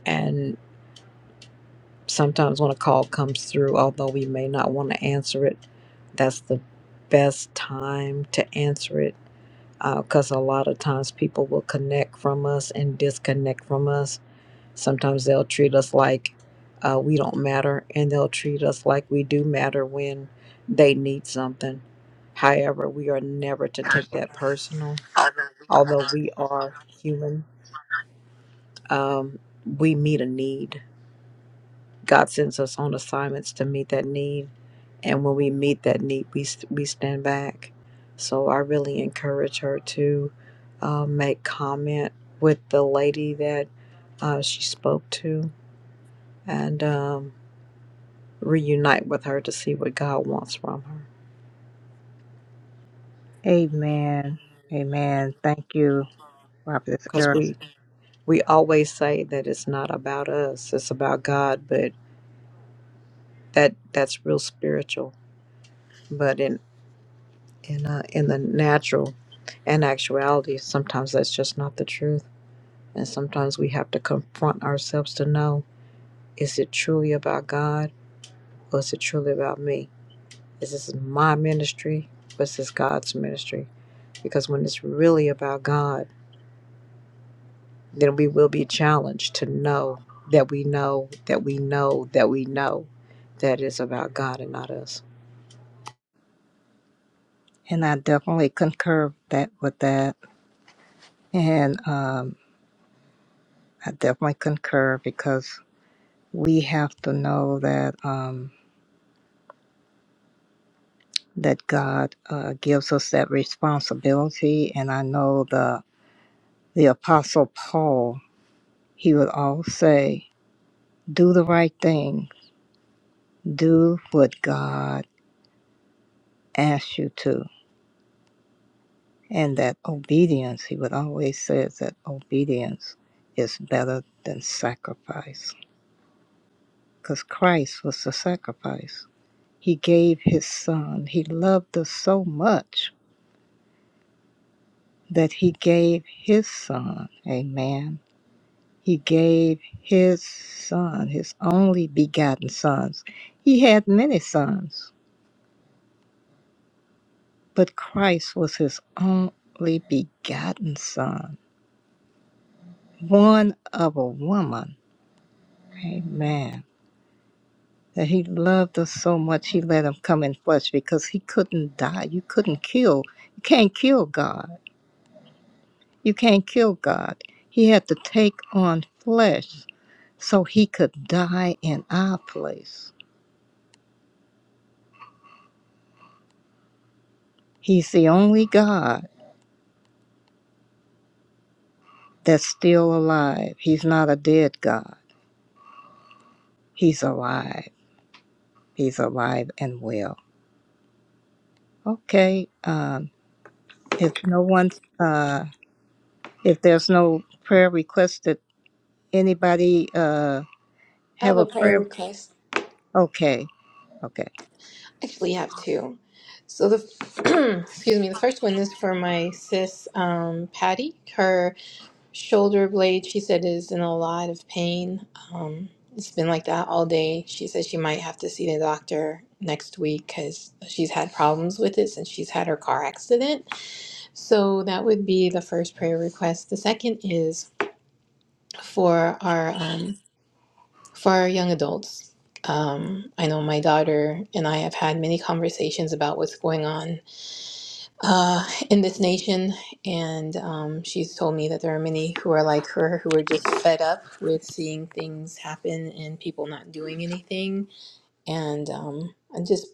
I: and sometimes when a call comes through, although we may not want to answer it, that's the best time to answer it because a lot of times people will connect from us and disconnect from us. Sometimes they'll treat us like uh, we don't matter, and they'll treat us like we do matter when they need something. However, we are never to take that personal. Although we are human, um, we meet a need God sends us on assignments to meet that need, and when we meet that need, we s- we stand back. So I really encourage her to uh, make comment with the lady that uh, she spoke to, and um, reunite with her to see what God wants from her.
A: Amen. Amen. Thank you, Prophetess
I: Because
A: Eric.
I: we we always say that it's not about us; it's about God, but that that's real spiritual. But in in uh, in the natural and actuality sometimes that's just not the truth and sometimes we have to confront ourselves to know is it truly about god or is it truly about me is this my ministry or is this god's ministry because when it's really about god then we will be challenged to know that we know that we know that we know that it's about god and not us
A: And I definitely concur that with that. And um, I definitely concur because we have to know that um, that God uh, gives us that responsibility. And I know the the Apostle Paul, he would all say, "Do the right thing. Do what God asks you to." and that obedience, he would always say that obedience is better than sacrifice because Christ was the sacrifice. He gave his son. He loved us so much that he gave his son. Amen. He gave his son, his only begotten sons. He had many sons, but Christ was his only begotten son, born of a woman. Amen that he loved us so much he let him come in flesh because he couldn't die you couldn't kill you can't kill god you can't kill god he had to take on flesh so he could die in our place he's the only god that's still alive he's not a dead god he's alive he's alive and well okay um if no one uh if there's no prayer requested anybody uh
J: i have
A: have
J: a
A: a
J: prayer
A: prayer
J: request
A: okay Okay.
J: Actually, have two. So the excuse me, the first one is for my sis um, Patty. Her shoulder blade, she said, is in a lot of pain. Um, it's been like that all day. She said she might have to see the doctor next week because she's had problems with it since she's had her car accident. So that would be the first prayer request. The second is for our um, for young adults. Um, I know my daughter and I have had many conversations about what's going on uh, in this nation, and um, she's told me that there are many who are like her who are just fed up with seeing things happen and people not doing anything. And um, I just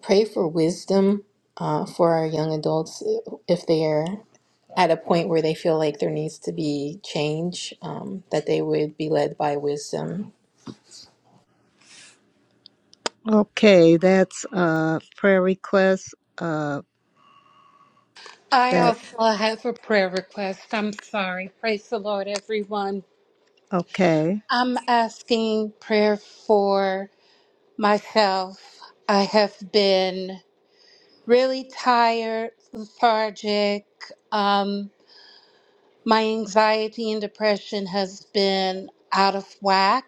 J: pray for wisdom uh, for our young adults uh, if they're at a point where they feel like there needs to be change, um, that they would be led by wisdom
A: Okay, that's uh prayer request. Uh
N: I
A: that
N: also have a prayer request. I'm sorry. Praise the Lord, everyone.
A: okay.
N: I'm asking prayer for myself. I have been really tired, lethargic. Um, my anxiety and depression has been out of whack.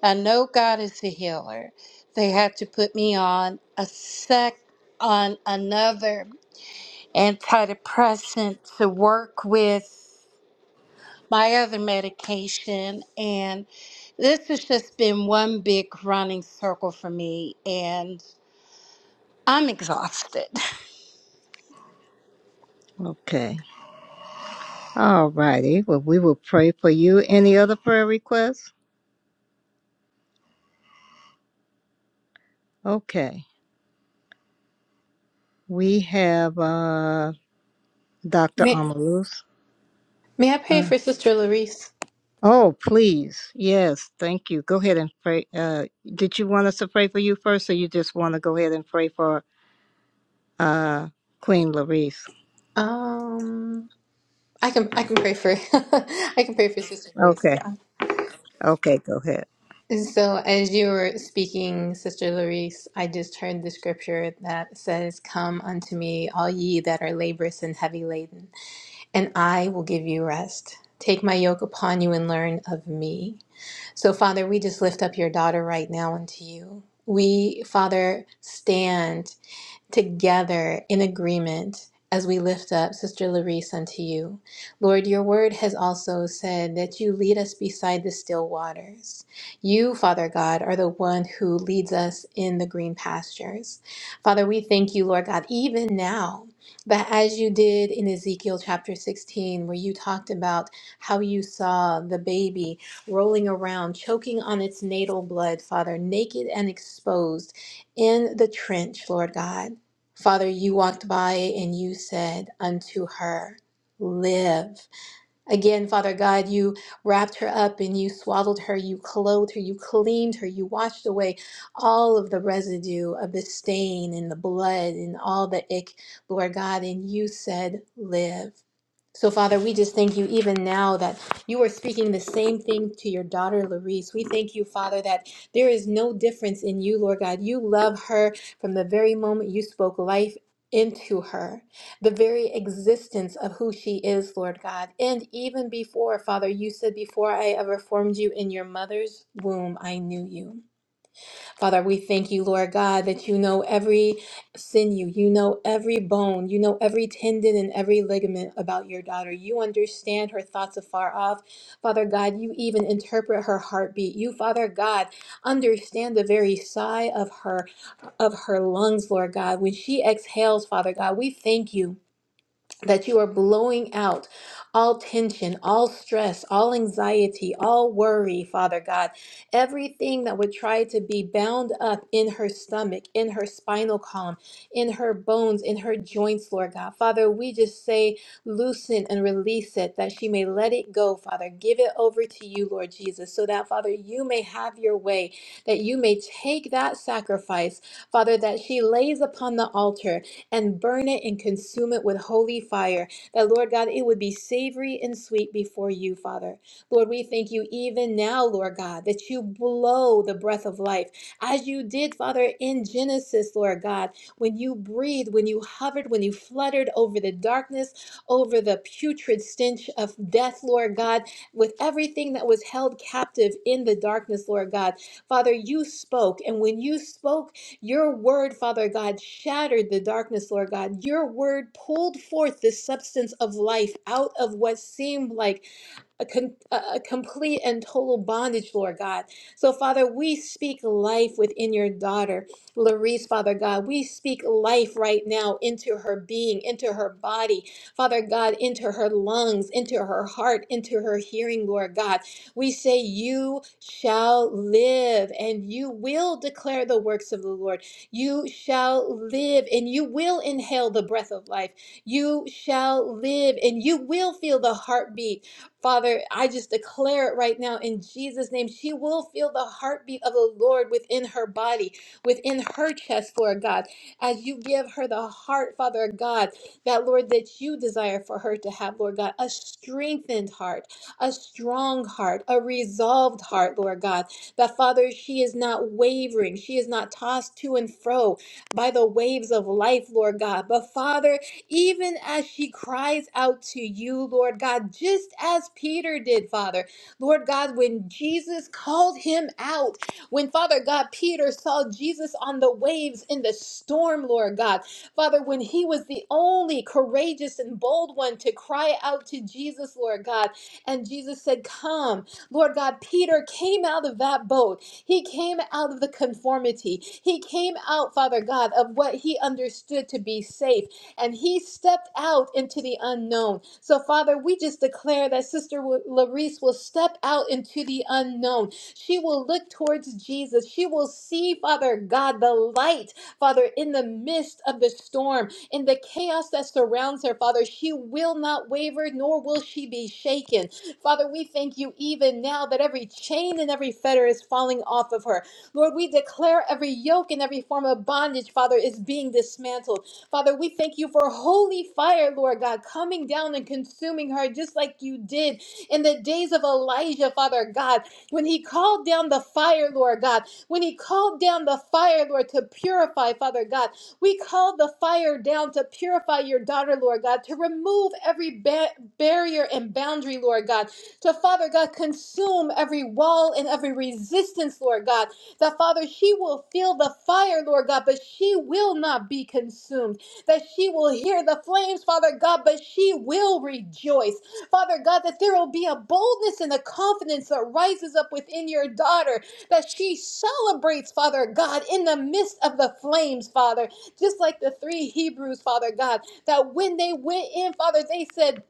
N: I know God is a healer. They had to put me on a sec on another antidepressant to work with my other medication and this has just been one big running circle for me and I'm exhausted.
A: Okay. All righty. Well we will pray for you. Any other prayer requests? Okay. We have uh Dr.
J: Ma-
A: Amalus.
J: May I pray
A: Uh,
J: for Sister Larice?
A: oh, please. Yes, thank you. Go ahead and pray. Uh did you want us to pray for you first or you just want to go ahead and pray for uh Queen Larice?
J: Um, I can I can pray for I can pray for Sister Larice.
A: Okay.
J: Yeah.
A: Okay, go ahead.
J: And so as you were speaking, Sister Larice, I just heard the scripture that says, "Come unto me, all ye that are laborious and heavy laden, and I will give you rest." Take my yoke upon you and learn of me. So, Father, we just lift up your daughter right now unto you. We, Father, stand together in agreement as we lift up Sister Larice unto you. Lord, your word has also said that you lead us beside the still waters. You, Father God, are the one who leads us in the green pastures. Father, we thank you, Lord God, even now. That as you did in Ezekiel chapter 16, where you talked about how you saw the baby rolling around, choking on its natal blood, Father, naked and exposed in the trench, Lord God. Father, you walked by and you said unto her, Live. Again, Father God, you wrapped her up and you swaddled her, you clothed her, you cleaned her, you washed away all of the residue of the stain and the blood and all the ick, Lord God, and you said, Live. So, Father, we just thank you even now that you are speaking the same thing to your daughter, Larice. We thank you, Father, that there is no difference in you, Lord God. You love her from the very moment you spoke life into her the very existence of who she is, Lord God. And even before, Father, you said, Before I ever formed you in your mother's womb, I knew you. Father, we thank you, Lord God, that you know every sinew, you know every bone, you know every tendon and every ligament about your daughter. You understand her thoughts afar off. Father God, you even interpret her heartbeat. You, Father God, understand the very sigh of her of her lungs, Lord God. When she exhales, Father God, we thank you that you are blowing out all tension, all stress, all anxiety, all worry, Father God. Everything that would try to be bound up in her stomach, in her spinal column, in her bones, in her joints, Lord God. Father, we just say, loosen and release it that she may let it go, Father. Give it over to you, Lord Jesus, so that, Father, you may have your way, that you may take that sacrifice, Father, that she lays upon the altar and burn it and consume it with holy fire. That, Lord God, it would be savory and sweet before you, Father. Lord, we thank you even now, Lord God, that you blow the breath of life as you did, Father, in Genesis, Lord God, when you breathed, when you hovered, when you fluttered over the darkness, over the putrid stench of death, Lord God, with everything that was held captive in the darkness, Lord God. Father, you spoke, and when you spoke, your word, Father God, shattered the darkness, Lord God. Your word pulled forth the substance of life out of what seemed like a, con- a complete and total bondage, Lord God. So, Father, we speak life within your daughter, Larice, Father God. We speak life right now into her being, into her body, Father God, into her lungs, into her heart, into her hearing, Lord God. We say, You shall live and you will declare the works of the Lord. You shall live and you will inhale the breath of life. You shall live and you will feel the heartbeat Father, I just declare it right now in Jesus' name. She will feel the heartbeat of the Lord within her body, within her chest, Lord God, as you give her the heart, Father God, that Lord, that you desire for her to have, Lord God, a strengthened heart, a strong heart, a resolved heart, Lord God, that Father, she is not wavering, she is not tossed to and fro by the waves of life, Lord God, but Father, even as she cries out to you, Lord God, just as Peter did, Father. Lord God, when Jesus called him out, when Father God, Peter saw Jesus on the waves in the storm, Lord God, Father, when he was the only courageous and bold one to cry out to Jesus, Lord God, and Jesus said, Come, Lord God, Peter came out of that boat. He came out of the conformity. He came out, Father God, of what he understood to be safe and he stepped out into the unknown. So, Father, we just declare that Sister Larice will step out into the unknown. She will look towards Jesus. She will see, Father God, the light, Father, in the midst of the storm, in the chaos that surrounds her, Father. She will not waver, nor will she be shaken. Father, we thank you even now that every chain and every fetter is falling off of her. Lord, we declare every yoke and every form of bondage, Father, is being dismantled. Father, we thank you for holy fire, Lord God, coming down and consuming her just like you did in the days of Elijah, Father God, when he called down the fire, Lord God, when he called down the fire, Lord, to purify, Father God. We called the fire down to purify your daughter, Lord God, to remove every ba- barrier and boundary, Lord God, to Father God, consume every wall and every resistance, Lord God, that Father, she will feel the fire, Lord God, but she will not be consumed that she will hear the flames, Father God, but she will rejoice. Father God, that there will be a boldness and a confidence that rises up within your daughter, that she celebrates, Father God, in the midst of the flames, Father, just like the three Hebrews, Father God, that when they went in, Father, they said,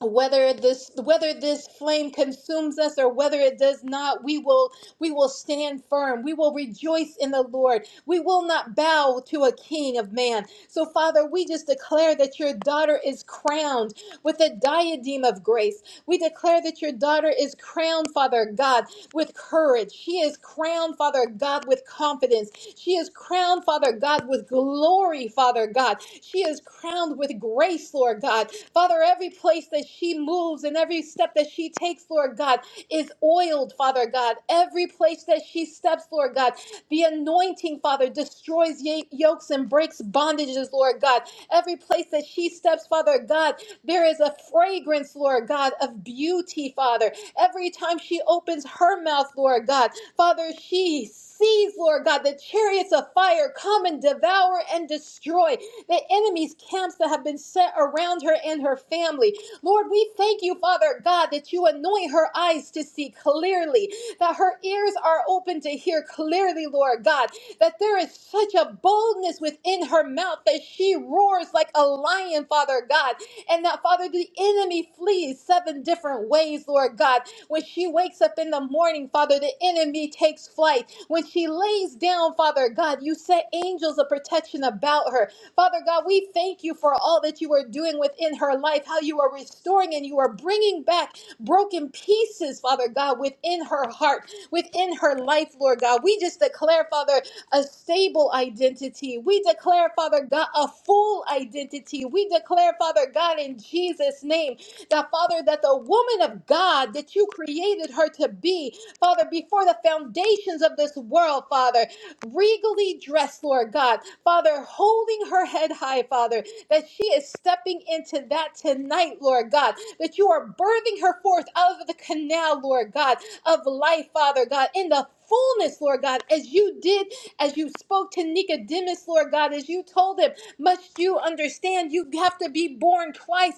J: whether this whether this flame consumes us or whether it does not we will we will stand firm we will rejoice in the lord we will not bow to a king of man so father we just declare that your daughter is crowned with a diadem of grace we declare that your daughter is crowned father god with courage. She is crowned, Father God, with confidence. She is crowned, Father God, with glory, Father God. She is crowned with grace, Lord God. Father, every place that she moves and every step that she takes, Lord God, is oiled, Father God. Every place that she steps, Lord God, the anointing, Father, destroys ye- yokes and breaks bondages, Lord God. Every place that she steps, Father God, there is a fragrance, Lord God, of beauty, Father. Every time she opens her mouth, Lord God, Father, she sees, Lord God, the chariots of fire come and devour and destroy the enemy's camps that have been set around her and her family. Lord, we thank you, Father God, that you anoint her eyes to see clearly, that her ears are open to hear clearly, Lord God, that there is such a boldness within her mouth that she roars like a lion, Father God, and that, Father, the enemy flees seven different ways, Lord God. When she wakes up in the morning, Father, the enemy takes flight. When she lays down, Father God, you set angels of protection about her. Father God, we thank you for all that you are doing within her life, how you are restoring and you are bringing back broken pieces, Father God, within her heart, within her life, Lord God. We just declare, Father, a stable identity. We declare, Father God, a full identity. We declare, Father God, in Jesus' name, that Father, that the woman of God that you created her to be, Father, before the foundations of this world, Father, regally dressed, Lord God, Father, holding her head high, Father, that she is stepping into that tonight, Lord God, that you are birthing her forth out of the canal, Lord God, of life, Father God, in the fullness, Lord God, as you did as you spoke to Nicodemus, Lord God, as you told him, must you understand you have to be born twice,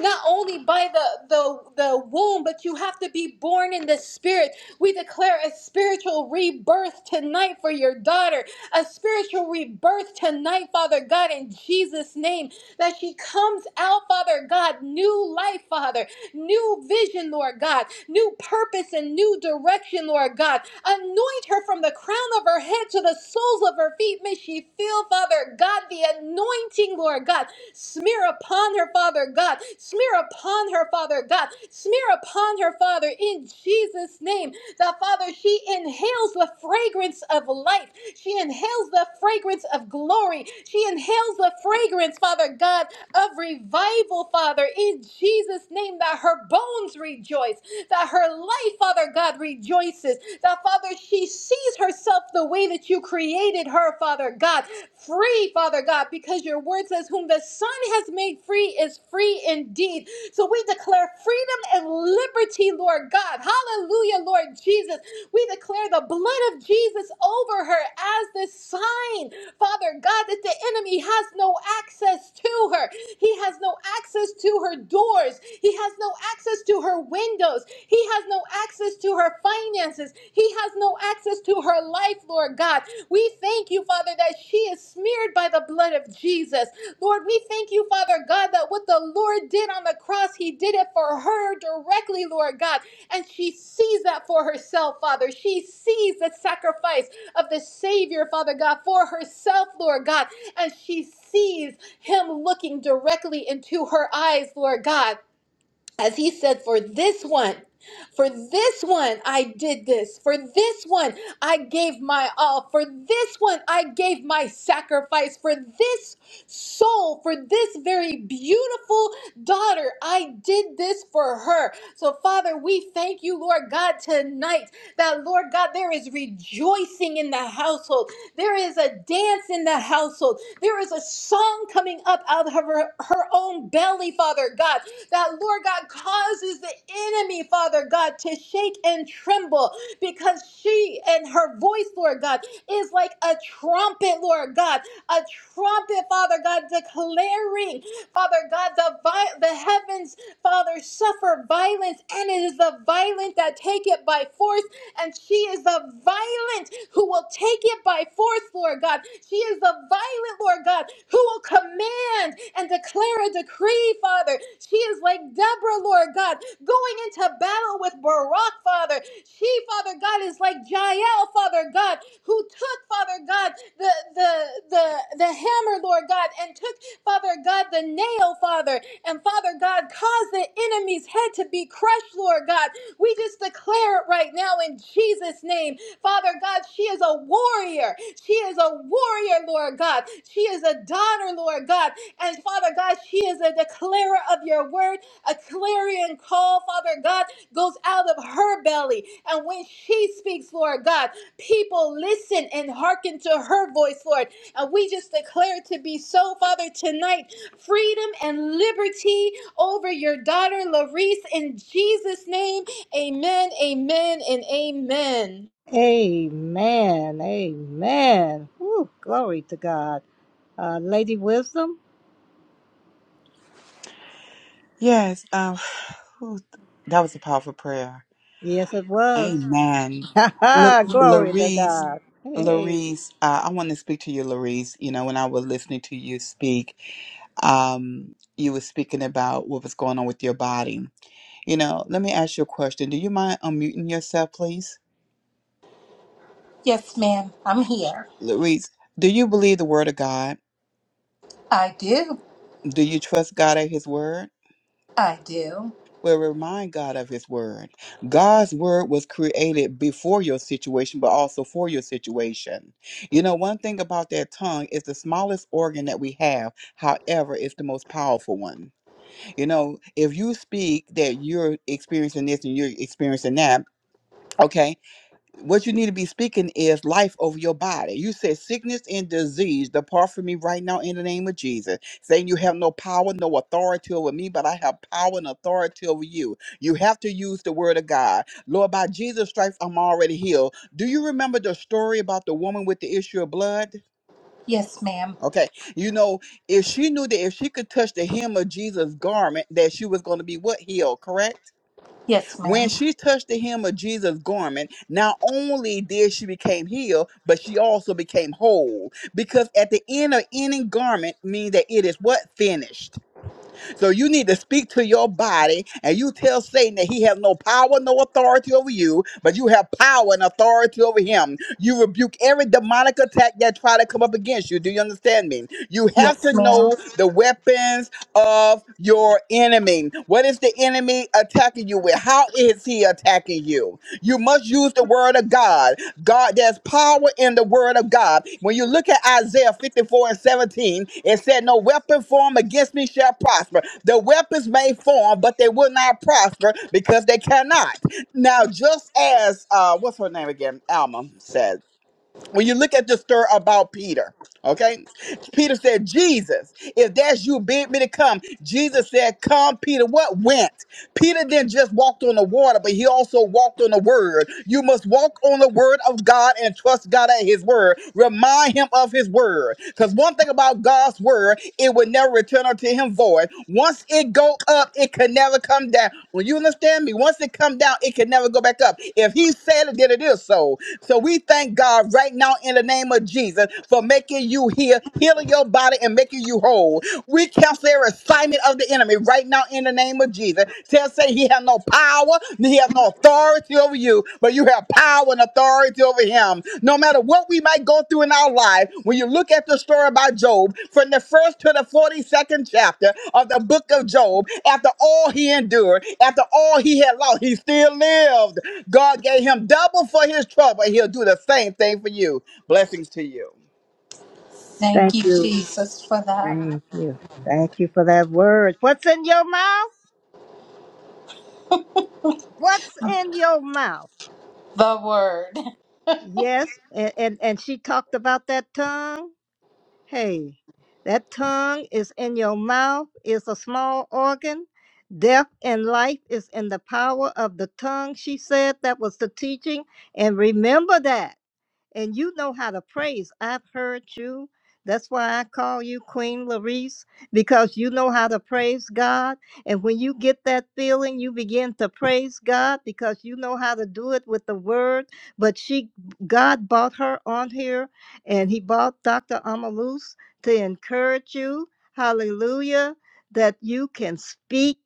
J: not only by the, the, the womb, but you have to be born in the spirit. We declare a spiritual rebirth tonight for your daughter, a spiritual rebirth tonight, Father God, in Jesus' name, that she comes out, Father God, new life, Father, new vision, Lord God, new purpose and new direction, Lord God. Anoint her from the crown of her head to the soles of her feet. May she feel, Father God, the anointing, Lord God. Smear upon her, Father God. Smear upon her, Father God. Smear upon her, Father, in Jesus' name. The Father, she inhales the fragrance of life. She inhales the fragrance of glory. She inhales the fragrance, Father God, of revival, Father, in Jesus' name, that her bones rejoice, that her life, Father. Father God, rejoices. That, Father, she sees herself the way that you created her, Father God, free, Father God, because your word says, Whom the Son has made free is free indeed. So we declare freedom and liberty, Lord God. Hallelujah, Lord Jesus. We declare the blood of Jesus over her as the sign, Father God, that the enemy has no access to her. He has no access to her doors. He has no access to her her windows. He has no access to her finances. He has no access to her life, Lord God. We thank you, Father, that she is smeared by the blood of Jesus. Lord, we thank you, Father God, that what the Lord did on the cross, He did it for her directly, Lord God. And she sees that for herself, Father. She sees the sacrifice of the Savior, Father God, for herself, Lord God. And she sees Him looking directly into her eyes, Lord God as he said, for this one, for this one I did this, for this one I gave my all, for this one I gave my sacrifice, for this soul, for this very beautiful daughter, I did this for her. So, Father, we thank you, Lord God, tonight that, Lord God, there is rejoicing in the household, there is a dance in the household, there is a song coming up out of her, her own belly, Father God that, Lord God, causes the enemy, Father God, to shake and tremble because she and her voice, Lord God, is like a trumpet, Lord God, a trumpet, Father God, declaring, Father God, the, vi- the heavens, Father, suffer violence, and it is the violent that take it by force and she is a violent who will take it by force, Lord God. She is a violent, Lord God, who will command and declare a decree, Father. She is like Deborah, Lord God, going into battle with Barak, Father. She, Father God, is like Jael, Father God, who took, Father God, the the the the hammer, Lord God, and took, Father God, the nail, Father, and Father God, caused the enemy's head to be crushed, Lord God. We just declare it right now in Jesus' name. Father God, she is a warrior. She is a warrior, Lord God. She is a daughter, Lord God. And Father God, she is a declarer of your word. A clarion call, Father God, goes out of her belly. And when she speaks, Lord God, people listen and hearken to her voice, Lord. And we just declare it to be so, Father, tonight. Freedom and liberty over your daughter, Larice, in Jesus' name. Amen, amen, and amen.
A: Amen. Amen. Ooh, glory to God. Uh, Lady Wisdom?
M: Yes, um, whew, that was a powerful prayer.
A: Yes, it was.
M: Amen. Look,
A: glory to
M: Larice,
A: God. Hey.
M: Larice, uh, I want to speak to you, Larice. You know, when I was listening to you speak, um, you were speaking about what was going on with your body. You know, let me ask you a question. Do you mind unmuting yourself, please?
N: Yes, ma'am. I'm here.
M: Larice, do you believe the word of God?
N: I do.
M: Do you trust God at his word?
N: I do.
M: Well, remind God of His Word. God's Word was created before your situation, but also for your situation. You know, one thing about that tongue is the smallest organ that we have. However, it's the most powerful one. You know, if you speak that you're experiencing this and you're experiencing that, okay, what you need to be speaking is life over your body. You said sickness and disease depart from me right now in the name of Jesus. Saying you have no power, no authority over me, but I have power and authority over you. You have to use the word of God. Lord, by Jesus' stripes, I'm already healed. Do you remember the story about the woman with the issue of blood?
N: Yes, ma'am.
M: Okay, you know, if she knew that if she could touch the hem of Jesus' garment, that she was going to be what healed, correct?
N: Yes,
M: When
N: ma'am.
M: she touched the hem of Jesus' garment, not only did she become healed, but she also became whole. Because at the end of any garment means that it is what? Finished. So you need to speak to your body and you tell Satan that he has no power, no authority over you, but you have power and authority over him. You rebuke every demonic attack that try to come up against you. Do you understand me? You have
N: Yes,
M: to
N: ma'am.
M: know the weapons of your enemy. What is the enemy attacking you with? How is he attacking you? You must use the word of God. God, there's power in the word of God. When you look at Isaiah 54 and 17, it said, No weapon formed against me shall prosper. The weapons may form, but they will not prosper because they cannot. Now, just as, uh, what's her name again? Alma says when you look at the story about Peter, okay? Peter said, Jesus, if that's you, bid me to come. Jesus said, Come, Peter. What went? Peter didn't just walk on the water, but he also walked on the word. You must walk on the word of God and trust God at his word. Remind him of his word. Because one thing about God's word, it will never return unto him void. Once it go up, it can never come down. When you understand me, once it come down, it can never go back up. If he said it, then it is so. So we thank God right now in the name of Jesus for making you heal, healing your body and making you whole. We cancel every assignment of the enemy right now in the name of Jesus. Tell say he has no power, he has no authority over you, but you have power and authority over him. No matter what we might go through in our life, when you look at the story about Job, from the first to the 42nd chapter of the book of Job, after all he endured, after all he had lost, he still lived. God gave him double for his trouble. and He'll do the same thing for you. Blessings to you.
N: Thank
A: Thank
N: you,
A: you.
N: Jesus, for that.
A: Thank you. Thank you for that word. What's in your mouth? What's in your mouth?
N: The word.
A: Yes. And, and, and she talked about that tongue. Hey, that tongue is in your mouth, is a small organ. Death and life is in the power of the tongue, she said. That was the teaching. And remember that and you know how to praise. I've heard you. That's why I call you Queen Larice, because you know how to praise God. And when you get that feeling, you begin to praise God because you know how to do it with the word. But she, God bought her on here, and He bought Dr. Amalus to encourage you. Hallelujah, that you can speak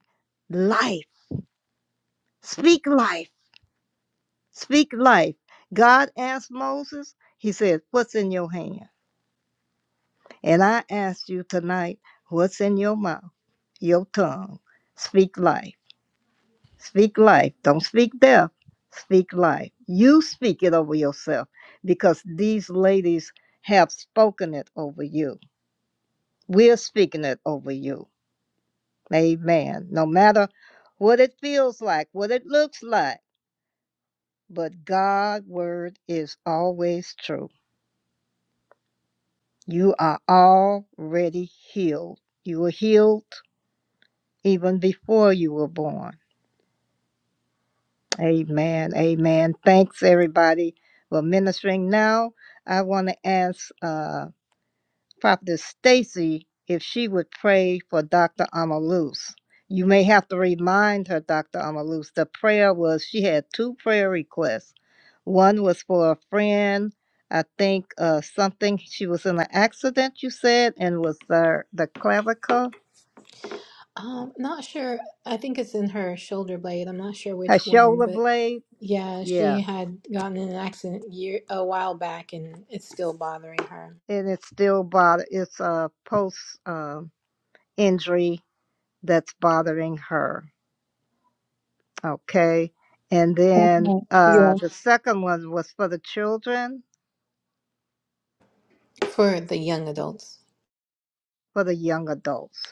A: life, speak life, speak life. God asked Moses, He said, What's in your hand? And I ask you tonight, what's in your mouth, your tongue? Speak life. Speak life. Don't speak death. Speak life. You speak it over yourself because these ladies have spoken it over you. We're speaking it over you. Amen. No matter what it feels like, what it looks like, but God's word is always true. You are already healed. You were healed even before you were born. Amen. Amen. Thanks, everybody. We're ministering now. I want to ask uh, Prophetess Stacy if she would pray for Dr. Amaluz. You may have to remind her, Dr. Amaluz, the prayer was she had two prayer requests. One was for a friend, I think uh, something, she was in an accident, you said, and was uh, the clavicle,
J: Um, not sure. I think it's in her shoulder blade. I'm not sure
A: her
J: which one,
A: shoulder
J: but
A: blade.
J: yeah, she
A: Yeah.
J: had gotten in an accident year a while back, and it's still bothering her.
A: And it's still bothered. It's uh, post. Uh, injury that's bothering her. Okay. And then
L: Mhm.
A: uh, the second one was for the children,
J: For the young adults,
A: for the young adults.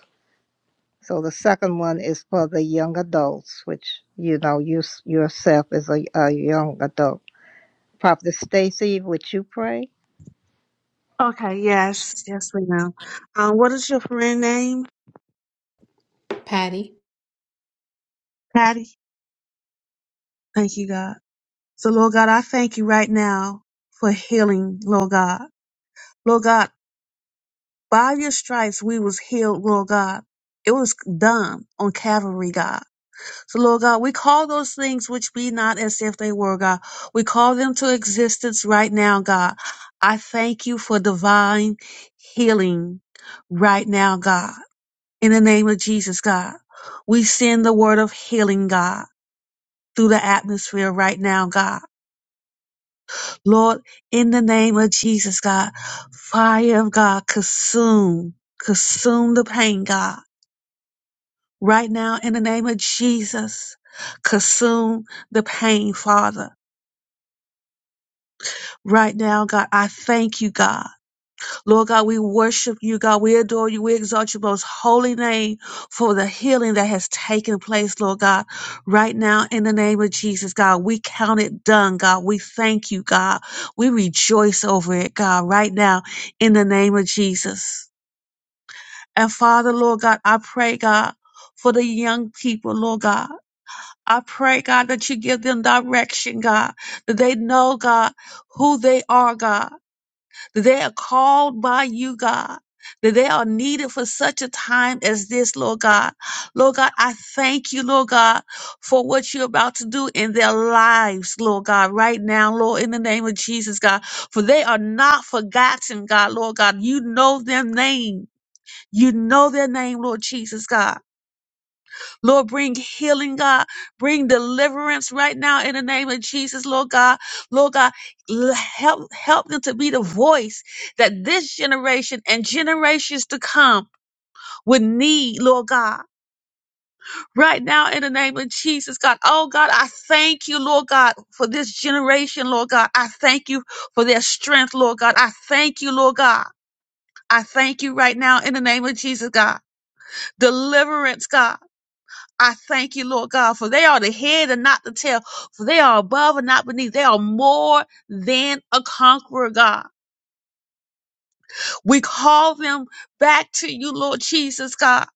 A: So the second one is for the young adults, which you know you s- yourself is a, a young adult. Prophet Stacy, would you pray?
L: Okay, yes, yes, we know. Um, what is your friend name?
J: Patty.
L: Patty. Thank you, God. So, Lord God, I thank you right now for healing, Lord God. Lord God, by your stripes we was healed, Lord God. It was done on Calvary, God. So, Lord God, we call those things which be not as if they were, God. We call them to existence right now, God. I thank you for divine healing right now, God. In the name of Jesus, God, we send the word of healing, God, through the atmosphere right now, God. Lord, in the name of Jesus, God, fire of God, consume, consume the pain, God. Right now, in the name of Jesus, consume the pain, Father. Right now, God, I thank you, God. Lord God, we worship you, God. We adore you. We exalt your most holy name for the healing that has taken place, Lord God, right now in the name of Jesus, God. We count it done, God. We thank you, God. We rejoice over it, God, right now in the name of Jesus. And Father, Lord God, I pray, God, for the young people, Lord God. I pray, God, that you give them direction, God, that they know, God, who they are, God that they are called by you, God, that they are needed for such a time as this, Lord God. Lord God, I thank you, Lord God, for what you're about to do in their lives, Lord God, right now, Lord, in the name of Jesus, God, for they are not forgotten, God, Lord God. You know their name. You know their name, Lord Jesus, God. Lord, bring healing, God. Bring deliverance right now in the name of Jesus, Lord God. Lord God, l- help, help them to be the voice that this generation and generations to come would need, Lord God. Right now in the name of Jesus, God. Oh God, I thank you, Lord God, for this generation, Lord God. I thank you for their strength, Lord God. I thank you, Lord God. I thank you right now in the name of Jesus, God. Deliverance, God. I thank you, Lord God, for they are the head and not the tail, for they are above and not beneath. They are more than a conqueror, God. We call them back to you, Lord Jesus, God.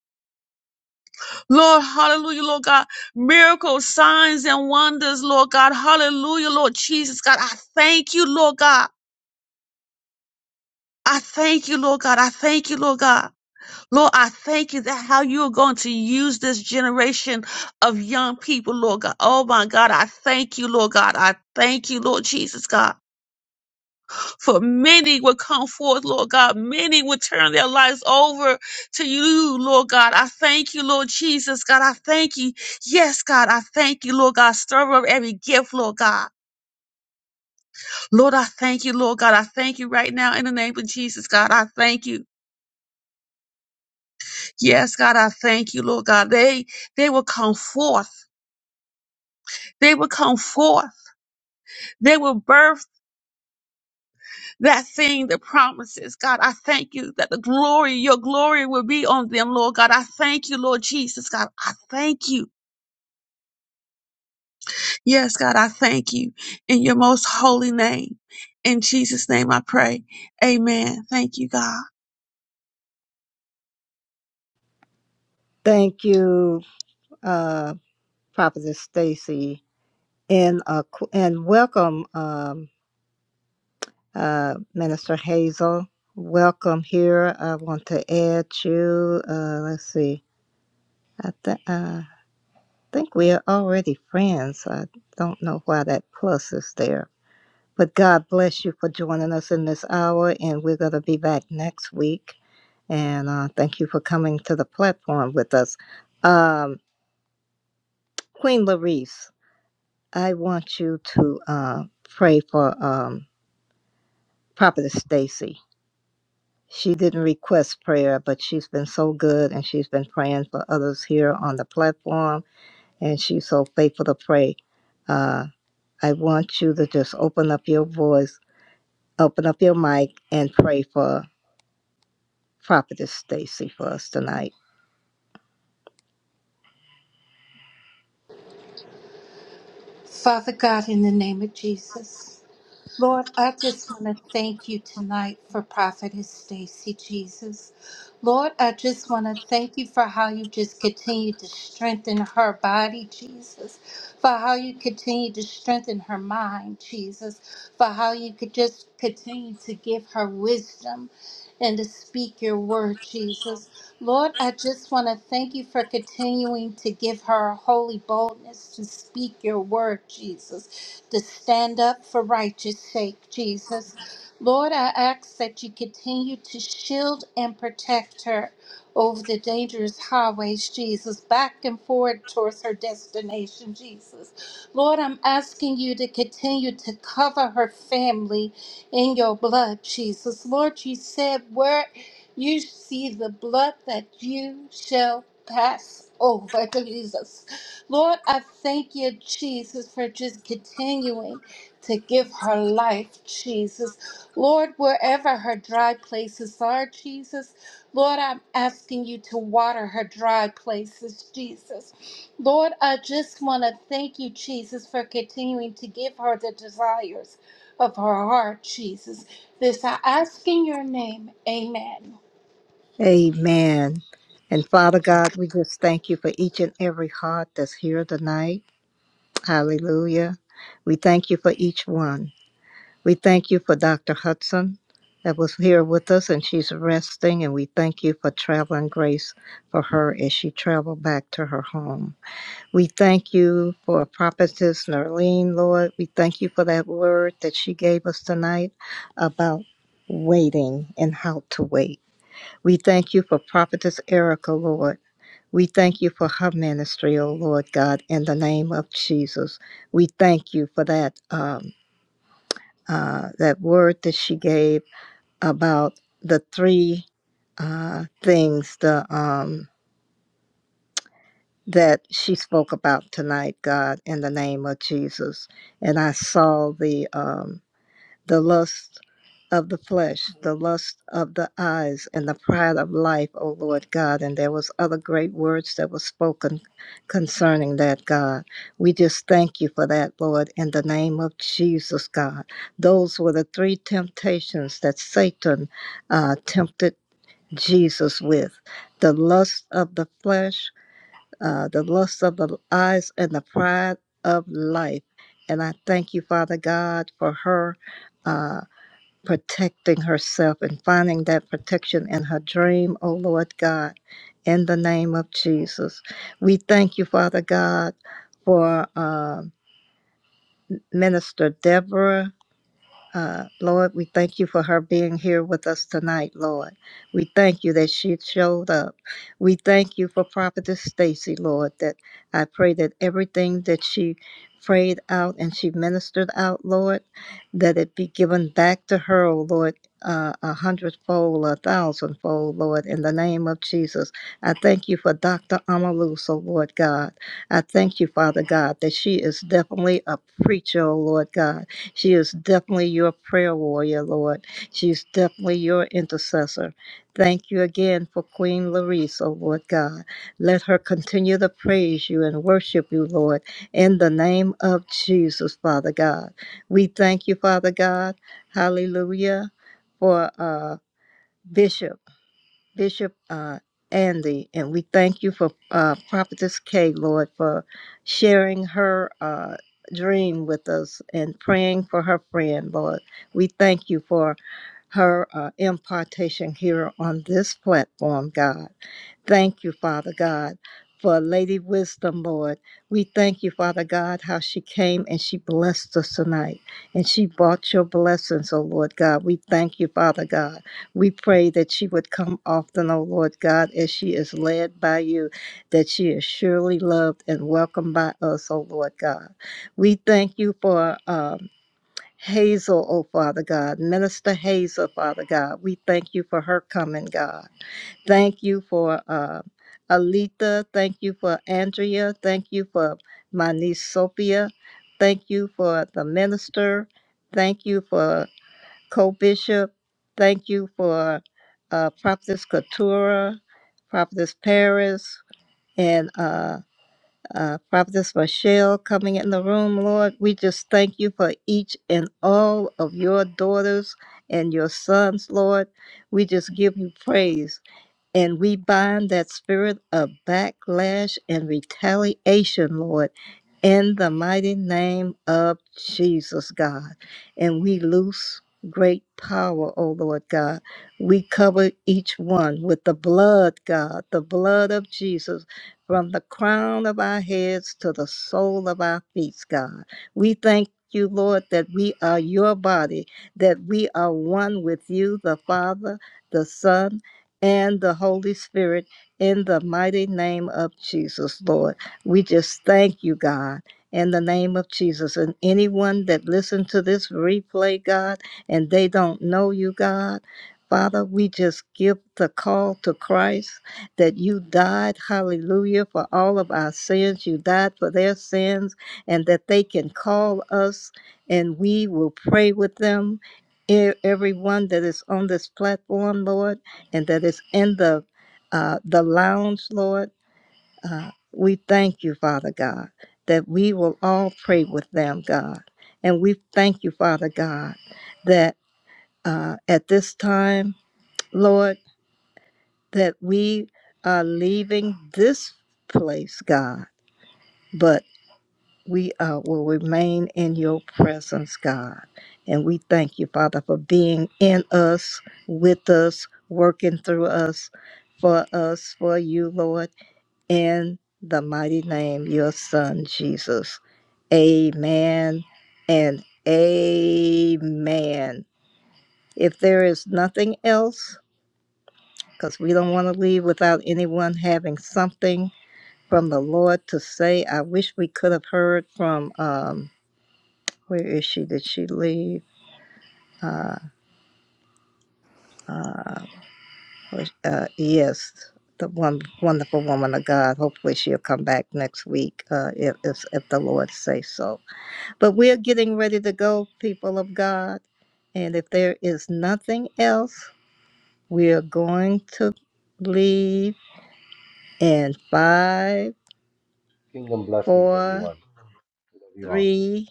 L: Lord, hallelujah, Lord God. Miracles, signs, and wonders, Lord God. Hallelujah, Lord Jesus, God. I thank you, Lord God. I thank you, Lord God. I thank you, Lord God. Lord, I thank you that how you are going to use this generation of young people, Lord God. Oh my God, I thank you, Lord God. I thank you, Lord Jesus God. For many will come forth, Lord God. Many will turn their lives over to you, Lord God. I thank you, Lord Jesus God. I thank you. Yes, God, I thank you, Lord God. Stir up every gift, Lord God. Lord, I thank you, Lord God. I thank you right now in the name of Jesus, God. I thank you. Yes, God, I thank you, Lord God. They they will come forth. They will come forth. They will birth that thing, the promises. God, I thank you that the glory, your glory will be on them, Lord God. I thank you, Lord Jesus. God, I thank you. Yes, God, I thank you in your most holy name. In Jesus' name I pray. Amen. Thank you, God.
A: Thank you, uh, Prophet Stacy, and uh, qu- and welcome. Uh, Minister Hazel, welcome here. I want to add you. Uh, let's see. I th- uh, I think we are already friends. I don't know why that plus is there. But God bless you for joining us in this hour, and we're going to be back next week. And uh, thank you for coming to the platform with us. Um, Queen Larice, I want you to uh, pray for um, Prophetess Stacy She didn't request prayer, but she's been so good and she's been praying for others here on the platform and she's so faithful to pray. Uh, I want you to just open up your voice, open up your mic, and pray for Prophetess Stacy for us tonight.
N: Father God, in the name of Jesus. Lord, I just want to thank you tonight for Prophetess Stacy, Jesus. Lord, I just want to thank you for how you just continue to strengthen her body, Jesus. For how you continue to strengthen her mind, Jesus. For how you could just continue to give her wisdom and to speak your word, Jesus. Lord, I just want to thank you for continuing to give her a holy boldness to speak your word, Jesus to stand up for righteous sake, Jesus. Lord, I ask that you continue to shield and protect her over the dangerous highways, Jesus, back and forward towards her destination, Jesus. Lord, I'm asking you to continue to cover her family in your blood, Jesus. Lord, you said where you see the blood that you shall pass over, Jesus. Lord, I thank you, Jesus, for just continuing to give her life, Jesus. Lord, wherever her dry places are, Jesus, Lord, I'm asking you to water her dry places, Jesus. Lord, I just want to thank you, Jesus, for continuing to give her the desires of her heart, Jesus. This I ask in your name. Amen.
A: Amen. And Father God, we just thank you for each and every heart that's here tonight. Hallelujah. We thank you for each one. We thank you for Dr. Hudson that was here with us and she's resting, and we thank you for traveling grace for her as she traveled back to her home. We thank you for Prophetess Nerlene, Lord. We thank you for that word that she gave us tonight about waiting and how to wait. We thank you for Prophetess Erica, Lord. We thank you for her ministry, O Lord God, in the name of Jesus. We thank you for that. um, uh, that word that she gave about the three uh, things the um, that she spoke about tonight, God, in the name of Jesus. And I saw the um, the lust of the flesh, the lust of the eyes, and the pride of life, O Lord God. And there was other great words that were spoken concerning that, God. We just thank you for that, Lord, in the name of Jesus, God. Those were the three temptations that Satan uh, tempted Jesus with the lust of the flesh, uh, the lust of the eyes, and the pride of life. And I thank you, Father God, for her. uh, protecting herself and finding that protection in her dream, O Lord God, in the name of Jesus. We thank you, Father God, for uh, Minister Deborah. Uh, Lord, we thank you for her being here with us tonight, Lord. We thank you that she showed up. We thank you for Prophetess Stacy, Lord, that I pray that everything that she prayed out and she ministered out, Lord, that it be given back to her, oh Lord, uh, a hundredfold, a thousandfold, Lord, in the name of Jesus. I thank you for Dr. Amalus, oh Lord God. I thank you, Father God, that she is definitely a preacher, oh Lord God she is definitely your prayer warrior, Lord. She is definitely your intercessor. Thank you again for Queen Larissa, oh Lord God. Let her continue to praise you and worship you, Lord, in the name of Jesus, Father God. We thank you, Father God. Hallelujah. For uh, Bishop. Bishop uh, Andy, and we thank you for uh, Prophetess Kay, Lord, for sharing her uh, dream with us and praying for her friend, Lord. We thank you for her uh, impartation here on this platform, God. Thank you, Father God, for Lady Wisdom, Lord. We thank you, Father God, how she came and she blessed us tonight. And she brought your blessings, oh Lord God. We thank you, Father God. We pray that she would come often, oh Lord God, as she is led by you, that she is surely loved and welcomed by us, oh Lord God. We thank you for. uh, Hazel, oh Father God, Minister Hazel, Father God, we thank you for her coming, God. Thank you for uh, Alita. Thank you for Andrea. Thank you for my niece Sophia. Thank you for the minister. Thank you for co bishop. Thank you for uh, Prophetess Katura, Prophetess Paris, and uh, uh, Prophetess Michelle coming in the room, Lord. We just thank you for each and all of your daughters and your sons, Lord. We just give you praise. And we bind that spirit of backlash and retaliation, Lord, in the mighty name of Jesus, God. And we loose great power, O Lord God. We cover each one with the blood, God, the blood of Jesus, from the crown of our heads to the sole of our feet, God. We thank you, Lord, that we are your body, that we are one with you, the Father, the Son, and the Holy Spirit in the mighty name of Jesus, Lord. We just thank you, God. In the name of Jesus. And anyone that listened to this replay, God, and they don't know you, God, Father, we just give the call to Christ that you died, hallelujah, for all of our sins. You died for their sins, and that they can call us and we will pray with them. E- Everyone that is on this platform, Lord and that is in the uh, the lounge, Lord. Uh, we thank you, Father God, that we will all pray with them, God, and we thank you, Father God, that uh, at this time, Lord, that we are leaving this place, God, but we uh, will remain in your presence, God. And we thank you, Father, for being in us, with us, working through us, for us, for you, Lord. in the mighty name, of your son, Jesus. Amen and amen. If there is nothing else, because we don't want to leave without anyone having something from the Lord to say, I wish we could have heard from, um, where is she? Did she leave? Uh, uh, uh, yes, the one wonderful woman of God. Hopefully she'll come back next week uh, if, if, if the Lord says so. But we're getting ready to go, people of God. And if there is nothing else, we are going to leave in five,
G: Kingdom blessings,
A: four,
G: everyone. I love you all.
A: three,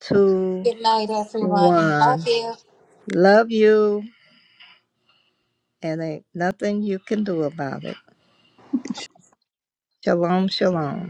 A: two,
N: Good night, everyone.
A: one.
N: Love you.
A: Love you, and ain't nothing you can do about it. Shalom,
G: Shalom.
A: shalom.